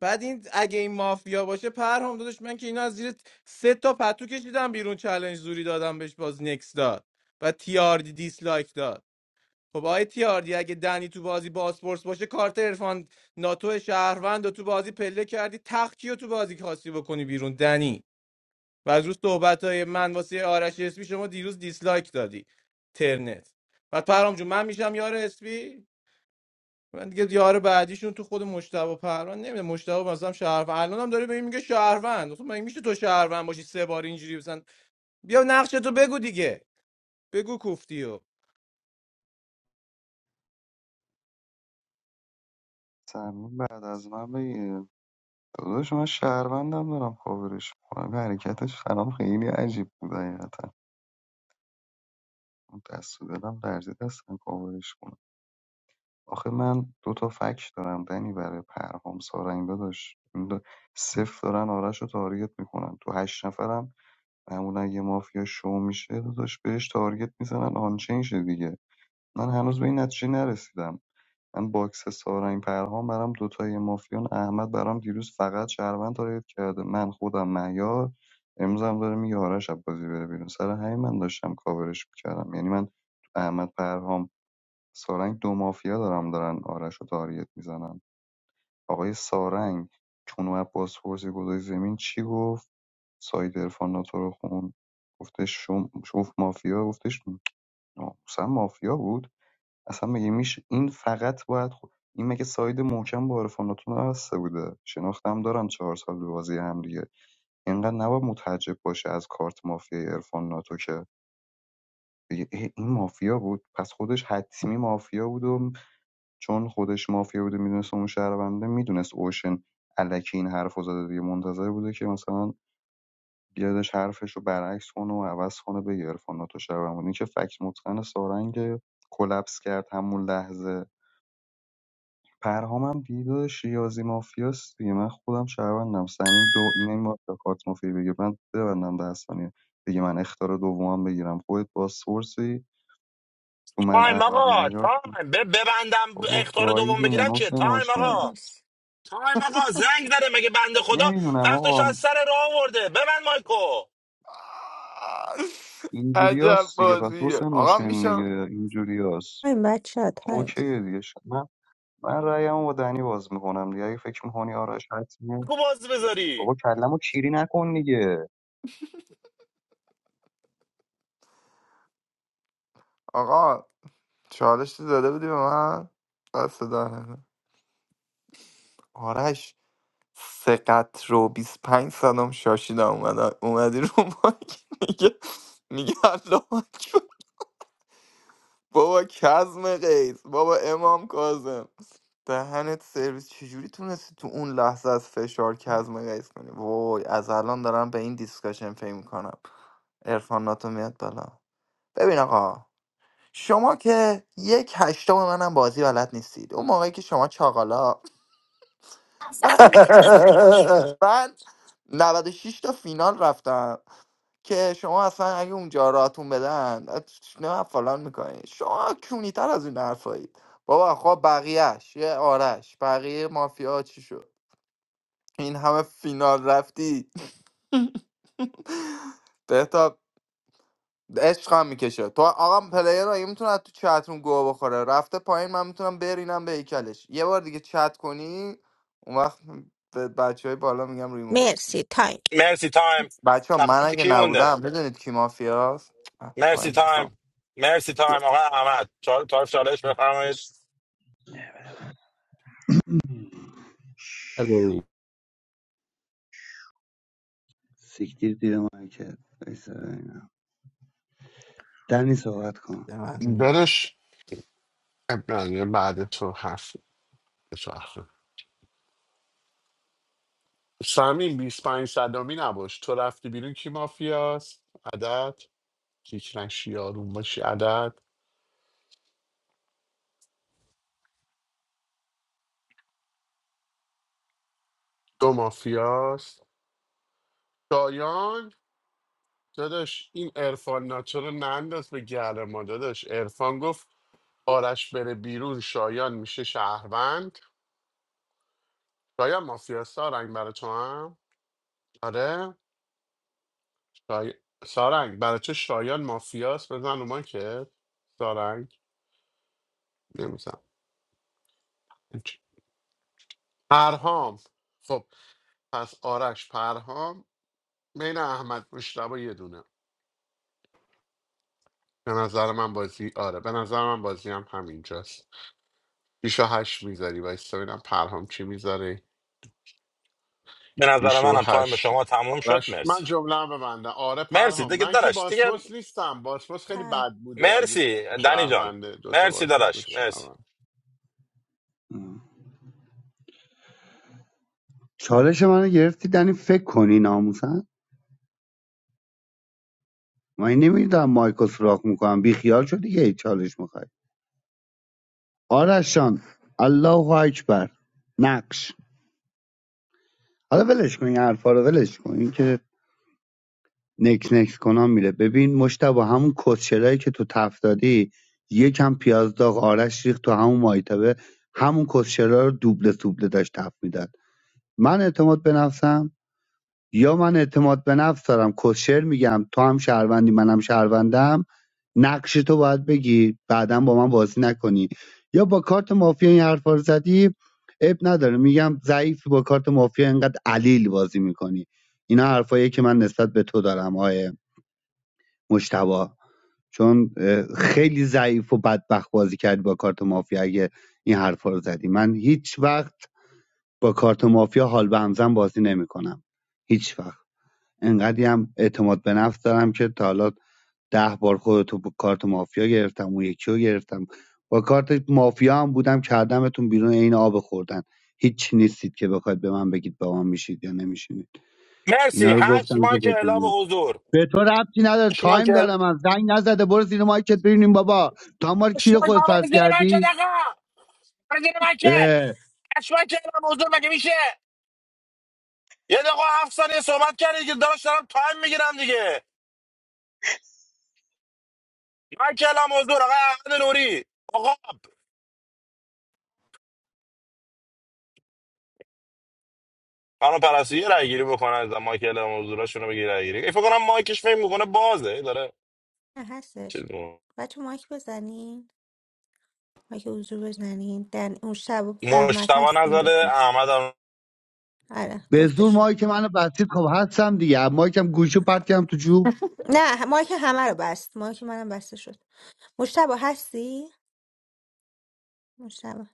S18: بعد این اگه این مافیا باشه پرهام دادش من که اینا از زیر سه تا پتو کشیدم بیرون چلنج زوری دادم بهش باز نکس داد و تیاردی دیسلایک داد خب آقای تیاردی اگه دنی تو بازی باسپورس باشه کارت عرفان ناتو شهروند و تو بازی پله کردی تختی و تو بازی کاسی بکنی بیرون دنی و از روز صحبت من واسه آرش اسپی شما دیروز دیسلایک دادی ترنت بعد پرام جون من میشم یار اسپی من دیگه یار بعدیشون تو خود مجتبی پروان نمیده مجتبی مثلا شهروند الان هم داره به این میگه شهروند اصلا مگه میشه تو شهروند باشی سه بار اینجوری مثلا بیا نقشه تو بگو دیگه بگو کوفتی و
S12: سمین بعد از من بگیر داداش من شهروندم دارم کاورش میکنم حرکتش برام خیلی عجیب بود حقیقتا اون دست و دلم درزی دستم کاورش کنم آخه من دو تا فکش دارم دنی برای پرهام سارنگ داداش این دو- صفر دارن آرش رو تارگت میکنن تو هشت نفرم معمولا اگه مافیا شو میشه داداش بهش تارگت میزنن آنچین شه دیگه من هنوز به این نتیجه نرسیدم من باکس سارنگ پرهام برام دوتای مافیان احمد برام دیروز فقط شهروند تارگت کرده من خودم مهیار امروز هم داره میگه آرش از بازی بره بیرون سر همین من داشتم کاورش میکردم یعنی من تو احمد پرهام سارنگ دو مافیا دارم دارن آرش رو تارگت میزنن آقای سارنگ چون اومد بازپرسی گذاشت زمین چی گفت ساید عرفان ناتو رو خوند گفتش شم شوف مافیا گفتش ناموسن مافیا بود اصلا مگه میشه این فقط باید خود این مگه ساید محکم با عرفان ناتو نبسته بوده شناختم دارن چهار سال به بازی هم دیگه اینقدر نباید متعجب باشه از کارت مافیا عرفان ناتو که بگه اه، این مافیا بود پس خودش حتمی مافیا بود و چون خودش مافیا بوده میدونسته اون شهرونده میدونست اوشن الکی این حرفو زده دیگه منتظر بوده که مثلا بیادش حرفش رو برعکس کنه و عوض کنه بگه عرفان تو شهروند بود. این که فکت متقن سارنگ کلپس کرد همون لحظه پرهامم دیده شیازی مافیاست دیگه من خودم شهروندم سمیم دو نمیاد به کارت مافیا بگه من ببندم ده ثانیه دیگه من اختار دومم بگیرم خودت با سورسی تو من
S9: تایم
S12: احمد
S9: آقا
S12: مهیار
S9: تایم ب- ببندم
S12: بابا
S9: اختار دوم
S12: گاییدی
S9: بگیرم چیه
S12: منوس
S9: تایم
S12: نوشن
S9: آقا
S22: مرسی
S9: تایم آقا زنگ داره مگه بنده خدا
S12: نمیدونم
S9: وقتش
S12: آقا
S9: از سر راه آورده ببند مایکو
S17: عجب
S12: اینجوریاست دیگه پس
S17: بازیه
S12: حسین
S17: آقا
S12: حسین
S17: میشم
S12: دیگه اینجوریاست
S22: تایم بچه ها تایم
S12: اوکی دیگه شد. من من رأیمو با دنی باز میکنم دیگه اگه فکر میکنی آرش حتمیه
S9: مایکو باز بذاری
S12: بابا کلمو کیری نکن دیگه
S17: آقا چالش تو داده بودی به من بس صدا نکن. آرش سقط رو 25 سالم شاشیدم اومد اومدی رو مایک میگه میگه الله اکبر. بابا کزم قیس بابا امام کازم دهنت سرویس چجوری تونستی تو اون لحظه از فشار کزم قیس کنی وای از الان دارم به این دیسکشن فکر میکنم عرفان ناتو میاد بالا ببین آقا شما که یک هشتم منم بازی بلد نیستید اون موقعی که شما چاقالا من من 96 تا فینال رفتم که شما اصلا اگه اونجا راتون بدن نه فلان میکنید شما کونی تر از این حرفایید بابا خب بقیهش یه آرش بقیه مافیا چی شد این همه فینال رفتی بهتاب عشق هم میکشه تو آقا پلیر اگه میتونه تو چتون گوه بخوره رفته پایین من میتونم برینم به هیکلش یه بار دیگه چت کنی اون وقت به بچه های بالا میگم ریمون بده.
S22: مرسی تایم
S9: مرسی تایم
S17: بچه ها من
S9: نفر
S17: اگه
S9: کی مونده
S17: نبودم بدونید کی مافیاست اه، تایم
S9: مرسی
S17: نیستم.
S9: تایم مرسی تایم آقا احمد چال تایف چالش بفرمایید
S5: سیکتیر دیر من که دنی صحبت کن
S4: برش اب نداره، بعد تو حرف تو حرف. سمین 25 صدامی نباش تو رفتی بیرون کی مافیاست عدد هیچ نشی آروم باشی عدد دو مافیاست شایان داداش این ارفان ناتو رو ننداز به گل ما داداش ارفان گفت آرش بره بیرون شایان میشه شهروند شایان مافیاست سارنگ برای تو هم آره شای... سارنگ برای تو شایان مافیاست بزن رو ما که سارنگ نمیزن پرهام خب پس آرش پرهام بین احمد مشتبه یه دونه به نظر من بازی آره به نظر من بازی هم همینجاست شیش و هشت میذاری وایستا ببینم پرهام چی میذاره
S9: به نظر
S4: شیش و
S9: منم تایم
S4: هشت
S9: شما تموم شد
S4: آرش من
S9: مرسی
S4: جمله هم ببندم آره
S9: مرسی
S4: پرهام
S9: دیگه
S4: من که
S9: داداش دیگه
S4: باسپورس نیستم باسپورس خیلی
S22: تایم
S4: بد بوده اگه
S9: مرسی
S4: سالم
S9: دنی جان
S4: شهرونده دوتا
S9: مرسی
S4: باس دوتا
S9: داداش مرسی
S4: شهروند
S5: اه. چالش منو گرفتی دنی فکر کنی ناموسن من نمیدونم مایکو سراخ میکنم بی خیال شدی که هیچ چالش میخوای آرش جان الله اکبر نقش حالا ولش کن این حرفا رو ولش کن این که نکس نکس کنم میره ببین مشتبه همون کسشرایی که تو تف دادی یکم پیاز داغ آرش ریخت تو همون مایتبه همون کسشرا رو دوبله دوبله داشت تف میداد من اعتماد به نفسم یا من اعتماد به نفس دارم کوشر میگم تو هم شهروندی منم شهروندم نقش تو باید بگی بعدا با من بازی نکنی یا با کارت مافیا این حرفا رو زدی اب نداره میگم ضعیفی با کارت مافیا اینقدر علیل بازی میکنی اینا حرفایی که من نسبت به تو دارم آقای مشتبا چون اه، خیلی ضعیف و بدبخت بازی کردی با کارت مافیا اگه این حرفا رو زدی من هیچ وقت با کارت مافیا حال به همزن بازی نمیکنم هیچ وقت انقدی هم اعتماد به نفس دارم که تا حالا ده بار خودتو با کارت مافیا گرفتم اون یکی رو گرفتم با کارت مافیا هم بودم کردمتون بیرون این آب خوردن هیچ نیستید که بخواید به من بگید با من میشید یا نمیشید اینا
S9: مرسی
S5: رو
S9: هشت
S5: گفتم که
S9: ماه که اعلام
S5: بدونید
S9: حضور
S5: به تو ربطی نداره
S9: هشت ماه
S5: تایم
S9: که اعلام
S5: دارم از زنگ نزده برو زیر مایکت ببینیم بابا تا ما رو
S9: هشت
S5: کیر
S9: ماه که
S5: خود فرض
S9: آقا زیر مکت
S5: کردی
S9: آقا برو زیر مکت
S5: اه،
S9: هشت ماه که اعلام حضور مگه میشه یه دقیقه هفت ثانیه صحبت کردی که داداش دارم تایم میگیرم دیگه من که اعلام حضور آقا احمد نوری آقا خانم پرستو یه رای گیری بکنه از مایک اعلام حضوراشونو بگیره رای گیری فکر کنم مایکش فکر میکنه بازه داره
S22: نه
S9: چیز
S22: هستش
S9: می‌کنه.
S22: بچه مایک بزنین مایک حضور بزنین دن اون شب احمد
S9: مشتبه
S22: هستین
S9: نداره
S22: جفت
S9: احمد هم
S22: آره
S5: به زور
S22: جفتشون
S5: مایک منو بستید خب هستم دیگه مایکم گوشو پرت
S22: آم،
S5: کردم تو جو
S22: نه مایک همه رو بست مایک منم بسته شد مشتبه هستی؟ مشتبه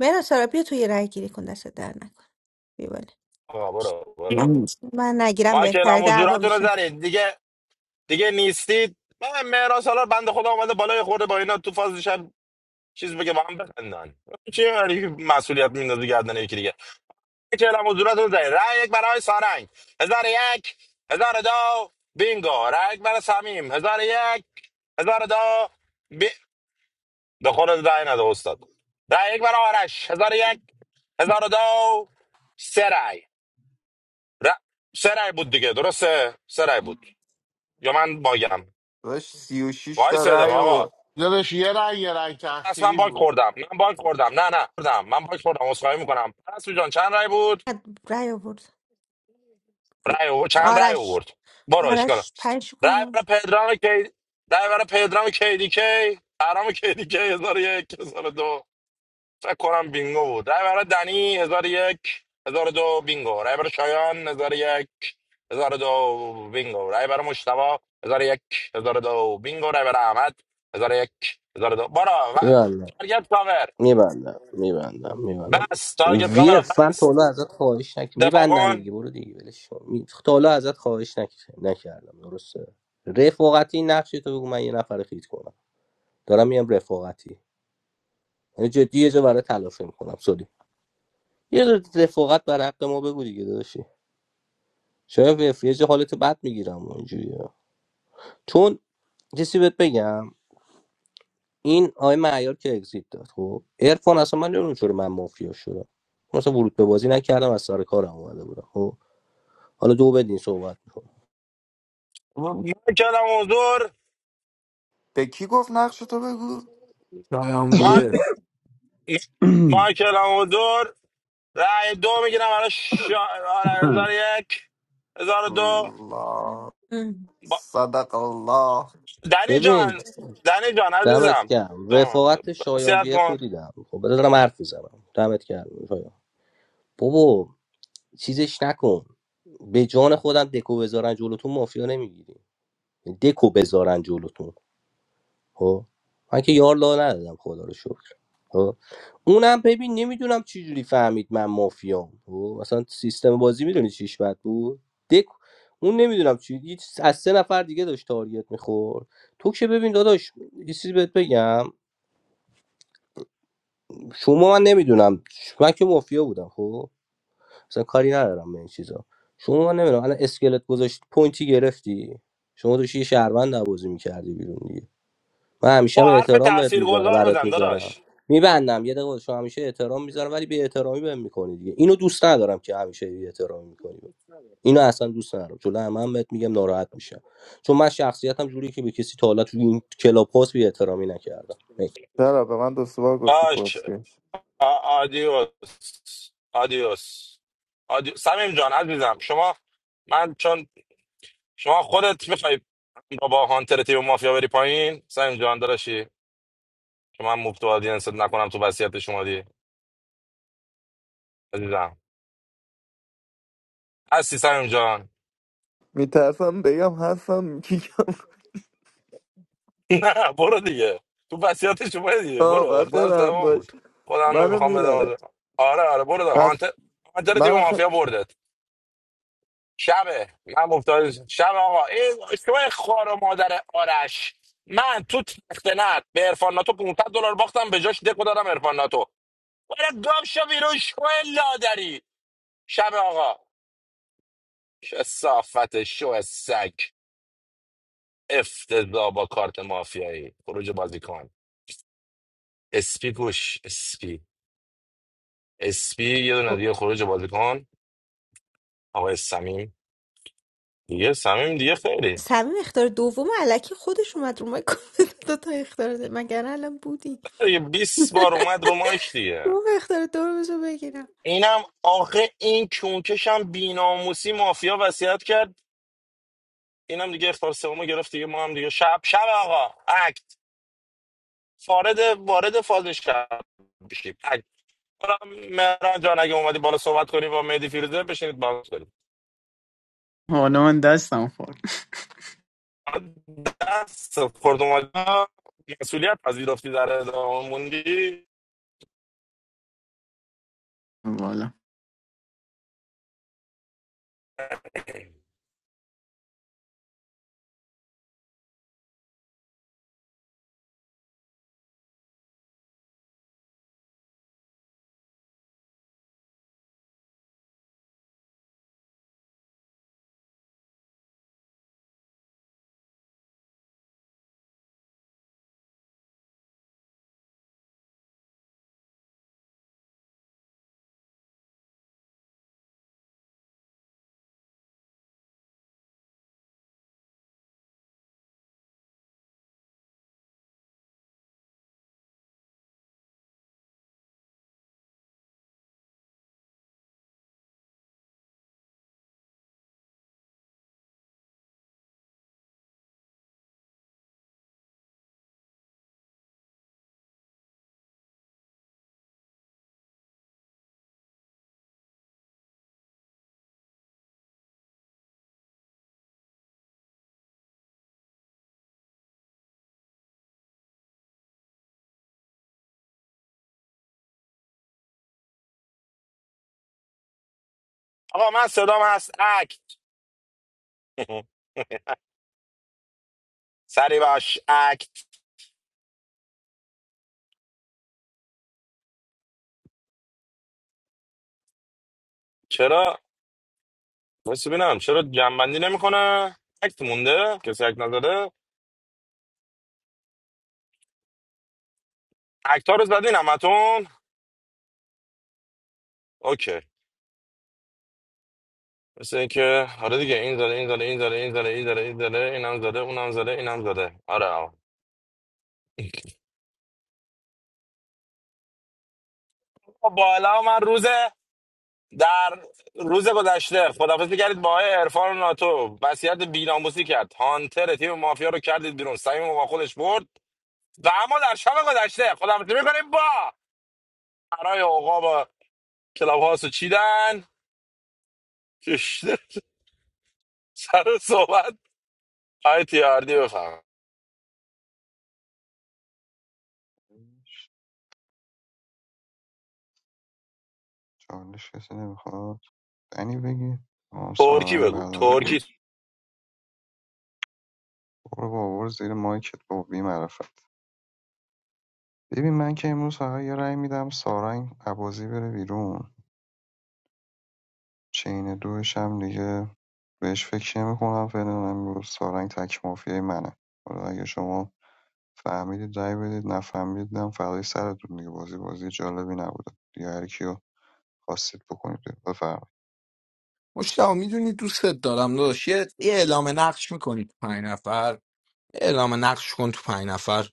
S22: مهران سارا بیا توی رای گیری کن دست در نکن بیا بالا.
S9: آقا برو برو
S23: Oh
S22: من نگیرم
S9: مایکل
S22: بهتره
S9: هم
S22: دعوا
S9: حضورتون رو
S22: میشه
S9: زنید دیگه دیگه نیستید من مهران سالار بند خدا اومده بالای خورده با اینا تو فاز شب چیز بگه با هم بخندن چه هری مسئولیت میندازه گردن یکی دیگه مایکل هم حضورتون رو زنید رای یک برای سارنگ هزار یک هزار دو بینگو رای یک برای سمیم هزار یک هزار دو بی... به خود رای نده استاد رای یک برای آرش هزار یک هزار دو سه رأی. ر... سه رای بود دیگه درسته سه رای بود یا من باگم
S17: داشت سی و شیش
S9: وای
S17: تا
S9: صدق
S17: رأی
S9: آقا
S17: آورد.
S4: داداش یه رای یه رای
S9: پس من
S4: تأخیری
S9: باگ
S4: بود
S9: خوردم من باگ خوردم نه نه خوردم من باگ خوردم اسخای میکنم پس جان چند رای بود
S22: چقدر رای آورد پو-
S9: رای او... چند رای
S22: آرش
S9: آورد برو اشکال
S22: آرش پنج
S9: رای
S22: کنم
S9: برای پدرام کی رای برای پدرام کی دی کی پرام کی دی کی 1001 دو فکر کنم بینگو بود رای برای دنی هزار و یک هزار و دو بینگو رای برای شایان هزار و یک هزار و دو بینگو رای برای مشتبا هزار و یک هزار و دو بینگو رای برای احمد هزار و یک هزار و دو بارا و...
S16: میبندم
S9: تارگت کاور
S16: میبندم میبندم میبندم
S9: بس تارگت
S16: وی
S9: کاور
S16: اف من تا
S9: بس
S16: حالا ازت خواهش نکردم
S9: دفاع
S16: میبندم دیگه
S9: کن
S16: برو دیگه ولش کن. می- تا حالا ازت خواهش نک- نکردم درسته رفاقتی نقشی تو بگو من یه نفر خیت کنم دارم میام رفاقتی یعنی جدی یه جا برای تلافی میکنم سوری یه جا رفاقت بر حق ما بگو دیگه داداشی شاید وی اف یه جا حالت بد میگیرم اینجوری چیزی بهت بگم این آقای معیار که اگزییت داد خب عرفان اصلا من نمیدونم چرا من مافیا شدم من اصلا ورود به بازی نکردم از سر کارم اومده بودم خب حالا دو بدین صحبت میکنم
S9: ما هم حضور
S17: به کی گفت نقش تو بگو
S20: دایان
S9: ما...
S20: ویر
S9: ما هم حضور رای دو میگیرم برای شا... آره، هزار و یک هزار و دو
S17: الله صدق الله
S9: دنی
S16: ببین
S9: جان دنی جان
S16: دمت
S9: عزیزم
S16: گرم رفاقت شایان
S9: نصیحت
S16: بیه رو
S9: کن
S16: دیدم خب بذار دارم حرف میزنم دمت گرم شایان بابا چیزش نکن به جان خودم دکو بذارن جلوتون مافیا نمیگیری دکو بذارن جلوتون خب من که یار لا ندادم خدا رو شکر خب اونم ببین نمیدونم چجوری فهمید من مافیام خب مثلا سیستم بازی میدونی چیش بد بود دک اون نمیدونم چی هیچ- از سه نفر دیگه داشت تارگت میخورد تو که ببین داداش یه چیزی بهت بگم شما من نمیدونم من که مافیا بودم خب مثلا کاری ندارم به این چیزا شما من نمیدونم الان اسکلت گذاشت پوینتی گرفتی شما داشتی یه شهروند بازی میکردی بیرون دیگه من همیشه هم
S9: با حرف
S16: احترام بهت میذارم
S9: تاثیرگذار
S16: برات
S9: بزن
S16: میذارم
S9: داداش
S16: میبندم یه دقیقه شما همیشه احترام میذارم ولی بی احترامی بهم میکنی دیگه اینو دوست ندارم که همیشه بی احترامی میکنی اینو اصلا دوست ندارم چون همه هم بهت میگم ناراحت میشم چون من شخصیتم جوری که به کسی تا حالا تو این کلاب هاست بی احترامی نکردم Next.
S17: چرا به من دو سه بار گفتی
S9: باش
S17: کسکش
S9: آ- آدیوس آدیوس آدیوس سمیم جان عزیزم شما من چون شما خودت میخوای با با هانتر تیم مافیا بری پایین سمیم جان داداشی که من مفت و آدینست نکنم تو وصیت شما دی عزیزم هستی سمیم جان
S17: میترسم بگم هستم کیکم
S9: نه برو دیگه تو وصیتش اومده دیگه برو
S17: آه باید
S9: اخلاص
S17: برم
S9: تمام
S17: باش
S9: بود خودم
S17: منو
S9: نمیخوام بدم
S17: میبره
S9: آره آره آره، برو ده.
S17: پس
S9: هانتر هانتر تیم
S17: من آخه
S9: مافیا بردت شبه من گفتم شب آقا این شو خوار و مادر آرش من تو تخت تختنت به ارفان ناتو 500 دلار باختم به جاش دکو دادم ارفان ناتو برو گام شو بیرون شو لادری شب آقا صافت شو سگ افتضا با کارت مافیایی خروج بازیکن اسپی گوش اسپی اسپی یه دونه دیگه خروج بازیکن آقای سمیم دیگه سمیم دیگه خیلی
S22: سمیم اختار دوم علکی خودش اومد رو من گفت دو تا اختار ده مگر الان بودی
S9: دیگه 20 بار اومد رو مایک دیگه
S22: دوم اختار دومش رو بگیرم
S9: اینم آخه این کونکش هم بیناموسی مافیا وصیت کرد اینم دیگه اختار سومو گرفت دیگه ما هم دیگه شب شب آقا اکت وارد وارد فاز شب بشیم اکت حالا مهران جان اگه اومدی بالا صحبت کنی با مهدی فیروزه بشینید باز کنید
S23: no! And that's down for
S9: دست خورد اومدی مسئولیت پذیرفتی در ادامه موندی
S23: voila.
S9: آقا من صدام هست اکت سری باش اکت چرا بس ببینم چرا جنبندی نمیکنه اکت مونده کسی اکت نداره اکت ها رو زدین همتون اوکی مثل اینکه آره دیگه این زده این زده این زده این زده این زده این زده اینم زده اونم زده اینم زده آره آقا بالا من روز در روز گذشته خدافزی کردید با آقای عرفان ناتو وصیت بیناموسی کرد هانتر تیم مافیا رو کردید بیرون سعیم با خودش برد و اما در شب گذشته خدافزی میکنیم با برای آقا با کلاب هاوس رو چیدن کشته سر صحبت آی تیاردی بفهم
S12: چالش کسی نمیخواد دنی بگی تمام
S9: ترکی
S12: سارنگ
S9: بگو
S12: بعد از من
S9: ترکی
S12: برو بابر زیر مایکت با بی معرفت ببین من که امروز فقط یه رأی میدم سارنگ عبازی بره بیرون چین دوش هم دیگه بهش فکر نمیکنم فعلا امروز سارنگ تک مافیای منه حالا اگه شما فهمیدید رای بدید نفهمیدم فدای سرتون دیگه بازی بازی جالبی نبود دیگه هر کیو خواستید بکنید بیرون. بفرمایید
S20: مشتاق میدونی دوستت دارم داداش یه یه اعلام نقش میکنی تو پنج نفر یه اعلام نقش کن تو پنج نفر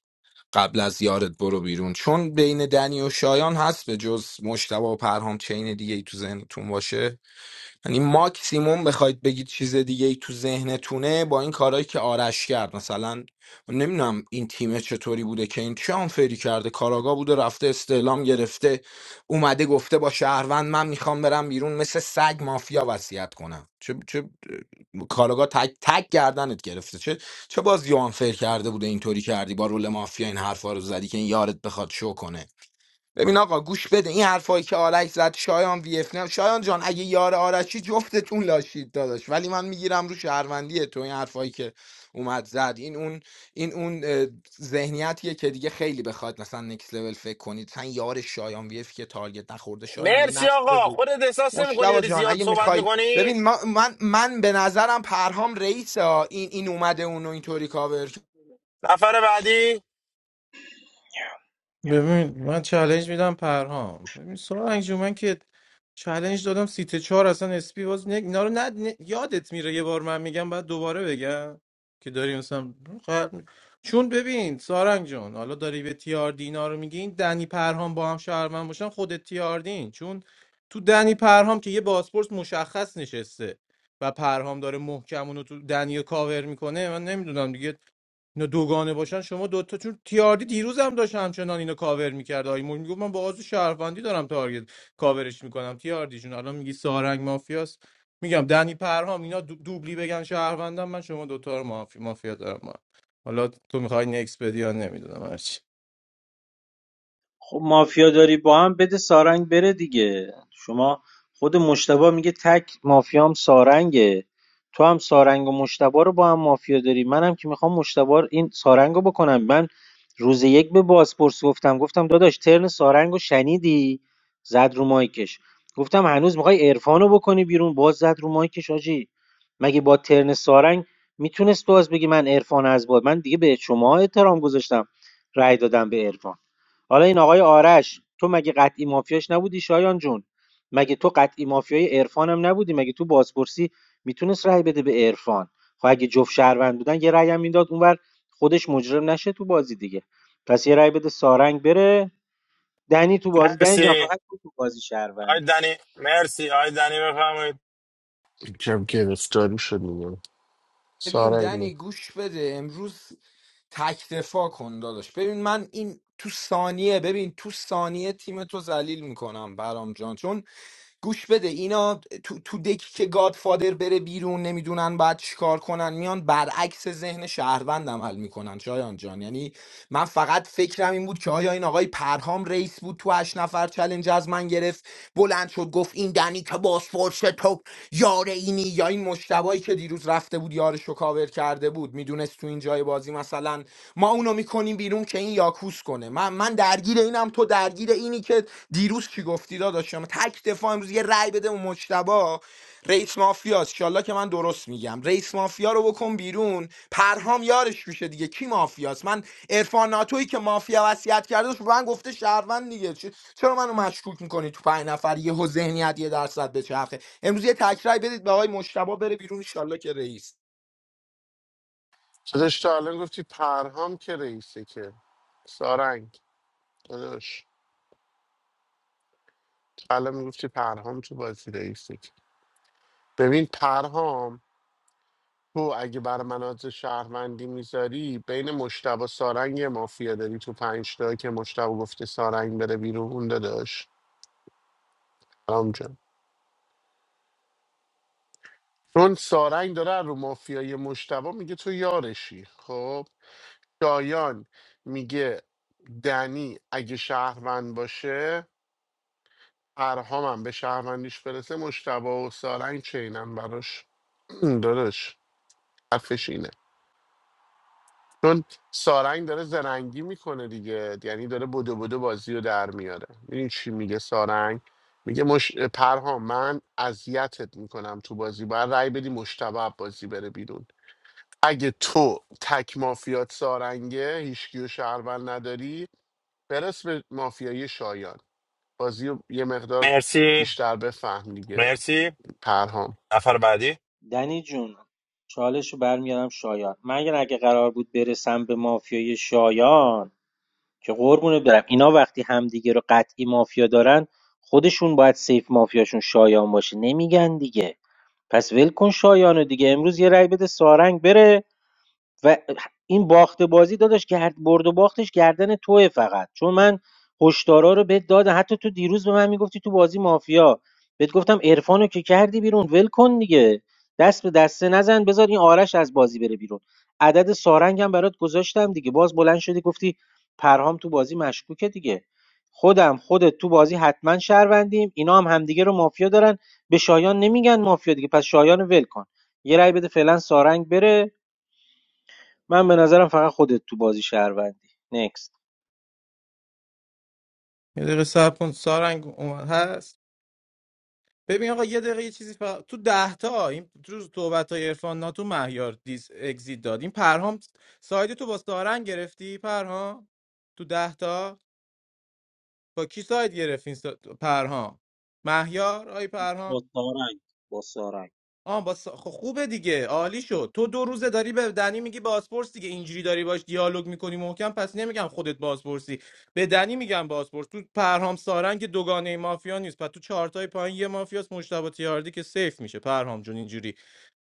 S20: قبل از یارت برو بیرون چون بین دنی و شایان هست به جز مشتبه و پرهام چین دیگه ای تو ذهنتون باشه یعنی ماکسیموم بخواید بگید چیز دیگه ای تو ذهنتونه با این کارهایی که آرش کرد مثلا نمیدونم این تیم چطوری بوده که این چه آنفری کرده کاراگا بوده رفته استعلام گرفته اومده گفته با شهروند من میخوام برم بیرون مثل سگ مافیا وصیت کنم چه چه کاراگا تک تک گردنت گرفته چه چه بازی آنفر کرده بوده اینطوری کردی با رول مافیا این حرفا رو زدی که این یارت بخواد شو کنه ببین آقا گوش بده این حرفایی که آرش زد شایان وی اف نه شایان جان اگه یار آرشی جفتتون لاشید داداش ولی من میگیرم رو شهروندی تو این حرفایی که اومد زد این اون این اون اه، ذهنیتیه که دیگه خیلی بخواد مثلا نکس لول فکر کنید مثلا یار شایان وی اف که تارگت نخورده شایان این
S9: مرسی
S20: نقش
S9: آقا
S20: بگو
S9: خودت احساس نمی کنی
S20: مشتبه
S9: داری
S20: جان
S9: زیاد
S20: اگه
S9: صحبت
S20: میخوای
S9: میکنی
S20: ببین ما- من من به نظرم پرهام رئیس ها این این اومده اونو اینطوری کاور
S9: نفر بعدی
S18: ببین من چالنج میدم پرهام ببین سارنگ جو من که چالنج دادم سیت چهار اصلا اسپی باز نه اینا رو نه, نه- یادت میره یه بار من میگم بعد دوباره بگم که داری مثلا خب، چون ببین سارنگ جون حالا داری به تیاردی اینا رو میگی این دنی پرهام با هم شهرمن باشن خودت تیاردین چون تو دنی پرهام که یه بازپرس مشخص نشسته و پرهام داره محکم اونو تو دنی رو کاور میکنه من نمیدونم دیگه اینا دوگانه باشن شما دوتا چون تیاردی دیروز هم داشت همچنان اینو کاور میکرد آقای مول میگفت من با آزو شهروندی دارم تارگت کاورش میکنم تیاردی جون الان میگی سارنگ مافیاست میگم دنی پرهام اینا دو- دوبلی بگن شهروندم من شما دوتا رو مافی... مافیا دارم ما. حالا تو میخوای نکس بدی یا نمیدونم هرچی
S14: خب مافیا داری با هم بده سارنگ بره دیگه شما خود مشتبه میگه تک مافیام سارنگه تو هم سارنگ و مشتبه رو با هم مافیا داری منم که میخوام مشتبه رو- این سارنگ رو بکنم من روز یک به بازپرس گفتم گفتم داداش ترن سارنگ رو شنیدی زد رو مایکش گفتم هنوز میخوای عرفان رو بکنی بیرون باز زد رو مایکش آجی مگه با ترن سارنگ میتونست باز بگی من عرفان از باد من دیگه به شما احترام گذاشتم رأی دادم به عرفان حالا این آقای آرش تو مگه قطعی مافیاش نبودی شایان جون مگه تو قطعی مافیای عرفان هم نبودی مگه تو بازپرسی میتونست رأی بده به عرفان خب اگه جفت شهروند بودن یه رأی هم میداد اونور خودش مجرم نشه تو بازی دیگه پس یه رأی بده سارنگ بره دنی تو بازی دنی جان
S9: مرسی
S14: فقط تو تو بازی
S9: آی
S14: شهروندی
S9: دنی مرسی آی دنی بفهمید
S4: کم گرفتاری شد میگم
S20: ببین
S4: سارنگ
S20: دنی گوش بده امروز تک دفاع کن داداش ببین من این تو ثانیه ببین تو ثانیه تیم تو ذلیل میکنم برام جان چون گوش بده اینا تو, تو دکی که گادفادر بره بیرون نمیدونن باید چیکار کنن میان برعکس ذهن شهروند عمل میکنن شایان جان یعنی من فقط فکرم این بود که آیا این آقای پرهام رئیس بود تو هشت نفر چلنج از من گرفت بلند شد گفت این دنی که پاسپورت که تو یار اینی یا این مشتبایی که دیروز رفته بود یارش رو کاور کرده بود میدونست تو این جای بازی مثلا ما اونو میکنیم بیرون که این یاکوس کنه من من درگیر اینم تو درگیر اینی که دیروز کی گفتی داداشم تک دفاع امروز یه رأی بده اون مجتبی رئیس مافیا انشالله که من درست میگم رئیس مافیا رو بکن بیرون پرهام یارش میشه دیگه کی مافیاست من عرفان ناتویی که مافیا وصیت کرده داشت به من گفته شهروند دیگه چرا منو مشکوک میکنی تو پنج نفر یهو ذهنیت یه درصد به چرخه امروز یه تکرای بدید به آقای مشتبا بره بیرون ایشالله که رئیس
S4: داداش تا الان گفتی پرهام که رئیسه که سارنگ داداش تا الان میگفتی پرهام تو بازی رئیسه ببین پرهام تو اگه برای مناطق شهروندی میذاری بین مشتبه سارنگ یه مافیا داری تو پنج تا که مشتبه گفته سارنگ بره بیرون داداش پرهام جان چون سارنگ داره از رو مافیای مشتبه میگه تو یارشی خب شایان میگه دنی اگه شهروند باشه پرهام هم به شهروندیش برسه مشتبه و سارنگ چینن براش داداش حرفش اینه چون سارنگ داره زرنگی میکنه دیگه یعنی داره بدو بدو بازی رو در میاره میدونی چی میگه سارنگ میگه مش... پرهام من اذیتت میکنم تو بازی باید رأی بدی مشتبه بازی بره بیرون اگه تو تک مافیات سارنگه هیچکی و شهروند نداری برس به مافیای شایان بازی رو یه مقدار
S9: مرسی
S4: بیشتر بفهم دیگه
S9: مرسی
S4: پرهام
S9: نفر بعدی
S14: دنی جون چالش رو برمیارم شایان من اگر- اگه قرار بود برسم به مافیای شایان که قربونت برم اینا وقتی همدیگه رو قطعی مافیا دارن خودشون باید سیف مافیاشون شایان باشه نمیگن دیگه پس ول کن شایانو دیگه امروز یه رأی بده سارنگ بره و این باخت بازی داداش گرد برد و باختش گردن توه فقط چون من هشدارا رو بهت دادم حتی تو دیروز به من میگفتی تو بازی مافیا بهت گفتم عرفانو که کردی بیرون ول کن دیگه دست به دسته نزن بذار این آرش از بازی بره بیرون عدد سارنگم برات گذاشتم دیگه باز بلند شدی گفتی پرهام تو بازی مشکوکه دیگه خودم خودت تو بازی حتما شهروندیم اینا هم همدیگه رو مافیا دارن به شایان نمیگن مافیا دیگه پس شایان رو ول کن یه رأی بده فعلا سارنگ بره من به نظرم فقط خودت تو بازی شهروندی نکست
S18: یه دقیقه صبر کن سارنگ هست ببین آقا یه دقیقه یه چیزی فقط تو ده تا این تو صحبت های عرفان ناتو مهیار دیس اگزیت داد این پرهام ساید تو با سارنگ گرفتی پرهام تو ده تا با کی ساید گرفت این سا... پرهام مهیار آی پرهام
S14: با سارنگ با سارنگ
S18: آه با سا... خب خوبه دیگه عالی شد تو دو روزه داری به دنی میگی بازپرس دیگه اینجوری داری باش دیالوگ میکنی محکم پس نمیگم خودت بازپرسی به دنی میگم بازپرس تو پرهام سارنگ که دوگانه مافیا نیست پس تو چهارتای پایین یه مافیاس مشتبه تیاردی که سیف میشه پرهام جون اینجوری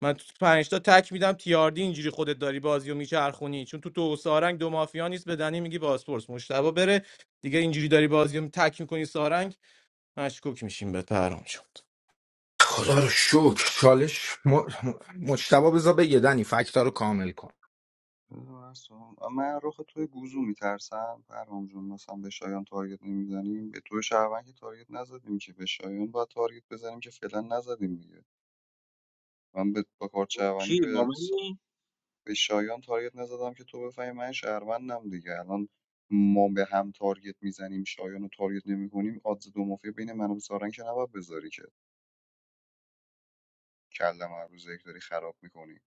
S18: من تو پنج تا تک میدم تیاردی اینجوری خودت داری بازی و میچرخونی چون تو تو سارنگ دو مافیا نیست به دنی میگی بازپرس مشتبه بره دیگه اینجوری داری بازی و تک میکنی سارنگ مشکوک میشیم به پرام شد
S20: خدا رو شکر چالش م... م- مجتبی بذار بگه دنی فکتا رو کامل کن
S12: بذار من سوال- من رخ توی گوزو میترسم پرام جون مثلا به شایان تارگت نمیزنیم به تو شهروند که تارگت نزدیم که به شایان باید تارگت بزنیم که فعلا نزدیم دیگه من به با کارت
S14: با کی
S12: شهروندی
S14: با
S12: به, سا-
S14: منی
S12: به شایان تارگت نزدم که تو بفهمی من شهروندم دیگه الان ما به هم تارگت میزنیم شایان رو تارگت نمیکنیم آدز دو مافیا بین من و سارنگ که نباید بذاری که کلم هر روز یک داری خراب میکنی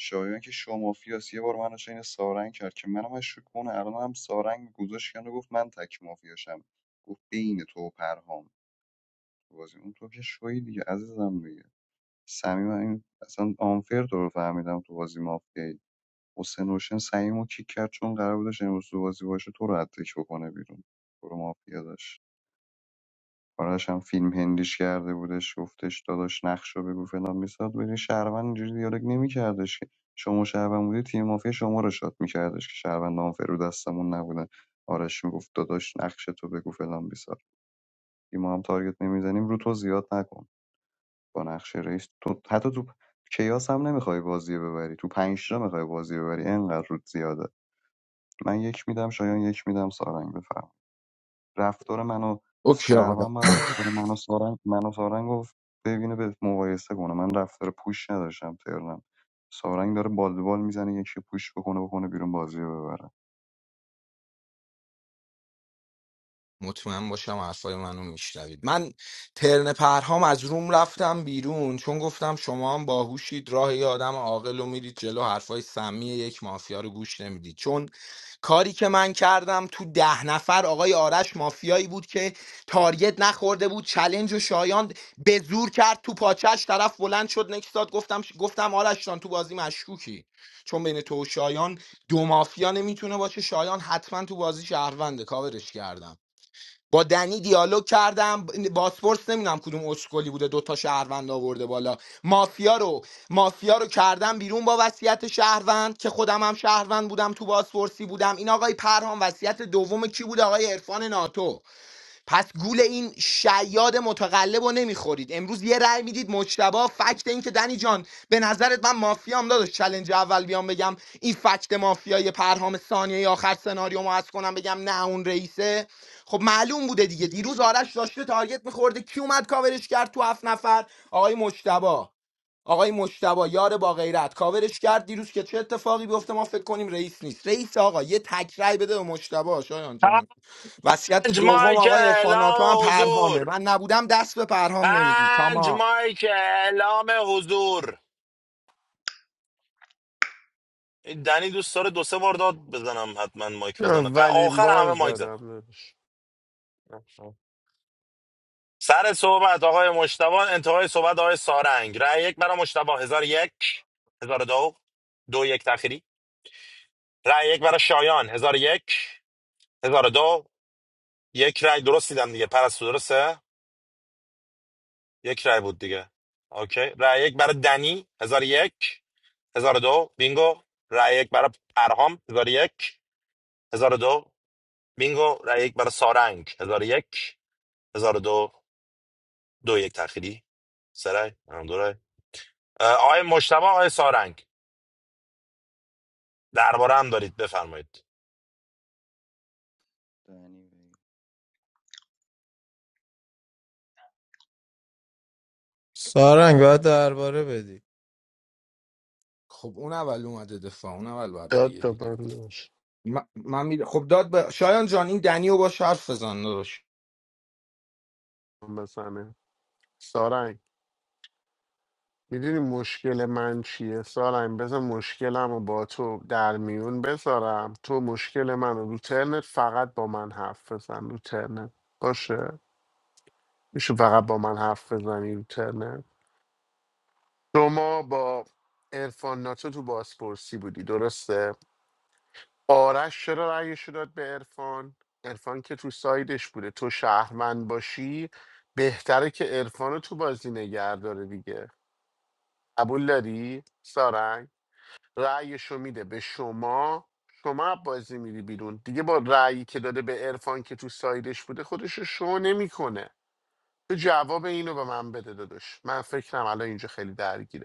S12: شایان که شما مافیاس یه بار منو چین سارنگ کرد که منم مشکوک کنه الان هم سارنگ گذاشت کنه گفت من تک مافیاشم گفت بین تو و پرهام تو بازی اون تو که شوی دیگه عزیزم دیگه سمیم این اصلا آنفر تو رو فهمیدم تو بازی مافیایی حسین روشن سعیمو کیک کرد چون قرار بودش امروز تو بازی باشه تو رو حتی بکنه بیرون تو رو مافیا داشت آرش هم فیلم هندیش کرده بودش گفتش داداش نقش رو بگو فلان بیساد بری شهروند اینجوری دیالوگ نمیکردش که شما شهروند بودی تیم مافیا شما رو شاد میکردش که شهروند هم فرو دستمون نبودن آرش میگفت داداش نقش تو بگو فلان بیسار ما هم تارگت نمیزنیم رو تو زیاد نکن با نقش رئیس تو حتی تو کیاس هم نمیخوای بازی ببری تو پنج تا میخوای بازی ببری انقدر رود زیاده من یک میدم شایان یک میدم سارنگ بفرمایید رفتار منو و
S20: اوکی آقا
S12: شهروند با رفتار منو سارنگ منو و سارنگ رو ببینه به مقایسه کنه من رفتار پوش نداشتم ترنم سارنگ داره بال بال میزنه یکی پوش بکنه بکنه بیرون بازی رو ببره
S20: مطمئن باشم حرفای منو میشنوید من ترن پرهام از روم رفتم بیرون چون گفتم شما هم باهوشید راه یه آدم عاقل رو میرید جلو حرفای سمی یک مافیا رو گوش نمیدید چون کاری که من کردم تو ده نفر آقای آرش مافیایی بود که تارگت نخورده بود چلنج و شایان به زور کرد تو پاچش طرف بلند شد نکستاد گفتم گفتم آرش جان تو بازی مشکوکی چون بین تو و شایان دو مافیا نمیتونه باشه شایان حتما تو بازی شهرونده کاورش کردم با دنی دیالوگ کردم باسپورس نمیدونم کدوم اسکلی بوده دوتا شهروند آورده بالا مافیا رو مافیا رو کردم بیرون با وصیت شهروند که خودم هم شهروند بودم تو باسپورسی بودم این آقای پرهام وصیت دوم کی بود آقای عرفان ناتو پس گول این شیاد متقلب رو نمیخورید امروز یه رأی میدید مجتبا فکت این که دنی جان به نظرت من مافیام داداش چلنج اول بیام بگم این فکت مافیای پرهام ثانیه آخر سناریو ما هست کنم بگم نه اون رئیسه خب معلوم بوده دیگه دیروز آرش داشته تارگت میخورده کی اومد کاورش کرد تو هفت نفر آقای مجتبا آقای مجتبا یار با غیرت کاورش کرد دیروز که چه اتفاقی بیفته ما فکر کنیم رئیس نیست رئیس آقا یه تک رأی بده به مجتبی شایان جان وصیت
S9: پنج
S20: دوم
S9: مایک
S20: آقای
S9: اعلام
S20: ارفاناتو هم پرهامه
S9: حضور
S20: من نبودم دست به پرهام نمیگی
S9: پنج
S20: تمام
S9: مایک اعلام حضور این دنی دوست داره دو سه بار داد بزنم حتما مایک بزنه ق-
S4: اولین
S9: آخر
S4: بار
S9: همه مایک زد
S4: زدم دادش
S9: سر صحبت آقای مشتبه انتهای صحبت آقای سارنگ رأی یک برای مشتبه هزار و یک هزار و دو دو یک تخیری رأی یک برای شایان هزار و یک هزار و دو یک رأی درست دیدم دیگه پرستو درسته یک رأی بود دیگه اوکی رأی یک برای دنی هزار و یک هزار و دو بینگو رأی یک برای پرهام هزار و یک هزار و دو بینگو رأی یک برای سارنگ هزار و یک هزار و دو دو یک تأخیری سرای هم دو رای اه، آقای مشتبه آقای سارنگ درباره هم دارید بفرمایید
S12: دنی بگه.
S18: سارنگ باید درباره بدی
S20: خب اون اول اومده دفاع اون اول باید
S4: داد
S20: بگه
S4: به
S20: دیگه
S4: من داداش.
S20: م- من می- خب داد به شایان جان این دنی رو باش حرف بزن داداش
S4: بزنه سارنگ میدونی مشکل من چیه سارم بذار مشکلم رو با تو در میون بذارم تو مشکل من رو ترنت فقط با من حرف بزن رو ترنت باشه میشه فقط با من حرف بزنی رو ترنت شما با ارفان ناتو تو بازپرسی بودی درسته آرش چرا رأیش رو داد به ارفان ارفان که تو سایدش بوده تو شهروند باشی بهتره که ارفان رو تو بازی نگه داره دیگه قبول داری سارنگ رأیش میده به شما شما از بازی میری بیرون دیگه با رأیی که داده به عرفان که تو سایدش بوده خودش رو شو نمیکنه تو جواب اینو به من بده داداش من فکرم الان اینجا خیلی درگیره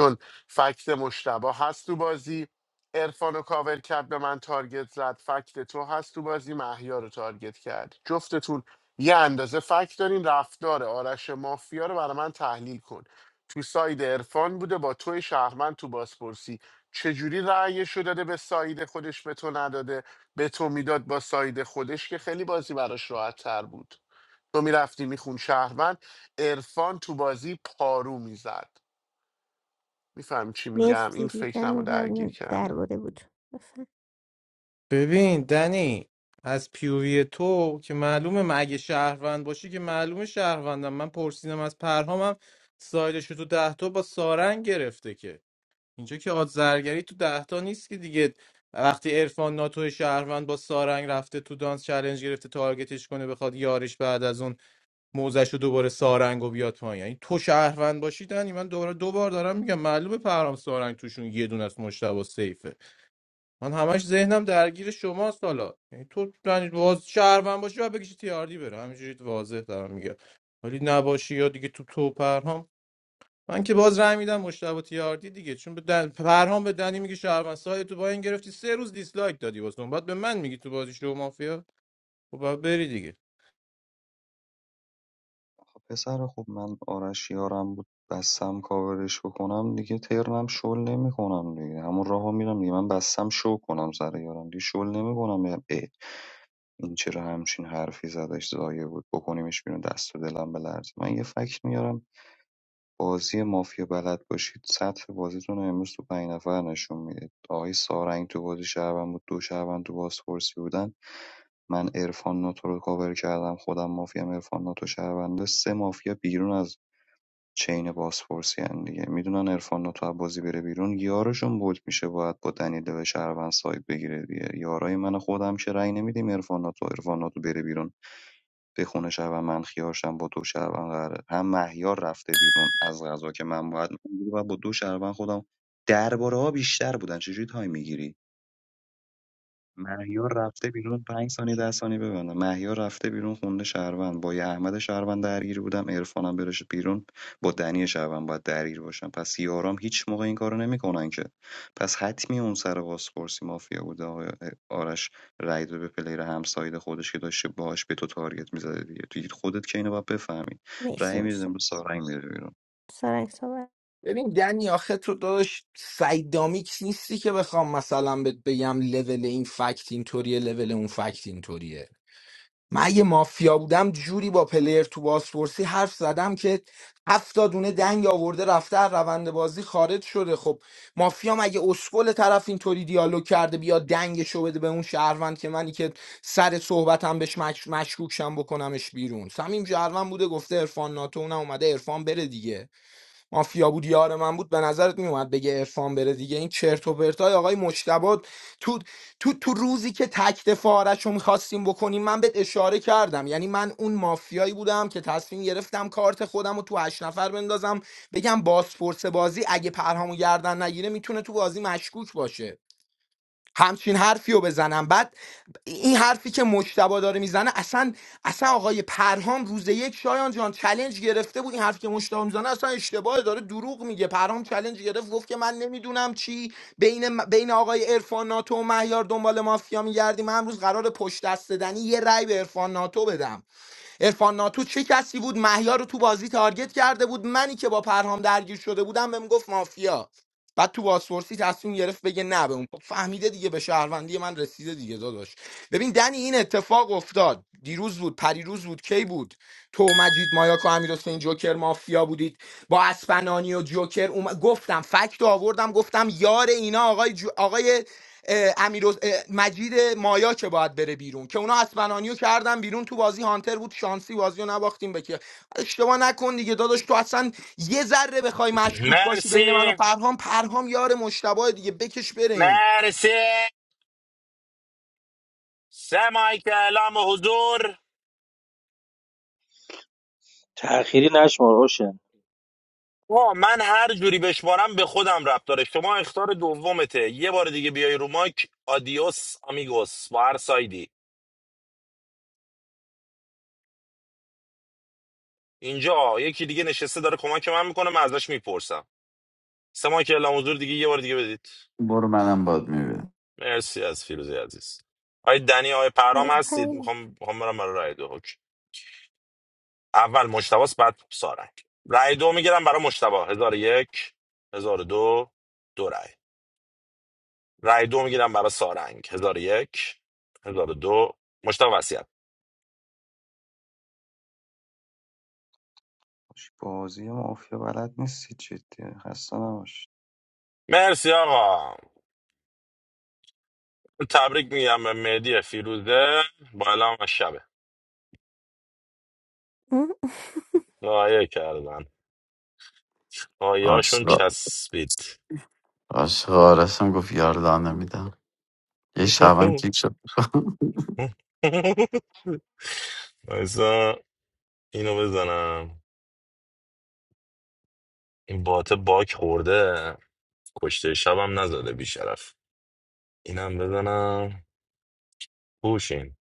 S4: چون فکت مشتبه هست تو بازی عرفان و کاور کرد به من تارگت زد فکت تو هست تو بازی محیا رو تارگت کرد جفتتون یه اندازه فکت دارین رفتار آرش مافیا رو برای من تحلیل کن تو ساید عرفان بوده با توی شهرمند تو بازپرسی چجوری رأیش رو داده به ساید خودش به تو نداده به تو میداد با ساید خودش که خیلی بازی براش راحت تر بود تو میرفتی میخون شهروند عرفان تو بازی پارو میزد میفهم چی میگم این
S22: مرسی بودن
S4: فکرم رو درگیر
S22: ممنون
S4: کرده
S22: درباره بود بفرم.
S18: ببین دنی از پیوی تو که معلومه من اگه شهروند باشی که معلومه شهروندم من پرسیدم از پرهامم سایدش رو تو ده تا با سارنگ گرفته که اینجا که آد زرگری تو دهتا نیست که دیگه وقتی عرفان ناتو شهروند با سارنگ رفته تو دانس چلنج گرفته تارگتش کنه بخواد یارش بعد از اون موزش رو دوباره سارنگ و بیاد پایین یعنی تو شهروند باشی دنی من دوباره دو بار دارم میگم معلومه پرام سارنگ توشون یه دونه از مشتبه سیفه من همش ذهنم درگیر شماست حالا یعنی تو دنی باز شهروند باشی و بکشی تیاردی بره همینجوری واضح دارم میگم ولی نباشی یا دیگه تو تو پرهام من که باز رای میدم مشتبه تیاردی دیگه چون به دن... پرهام به دنی میگه شهروند ساید تو با این گرفتی سه روز دیسلایک دادی واسه اون بعد به من میگی تو بازی شو مافیا خب باید بری دیگه
S12: خب پسر خوب من آرش یارم بود بستم کاورش بکنم دیگه ترنم شل نمیکنم دیگه همون راهو میرم دیگه من بستم شو کنم سر یارم دیگه شل نمیکنم یعنی اه، این چرا همچین حرفی زدش زایه بود بکنیمش بیرون دست و دلم بلرزه من یه فکت میارم بازی مافیا بلد باشید سطح بازیتون رو امروز تو پنج نفر نشون میده آقای سارنگ تو بازی شهروند بود دو شهروند تو بازپرسی بودن من عرفان ناتو رو کاور کردم خودم مافیا عرفان ناتو شهرونده سه مافیا بیرون از چین بازپرسی هن دیگه میدونن عرفان ناتو از بازی بره بیرون یارشون بود میشه باید با دنیله و شهروند ساید بگیره دیگه یارای من خودم که رأی نمیدیم عرفان ناتو عرفان ناتو بره بیرون توی خونه شهروند من خیارشم با دو شهروند قراره هم مهیار رفته بیرون از غذا که من باید میگیری و با دو شهروند خودم درباره ها بیشتر بودن چجوری تایم میگیری مهیار رفته بیرون 5 ثانیه 10 ثانیه ببندم مهیار رفته بیرون خونده شهروند با یه احمد شهروند درگیر بودم عرفانم برش بیرون با دنی شهروند باید درگیر باشم پس یارام هیچ موقع این کارو نمیکنن که پس حتمی اون سر بازپرسی مافیا بوده آقای آرش رای داده به پلیر همساید خودش که داشته باهاش به تو تارگت میزده دیگه تو خودت که اینو باید بفهمی
S22: مرسی
S12: رای میدادم
S22: مشتاق.
S12: به سارنگ میره بیرون
S22: سارنگ صحبت
S20: ببین دنی آخه تو داشت سیدامیکس نیستی که بخوام مثلا بهت بگم لول این فکت اینطوریه لول اون فکت اینطوریه من اگه مافیا بودم جوری با پلیر تو بازپرسی حرف زدم که هفت تا دونه دنگ آورده رفته از روند بازی خارج شده خب مافیا مگه اسکل طرف اینطوری دیالوگ کرده بیا دنگشو بده به اون شهروند که منی که سر صحبتم بهش مش... مشکوک شم بکنمش بیرون سمیم شهروند بوده گفته عرفان ناتو اونم اومده عرفان بره دیگه مافیا بود یار من بود به نظرت میومد بگه عرفان بره دیگه این چرت و پرتای آقای مجتبی تو تو تو روزی که تک دفاعرش رو میخواستیم بکنیم من بهت اشاره کردم یعنی من اون مافیایی بودم که تصمیم گرفتم کارت خودم رو تو هشت نفر بندازم بگم باسپورس بازی اگه پرهامو گردن نگیره میتونه تو بازی مشکوک باشه همچین حرفی رو بزنم بعد این حرفی که مجتبا داره میزنه اصلا اصلا آقای پرهام روز یک شایان جان چلنج گرفته بود این حرفی که مجتبا میزنه اصلا اشتباهه داره دروغ میگه پرهام چلنج گرفت گفت که من نمیدونم چی بین م- بین آقای عرفان ناتو و مهیار دنبال مافیا میگردیم من امروز قرار پشت دست دادنی یه رأی به عرفان ناتو بدم ارفان ناتو چه کسی بود مهیار رو تو بازی تارگت کرده بود منی که با پرهام درگیر شده بودم بهم گفت مافیا بعد تو بازپرسی تصمیم گرفت بگه نه به اون خب فهمیده دیگه به شهروندی من رسیده دیگه داداش ببین دنی این اتفاق افتاد دیروز بود پریروز بود کی بود تو مجید مایاکو امیر حسین جوکر مافیا بودید با اسفنانی و جوکر اوم... گفتم فکت رو آوردم گفتم یار اینا آقای جو... آقای اه، امیر حس- اه، مجید مایا که باید بره بیرون که اونا اسفنانیو کردن بیرون تو بازی هانتر بود شانسی بازی رو نباختیم به که اشتباه نکن دیگه داداش تو اصلا یه ذره بخوای مشکوک باشی بین من و
S9: مرسی
S20: پرهام پرهام یار مشتبه دیگه بکش بره این
S9: مرسی سه مایک اعلام حضور
S14: تأخیری نشمار اوشن
S9: آه من هر جوری بشمارم به خودم ربط داره شما اختار دومته یه بار دیگه بیای رو مایک آدیوس آمیگوس با هر سایدی اینجا یکی دیگه نشسته داره کمک من میکنه من ازش میپرسم سه مایک اعلام حضور دیگه یه بار دیگه بدید
S2: برو منم باد میبینم
S9: مرسی از فیروزی عزیز آی دنی آی پرام
S22: مرسی
S9: هستید
S22: پنج
S9: میخوام میخوام برم برای رای دو حکم. اول مشتباس بعد سارنگ رای دو میگیرم برای مشتبا هزار و یک هزار و دو دو رای رای دو میگیرم برای سارنگ هزار و یک هزار و دو مشتبا وسیعت
S12: بازی مافیا بلد نیستی جدی خسته نباش
S9: مرسی آقا تبریک میگم به مهدی فیروزه با اعلام از شبه آیه کردن آیاشون
S2: آشغال
S9: چسبید
S2: عاشق آرس هم گفت یار دان نمیدم یه شبم کیک شد
S9: وایسا. اینو بزنم این باته باک خورده کشته شبم نزده بیشرف اینم بزنم بوشین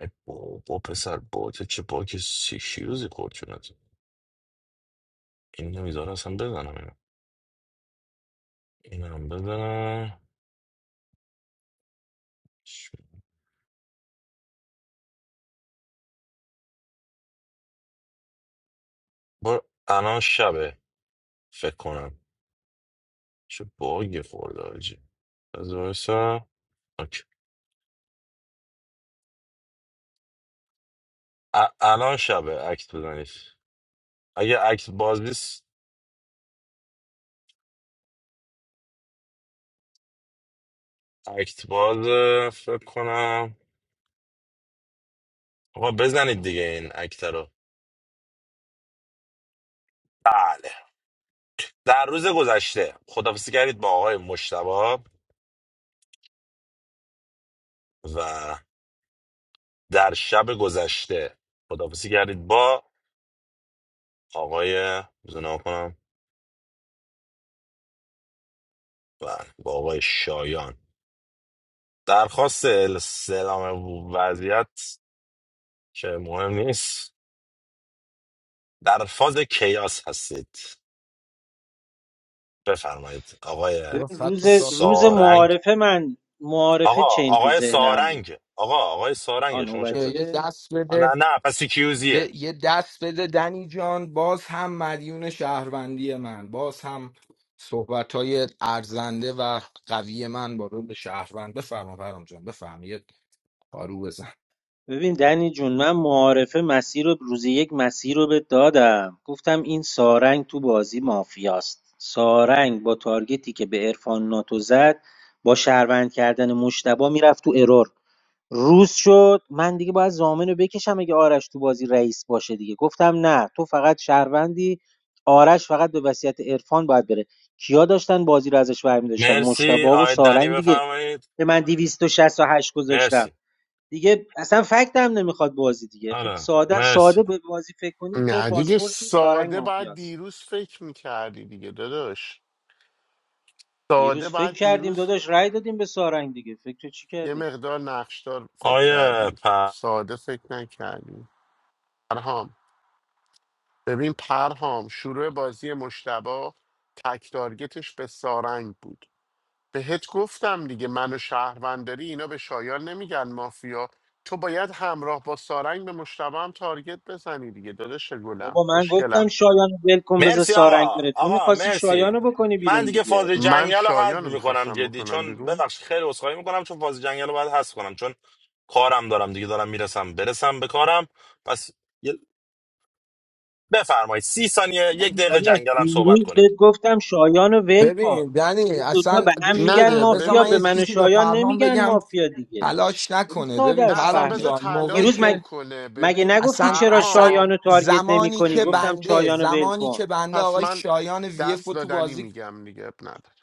S9: ای بابا پسر باته چه باک سیکیوزی خورد شدت این نمیذاره اصلا بزنم اینو اینم بزنم ش- با الان شبه فکر کنم چه باگی خورده آجی از وایسا. اوکی. ا- الان شبه اکت بزنید اگه اکت باز نیست اکت باز فکر کنم آقا بزنید دیگه این اکت رو بله در روز گذشته خدافزی کردید با آقای مشتبا و در شب گذشته خدافزی کردید با آقای بزنه کنم بله با آقای شایان درخواست سلام وضعیت که مهم نیست در فاز کیاس هستید بفرمایید آقای
S20: چرا
S14: ببین
S20: خط
S14: روز
S20: رو صاف
S14: روز
S20: نکرد
S9: سارنگ
S14: معارفه من معارفه
S9: آقا
S14: چین تو
S9: آقای
S14: ذهنم بود
S9: سارنگ آقا آقای
S14: آ
S9: سارنگ شما چته
S20: یه
S14: نوبتیه
S20: دست
S9: آه،
S20: بده
S9: نه نه پس کیوزیه
S20: یه, یه دست بده دنی جان باز هم مدیون شهروندی من باز هم صحبت های ارزنده و قوی من با به شهروند بفرما برام جان بفرما یه پارو بزن
S14: ببین دنی جون من معارفه مسیر رو روز یک مسیر رو به دادم گفتم این سارنگ تو بازی مافیاست سارنگ با تارگتی که به عرفان ناتو زد با شهروند کردن مشتبه میرفت تو ارور روز شد من دیگه باید زامن رو بکشم اگه آرش تو بازی رئیس باشه دیگه گفتم نه تو فقط شهروندی آرش فقط به وصیت عرفان باید بره کیا داشتن بازی رو ازش برمی داشتن مشتبه
S9: مرسی
S14: و
S9: آقای دنی
S14: سارنگ دیگه
S9: بفرمایید
S14: که من 268 گذاشتم
S9: مرسی
S14: دیگه اصلا فکت هم نمیخواد بازی دیگه خیلی
S9: آره
S14: ساده ساده
S9: مرسی
S14: به بازی فکر کنیم تو
S4: نه دیگه
S14: بازپرسی سارنگ
S4: ساده باید
S14: مافیاست
S4: دیروز فکر میکردی دیگه داداش ساده
S14: دیروز فکر
S4: باید
S14: کردیم
S4: دیروز
S14: داداش رأی دادیم به سارنگ دیگه فکر چی
S4: یه
S14: کردیم
S4: مقدار نقشدار فکر
S9: آیه
S4: کردی
S9: پ...
S4: ساده فکر نکردی پرهام ببین پرهام شروع بازی مشتبه تک تارگتش به سارنگ بود بهت گفتم دیگه من و شهرونداری اینا به شایان نمیگن مافیا تو باید همراه با سارنگ به مشتبه هم تارگت بزنی دیگه داداش گلم
S14: بابا من
S4: خوشگلم
S14: گفتم شایان رو ول کن بذار
S9: مرسی
S14: سارنگ
S9: آقا
S14: بره تو
S9: آقا
S14: میخواستی
S9: مرسی
S14: شایان رو بکنی
S9: من
S14: بیرون
S9: دیگه فاز
S14: دیگه
S4: من
S9: جنگل رو حذف
S4: شایان رو
S9: میکنم
S4: میخواستم
S9: جدی
S4: بکنم
S9: چون
S4: بیرون
S9: ببخشید خیلی عذرخواهی میکنم چون فاز جنگل رو باید حذف کنم چون کارم دارم دیگه دارم میرسم برسم به کارم پس یه- بفرمایید سی ثانیه
S14: من
S9: یک دقیقه
S14: داداش
S9: جنگل هم صحبت
S14: دیروز بهت
S9: کنید
S14: گفتم شایان رو ول کن
S20: ببین دنی
S14: اون دوتا
S20: اصلا
S14: به هم
S20: گوش
S4: نه
S14: میگن
S20: بده
S4: نه
S20: بذار
S14: مافیا
S20: من
S14: به
S20: یه
S4: ببین
S14: من و
S20: چیزی به
S14: شایان
S20: پرهام
S14: نمیگن
S20: بگم
S14: مافیا دیگه
S20: تلاش
S14: خیلی
S20: نکنه
S14: ساده
S20: ببین
S4: نه
S14: است
S4: اصلا
S20: پرهام
S4: بذار
S14: فهمش
S20: جان موقعی
S14: دیروز
S4: تلاش
S14: مگ...
S20: که
S4: بکنه
S14: مگه
S4: ببین
S14: نگفتی
S20: اصلا
S14: چرا
S20: اصلا
S14: شایان
S4: پرهام
S14: رو تارگت نمی
S20: زمانی
S14: کنی
S20: که
S4: ببین
S14: گفتم
S20: بنده
S14: شایان رو ول
S20: زمانی
S14: کن
S20: که بنده
S4: پس
S20: آقای
S4: من
S20: شایان ویف
S4: دست
S20: رو تو
S4: دادنی
S20: بازی
S4: میگم دیگه اب نداره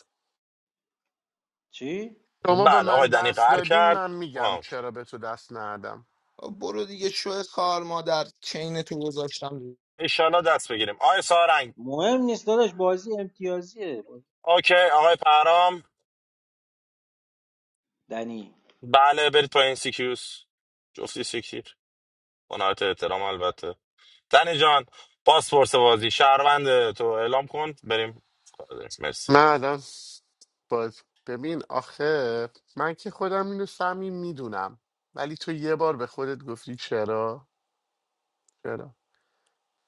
S14: چی؟
S4: شما به
S9: بله آقای
S4: من
S9: دنی
S4: دست
S9: قهر
S4: دادین
S9: کرد
S4: من میگم
S9: آه.
S4: چرا به تو دست ندادم
S20: برو دیگه شو کار مادر چین تو گذاشتم
S9: انشالله دست بگیریم آقای سارنگ
S14: مهم نیست داداش بازی امتیازیه
S9: اوکی آقای پرام
S14: دنی
S9: بله برید پایین سیکیوس جفتی سیکتیر با نهایت احترام البته دنی جان پاسپورت بازی شهروند تو اعلام کن بریم مرسی
S4: من الان باز ببین آخه من که خودم اینو سمی میدونم ولی تو یه بار به خودت گفتی چرا چرا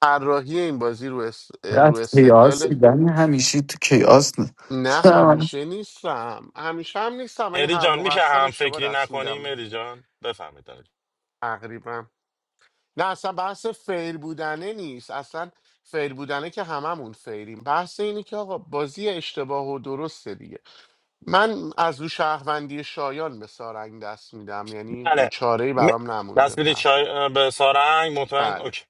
S4: طراحی این بازی رو, اس... رو
S2: از کیاس
S4: استدلالش
S2: دیدن همیشه تو کیاس نه.
S4: نه همیشه نیستم همیشه هم نیستم ولی
S9: مهدی
S4: هر
S9: جان
S4: موقع
S9: میشه
S4: هستم
S9: هم
S4: اشتباه
S9: فکری
S4: دست
S9: نکنی
S4: میدم
S9: مهدی جان بفهمید دنی جان.
S4: تقریبا نه اصلا بحث فیر بودنه نیست اصلا فیر بودنه که هممون فیریم بحث اینه که آقا بازی اشتباه و درسته دیگه من از رو شهروندی شایان به سارنگ دست میدم یعنی
S9: بله
S4: چاره
S9: م...
S4: برام نمونده
S9: دست بیدی
S4: پرخون
S9: چای به سارنگ مطمئن
S4: بله
S9: اوکی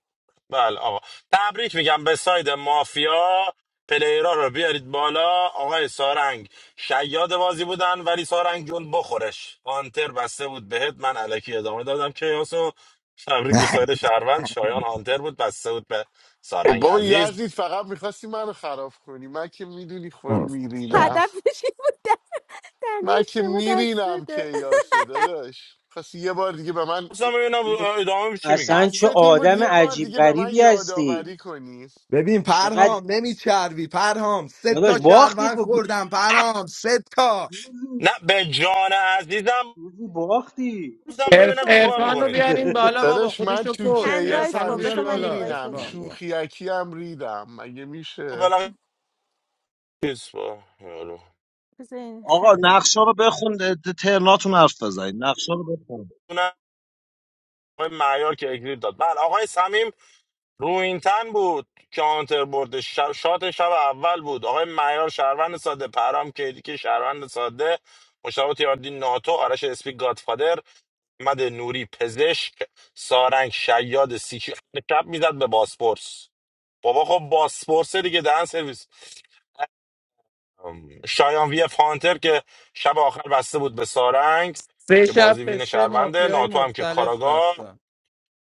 S9: بله آقا تبریک میگم به ساید مافیا پلیرا رو بیارید بالا آقای سارنگ شیاد بازی بودن ولی سارنگ جون بخورش هانتر بسته بود بهت من علکی ادامه دادم که یاسو تبریک به ساید شهروند شایان هانتر بود بسته بود به
S4: خب
S9: سارنگ
S4: بابا
S9: عزیز
S4: یزید فقط میخواستی منو خراب کنی من که میدونی خور میرینم
S22: هدف این بود در- دنی
S4: من که
S22: اشتباه دست
S4: میرینم که
S22: بده
S4: یاسو داداش خواستی یه بار دیگه به من
S9: اصلا ببینم ادامه چی میگی
S14: اصلا چه
S4: قصدت این بود
S14: آدم
S4: یه بار
S14: عجیب
S4: دیگه به من
S14: غریبی
S4: یادآوری
S14: هستی
S4: کنی
S20: ببین
S14: چقدر
S20: پرهام نمیچربی پرهام سه
S14: داداش
S20: تا
S14: باختی
S20: شهروند
S14: خب
S20: خوردم پرهام سه تا
S9: نه
S14: روزی
S9: به جان عزیزم
S14: روزی باختی
S9: گفتم
S22: گوشی
S9: ببینم
S22: افشان
S9: چیکار
S22: بذار من
S18: ارفان رو
S9: میکنید
S22: افشان
S18: بیارین
S22: پیدا
S18: بالا
S22: کنم
S18: بابا
S4: داداش من
S18: خودشو
S4: تو
S18: کش
S22: هند
S4: کیاس
S22: رایز
S18: ارفان رو
S22: کن
S18: بیار
S4: همیشه
S22: بذار من
S18: بالا
S22: اینوایت
S4: میرینم
S18: ارفان
S22: بدم بیا
S4: شوخیکی هم ریدم مگه میشه
S9: بالاخره چیز با- یارو.
S22: بذار این
S1: آقا
S22: خط
S1: نقشه رو بخون ده- ده- ترناتون حرف بزنید نقشه رو بخون
S9: اونم آقای معیار که اگریب داد بله آقای سمیم رو این تن بود کانتر برد شب شات شب اول بود آقای معیار شهروند ساده پرام کیدی که شهروند ساده مشتاق تیاردی ناتو آرش اسپی گادفادر احمد نوری پزشک سارنگ شیاد سیچی شب میزد به باسپورس بابا خب باسپورس دیگه دهن سرویس شایان وی اف هانتر که شب آخر بسته بود به سارنگ
S18: سه
S9: که
S18: شب
S9: بازی
S18: به
S9: وین
S18: سه
S9: شهرونده
S18: مافیای
S9: ناتو هم که
S18: مختلف مختلف
S9: کاراگاه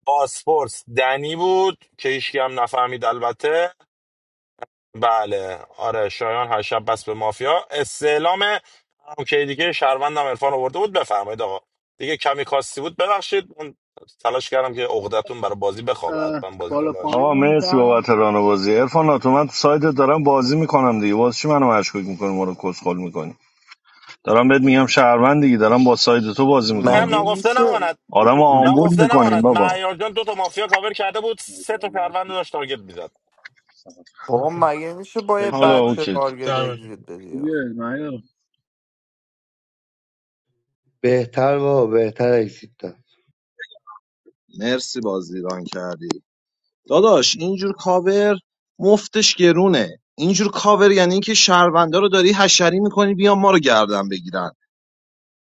S9: باسپورس دنی بود که هیچکی هم نفهمید البته بله آره شایان هر شب بس به مافیا استعلام که دیگه شهروندم عرفان آورده بود بفرمایید آقا دیگه کمی کاستی بود ببخشید من تلاش کردم که عقدتون برای بازی بخوابه حتما بازیتون
S6: پایین
S9: باشه
S6: آقا هم مرسی رفت بابت عرفان باز مشکوک میکنه ما رو کسخل میکنی دارم بهت میگم شهر دارم با ساید تو بازی
S9: منم
S6: میکنم
S17: مگه
S9: ناگفته
S17: میشه
S9: نماند
S6: آدم آمبول
S9: ناگفته
S6: میکنین
S9: نماند
S6: بابا
S9: معیار جان دو تا مافیا کاور کرده بود سه تا شهروند رو داشت تارگت می‌زد
S17: بابا مگه میشه با یه
S6: حالا
S17: بچه
S6: اوکی
S17: تارگت اگزیت بدی
S5: بهتر بابا بهتر اکسیت
S1: مرسی بازی ران کردی داداش اینجور کاور مفتش گرونه اینجور کاور یعنی اینکه شهروندا رو داری حشری میکنی بیان ما رو گردن بگیرن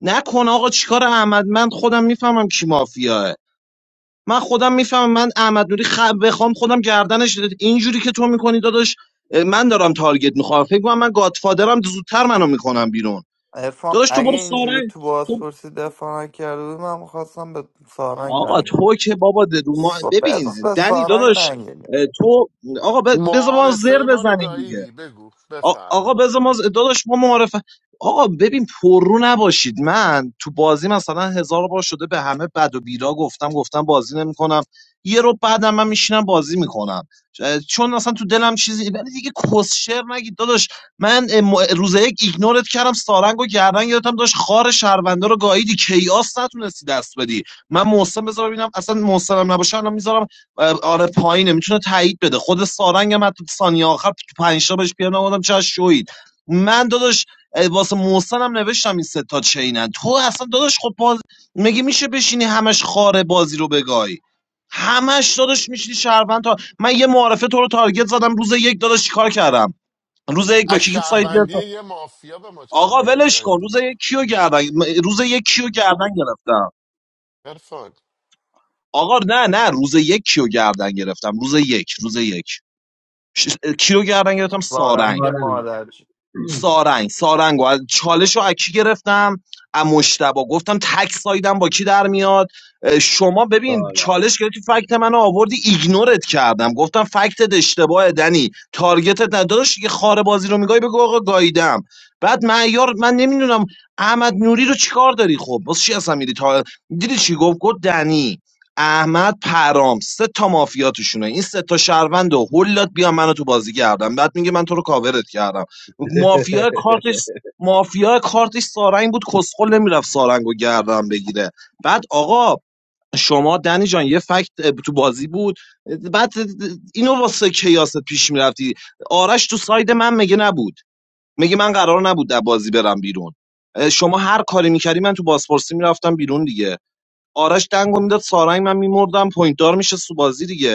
S1: نکن آقا چیکار احمد من خودم میفهمم کی مافیاه من خودم میفهمم من احمد نوری خ... بخوام خودم گردنش اینجوری که تو میکنی داداش من دارم تارگت میخوام فکر کنم من گادفادرم زودتر منو میکنم بیرون
S17: ارفان
S1: داداش تو
S17: اگه
S1: برو
S17: اینجوری
S1: ساره
S17: تو
S1: تو
S17: بازپرسی دفاع نکرده بودی من میخواستم به سارنگ
S1: آقا
S17: دنگ بدم.
S1: تو که بابا درو ما
S17: خب
S1: ببین
S17: بذار به
S1: دنی
S17: سارنگ
S1: داداش
S17: دنگ بدیم.
S1: اه، تو آقا ب- بذار ما زر
S4: معارفه ما رو
S1: بزنیم دیگه
S4: گاییدی بگو
S1: آ- آقا
S4: بفرما
S1: بذار ما داداش ما معرفه آقا ببین پررو نباشید من تو بازی مثلا هزار بار شده به همه بد و بیرا گفتم گفتم بازی نمیکنم یه رو بعدم من میشینم بازی میکنم چون اصلا تو دلم چیزی ولی دیگه کسشر نگید داداش من ام- روز یک ایگنورت کردم سارنگ و گردن گرفتم داشت خار شهرونده رو گاییدی کیاس نتونستی دست بدی من محسن بذار ببینم اصلا محسنم نباشه الان میذارم آره پایینه میتونه تایید بده خود سارنگ هم حتی ثانیه آخر پنج تا بهش پیام آوردم چه شوید من داداش اه، واسه محسن هم نوشتم این سه تا چینن تو اصلا داداش خب باز مگه میشه بشینی همش خاره بازی رو بگای همش داداش میشینی شهروند تا من یه معارفه تو رو تارگت زدم روز یک داداش چیکار کردم روز یک با
S4: از
S1: کی سایت گرفتم
S4: شهروندی یه مافیا به ما
S1: آقا
S4: تارگت
S1: ولش کن
S4: زدی
S1: روز یک کیو گردن روز یک کیو گردن گرفتم
S4: عرفان
S1: آقا نه نه روز یک کیو گردن گرفتم روز یک روز یک ش- کیو گردن گرفتم سارنگ
S17: سارنگ
S5: سارنگ
S17: مادرش
S1: سارنگ سارنگ و چالش رو اکی گرفتم ام مشتبا گفتم تک سایدم با کی در میاد اه، شما ببین
S5: سارنگ
S1: چالش گرفتی فکت منو آوردی ایگنورت کردم گفتم فکتت اشتباهه دنی تارگتت نداشت یه خاره بازی رو میگای بگو آقا گاییدم بعد معیار من نمیدونم احمد نوری رو چیکار داری خب واسه چی اصلا میری تا دیدی چی گفت گفت دنی احمد پرام سه تا مافیا توشونه این سه تا شهروند و هولات بیا منو تو بازی کردم بعد میگه من تو رو کاورت کردم مافیا کارتش مافیا کارتش سارنگ بود کسخل نمیرفت سارنگو گردن بگیره بعد آقا شما دنی جان یه فکت اه، تو بازی بود بعد اینو واسه کیاست پیش میرفتی آرش تو ساید من مگه نبود مگه من قرار نبود در بازی برم بیرون اه، شما هر کاری میکردی من تو بازپرسی میرفتم بیرون دیگه آرش دنگو میداد سارنگ من میمردم پوینت دار میشه سو بازی دیگه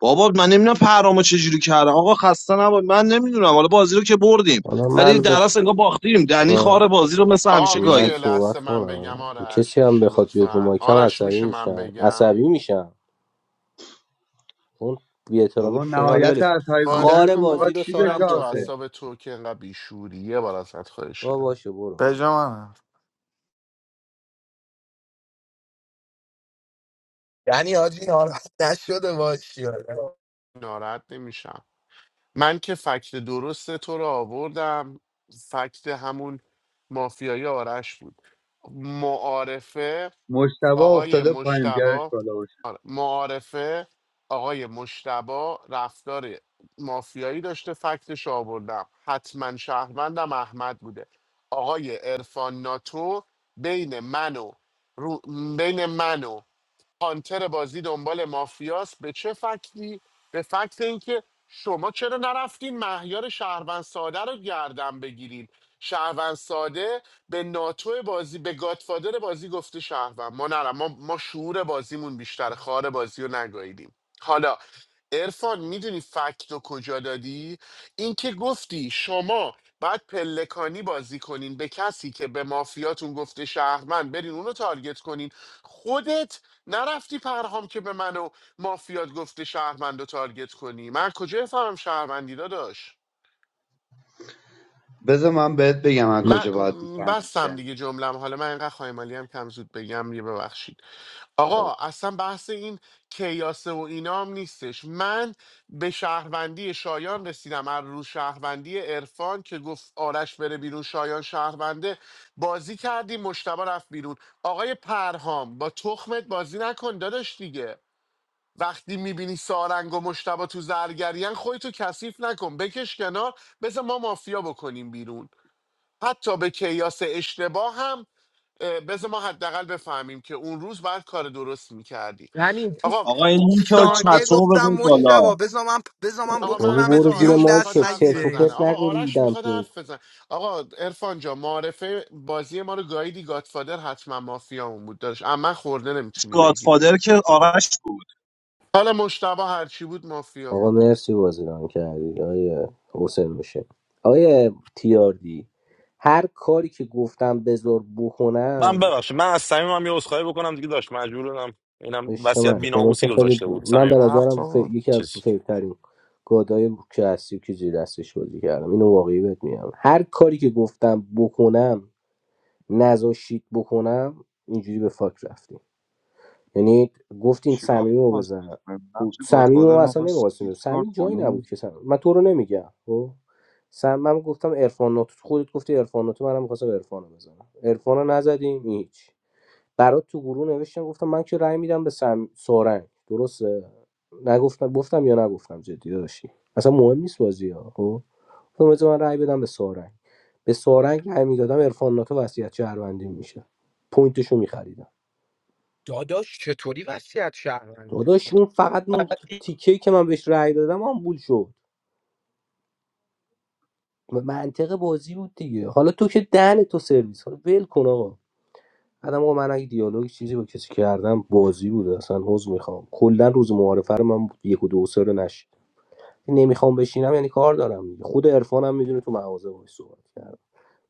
S1: بابا من نمیدونم پرامو چجوری کردم آقا خسته نباش من نمیدونم حالا بازی رو که بردیم
S16: حالا
S1: ولی
S16: من
S1: در اصل انگار باختیم دنی
S16: به
S1: خار بازی رو مثل
S4: آه
S1: همیشه
S16: من
S4: میشه
S1: گایی
S4: لحظه
S16: صحبت
S4: من بگم
S16: کنم
S4: آرش
S16: کسی هم
S4: میشه
S16: بخواد بیاد رو
S4: لطفا
S16: مایکم
S4: آرش
S16: عصبی
S4: میشه من
S16: میشم
S4: بگم
S16: عصبی میشم اون بی احترامی که
S5: بابا
S16: شنیدم. حالا
S5: نهایت
S16: ولی
S5: عصبی
S4: بازی
S16: خار
S5: بودنتون
S4: کن بابا
S16: بازی
S5: میخواد
S16: رو
S5: چی
S4: کیرم
S5: بشه
S16: سارنگ
S4: تو
S16: جان سر.
S5: آخه
S4: اعصاب تو که انقدر بیشوری یه بار ازت خواهش
S16: با
S4: کردم
S16: باشه برو
S17: به جا منم
S20: یعنی حاجی ناراحت نشده باشی
S4: ناراحت نمیشم من که فکت درست تو رو آوردم فکت همون مافیای آرش بود معارفه
S5: مشتبه
S4: آقای
S5: افتاده پایین بیارش
S4: مشتبا
S5: بالا باشه
S4: آره، معارفه آقای مشتبا رفتار مافیایی داشته فکتش رو آوردم حتما شهروندم احمد بوده آقای عرفان ناتو بین من و رو- بین من و هانتر بازی دنبال مافیاس به چه فکتی به فکت اینکه شما چرا نرفتین مهیار شهروند ساده رو گردن بگیرید شهروند ساده به ناتو بازی به گاتفادر بازی گفته شهروند ما نرم ما, ما شعور بازیمون بیشتر خار بازی رو نگاهیدیم حالا ارفان میدونی فکت رو کجا دادی اینکه گفتی شما بعد پلکانی بازی کنین به کسی که به مافیاتون گفته شهروند برین اونو تارگت کنین خودت نرفتی پرهام که به من و مافیات گفته شهروند رو تارگت کنی من کجا فهمم شهروندی داداش
S5: بذار من بهت بگم از
S4: من
S5: کجا باید
S4: م،
S5: میفهمید
S4: بستم دیگه جملم حالا من اینقدر خایمالی هم کم زود بگم یه ببخشید آقا اصلا بحث این کیاسه و اینام نیستش من به شهروندی شایان رسیدم از رو شهروندی عرفان که گفت آرش بره بیرون شایان شهرونده بازی کردی مشتبه رفت بیرون آقای پرهام با تخمت بازی نکن داداش دیگه وقتی میبینی سارنگ و مشتبا تو زرگریان خودتو کثیف نکن بکش کنار بذار ما مافیا بکنیم بیرون حتی به کیاس اشتباه هم اه، بذار ما حداقل بفهمیم که اون روز باید کار درست میکردی
S20: یعنی تو
S4: آقا
S1: آقا این لینک رو
S4: آقا
S20: ثانیه
S4: من
S1: چترومو
S20: گفتم
S1: بزنید
S20: مشتبا
S1: بالا
S20: بذار من بذار من
S4: آقا من
S16: بابا
S20: بکنمت
S16: برو
S4: بذار
S16: زیر
S20: بیرون
S4: آرش میخواد
S20: دست
S16: مایکت
S4: حرف
S16: چرت و
S20: نگیره
S4: بزنه
S20: این
S16: پرت
S4: آقا
S16: نگو
S4: آرش
S16: ریدم
S4: میخواد
S16: تو
S4: حرف بزنه آقا ارفان جا معرفه بازی ما رو گایدی گادفادر حتما مافیا بود داشت اما خورده نمیتونی بگیری
S1: گادفادر که آرش بود
S4: حالا مشتبه هرچی بود مافیا
S16: آقا
S4: بود
S16: مرسی بازیران کردی آیه حسین میشه آیه تیاردی هر کاری که گفتم بذار
S9: من
S16: بکنم
S9: ببخشید من از صمیمم یه عذرخواهی بکنم دیگه داشت مجبورم اینم
S16: عشق
S9: وصیت
S16: من شما که
S9: بی‌ناموسی
S16: خیلی
S9: گذاشته بود
S16: من به
S9: صمیم
S16: نظرم ف...
S17: بود
S16: یکی از
S9: چیز
S16: فیلترین گادای که هستی که زیر دستش بازی کردم اینو واقعی بهت میگم هر کاری که گفتم بکنم نذاشید بکنم اینجوری به فاک رفتیم یعنی گفتین
S12: چیکار
S16: این رو
S12: واسه
S16: بزن
S12: مهم نقش
S16: صمیم رو
S12: گادفادر
S16: اصلا
S12: میخواستی
S16: نمی‌خواستیم
S12: دیسکارد
S16: صمیم جایی
S12: کنی
S16: نبود که صمیم من تو رو نمیگم خب سم من گفتم عرفان ناتو تو خودت گفتی عرفان ناتو منم می‌خواستم عرفان رو بزنم عرفان نزدیم هیچ برات تو گروه نوشتم گفتم من که رأی میدم به سم سورنگ درسته نگفتم گفتم یا نگفتم جدی داشتی اصلا مهم نیست بازی ها خب گفتم بذار من رأی بدم به سورنگ به سورنگ رأی میدادم عرفان ناتو وصیت شهروندی میشه پوینتشو می‌خریدم
S20: داداش چطوری وصیت شهروند
S16: داداش اون فقط اون تیکه که من بهش رأی دادم آمبول شد م- منطق بازی بود دیگه حالا تو که دهن تو سرویس حالا ول کن آقا بعد آقا من اگه دیالوگ چیزی با کسی کردم بازی بود اصلا حوز میخوام کلا روز معارفه رو من یک و دو و سه رو نشید نمیخوام بشینم یعنی کار دارم دیگه. خود عرفانم میدونه تو مغازه باش صحبت کردم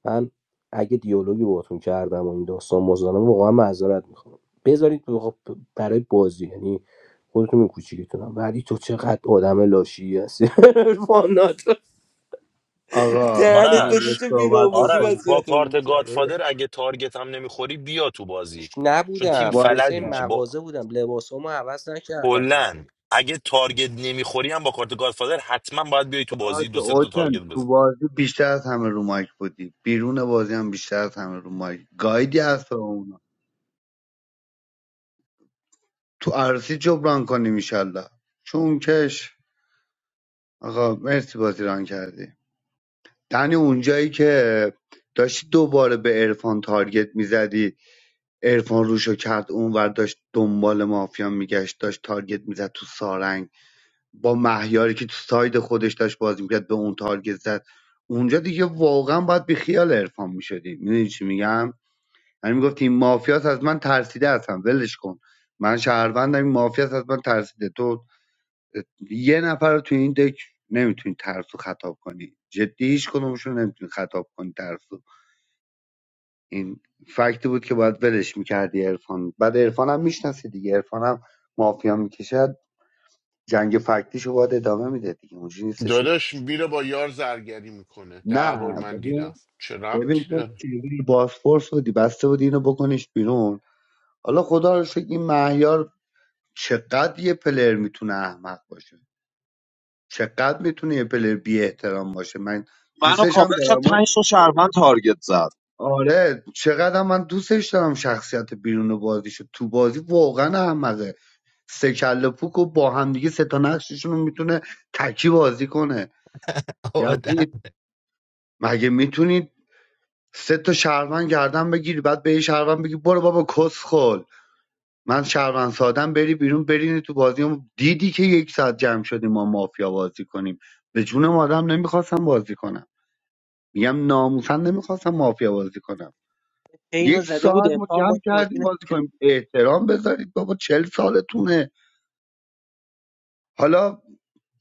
S16: من اگه دیالوگی باهاتون کردم و این داستان مزدانم واقعا معذرت میخوام بذارید واقعا برای بازی یعنی خودتون این کوچیکتونم ولی تو چقدر آدم لاشی هستی فانات
S5: آقا
S16: دهن تو
S5: من یه
S9: آرش
S16: چه
S5: صحبت
S16: بیراموسی
S9: آرش
S5: بکنم
S9: با
S16: وصیتمون
S9: کارت
S16: کرد
S9: گادفادر اگه تارگت هم نمیخوری بیا تو بازی چون تیم
S16: نبودم
S5: وایس
S9: فلج
S16: حسین
S9: میشه با
S16: مغازه بودم لباسامو عوض نکردم
S9: کلا
S16: خدایی
S9: اگه تارگت نمیخوری هم با کارت گادفادر حتما باید بیای تو بازی
S5: باش
S9: دو سه تا
S5: اوشن
S9: تارگت
S5: تو
S9: بزن
S5: بازی بیشتر از همه رو مایک بودی بیرون بازی هم بیشتر از همه رو مایک گایدی هست به اونا تو عرصی جبران کنیم ایشالله چون کش آقا مرسی بازی ران کردی یعنی اونجایی که داشتی دوباره به عرفان تارگت میزدی عرفان روشو کرد اونور داشت دنبال مافیا میگشت داشت تارگت میزد تو سارنگ با مهیاری که تو ساید خودش داشت بازی میکرد به اون تارگت زد اونجا دیگه واقعا باید بیخیال خیال عرفان میشدی میدونی چی میگم یعنی میگفتی این مافیاس از من ترسیده هستم ولش کن من شهروندم این مافیاس از من ترسیده تو یه نفر رو تو این دک نمیتونی ترسو خطاب کنی جدی هیچ کدومشون نمیتونی خطاب کنی ترسو این فکتی بود که باید ولش میکردی ارفان بعد ارفان هم میشناسی دیگه ارفان هم مافیا میکشد جنگ فکتیشو باید ادامه میده دیگه اونجوری نیستش که بود
S4: داداش میره با یار زرگری میکنه ده
S5: نه
S4: بار من دیدم
S5: ببین
S4: چه
S5: ببین
S4: ربطی
S5: تو
S4: داره
S5: چجوری بازپرس بودی بسته بودی اینو بکنیش بیرون حالا خدا رو شکر این مهیار چقدر یه پلر میتونه احمق باشه چقدر میتونه یه پلر بی احترام باشه من
S1: منو
S5: دوستش هم
S1: کاور کرد
S5: دارم
S1: پنج تا شهروند تارگت زد
S5: آره چقدر من دوستش دارم شخصیت بیرون بازیشو تو بازی واقعا احمقه سه کله پوک و با همدیگه سه تا نقششون رو میتونه تکی بازی کنه یزید مگه میتونید سه تا شهروند گردن بگیری بعد به یه شهروند بگی برو بابا کس خل من شهروند سادم بری بیرون برینی تو بازی اون دیدی که یک ساعت جمع شدیم ما مافیا بازی کنیم به جون آدم نمیخواستم بازی کنم میگم ناموسن نمیخواستم مافیا بازی کنم
S14: اینو
S5: یک
S14: زده بود
S5: ساعت ما
S14: افهام
S5: جمع
S14: باید بازی
S5: کردیم
S14: نه.
S5: بازی کنیم احترام بذارید بابا چل سالتونه حالا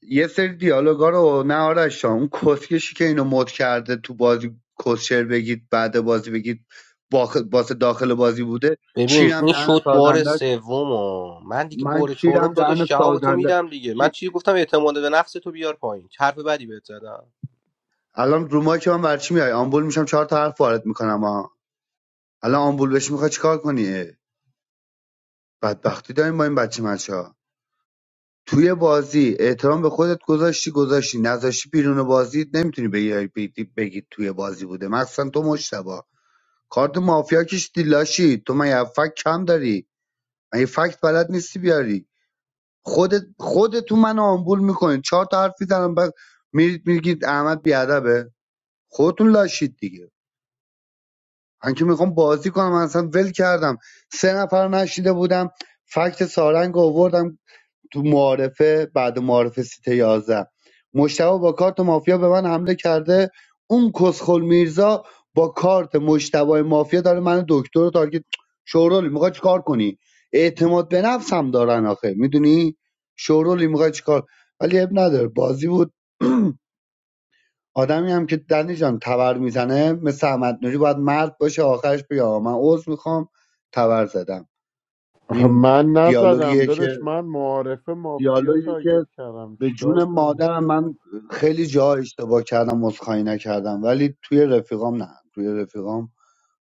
S5: یه سری دیالوگا رو نه آرش جان، اون کسکشی که اینو مد کرده تو بازی کسشر بگید بعد بازی بگید باخ- واسه داخل بازی بوده
S16: ببین
S5: چیرم
S16: این
S5: دهن
S16: شد بار
S5: سازندش
S16: سومو من دیگه
S5: من
S16: بار چهارم
S5: چیرم دهن
S16: داداش جواب تو
S5: سازنده
S16: میدم دیگه من
S5: چی-
S16: چی گفتم اعتماد به نفس تو بیار پایین حرف بدی بهت زدم
S5: الان رو ما که من برچی میای آمبول میشم چهار تا حرف وارد میکنم ها الان آمبول بشی میخوای چیکار کنی بدبختی داریم با این بچه مچا توی بازی احترام به خودت گذاشتی گذاشتی نذاشتی بیرون بازی نمیتونی بگی بگی بگی توی بازی بوده مثلا تو مشتبا کارت مافیا کشیدی لاشی تو من یه فکت کم داری من یه فکت بلد نیستی بیاری خودت خودتون من آمبول میکنید چهار تا حرف میزنم بعد میرید میگید احمد بیادبه خودتون لاشید دیگه من که میخوام بازی کنم من اصلا ول کردم سه نفر نشیده بودم فکت سارنگ رو آوردم تو معارفه بعد معارفه سیت 11 مشتبه با کارت مافیا به من حمله کرده اون کسخل میرزا با کارت مشتبه مافیا داره من دکتر رو تارگت شورولی میخوای چیکار کنی اعتماد به نفس هم دارن آخه میدونی شورولی میخوای چیکار ولی اب نداره بازی بود آدمی هم که دنی جان تبر میزنه مثل احمد نوری باید مرد باشه آخرش بیا آقا من عذر میخوام تبر زدم
S4: آخه
S5: این
S4: من نزدم
S5: دیالوگیه که
S4: دادش من معارف مافیا
S5: دیالوگی که
S4: تارگت کردم
S5: به
S4: چیکار
S5: جون
S4: کنم
S5: مادرم من خیلی جاها اشتباه کردم عذرخواهی نکردم ولی توی رفیقام نه توی رفیقام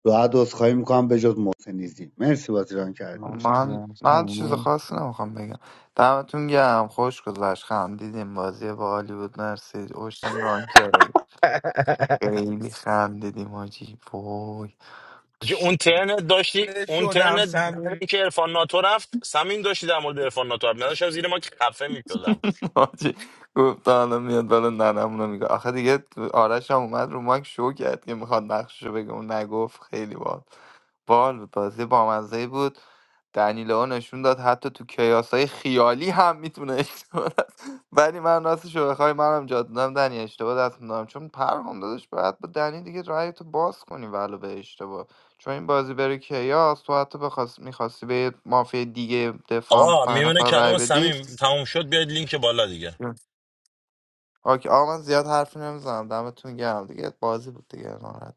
S5: راحت عذرخواهی میکنم به جز محسنیزی مرسی بازیران کردی
S12: من
S17: من
S12: بگم
S17: من چیز
S12: همین
S17: خاصی نمیخوام بگم دمتون گرم خوش گذشت خندیدیم بازی با حالی بود مرسی اوشتون ران کرد خیلی خندیدیم حاجی وای
S9: که اون ترنت داشتی اون ترنت
S20: شدم
S9: بعد اینکه عرفان ناتو رفت سمین داشتی در مورد عرفان ناتو حرف می‌زدی. زیر ما که خفه میشدم
S17: حاجی گفت حالا میاد بالا ننمونو میگه آخه دیگه آرش هم اومد رو مایک شو کرد که میخواد نقششو بگه اون نگفت خیلی بال بال بود بازی بامزه بود دنیلو نشون داد حتی تو کیاس های خیالی هم میتونه اشتباه دست ولی من راستشو بخوای منم جا دادم دنی اشتباه دست میدادم چون پرهام دادش باید با دنی دیگه رای تو باز کنی ولو به اشتباه چون این بازی بره کیاس تو حتی بخواست میخواستی به یه مافیا دیگه دفاع هم تو
S9: آقا
S17: پنج
S9: میونه
S17: نفر رای
S9: کلام
S17: بدی
S9: سمیم تموم شد بیاید لینک بالا دیگه
S17: اوکی آقا من زیاد حرفی نمیزنم دمتون گرم دیگه بازی بود دیگه ناراحت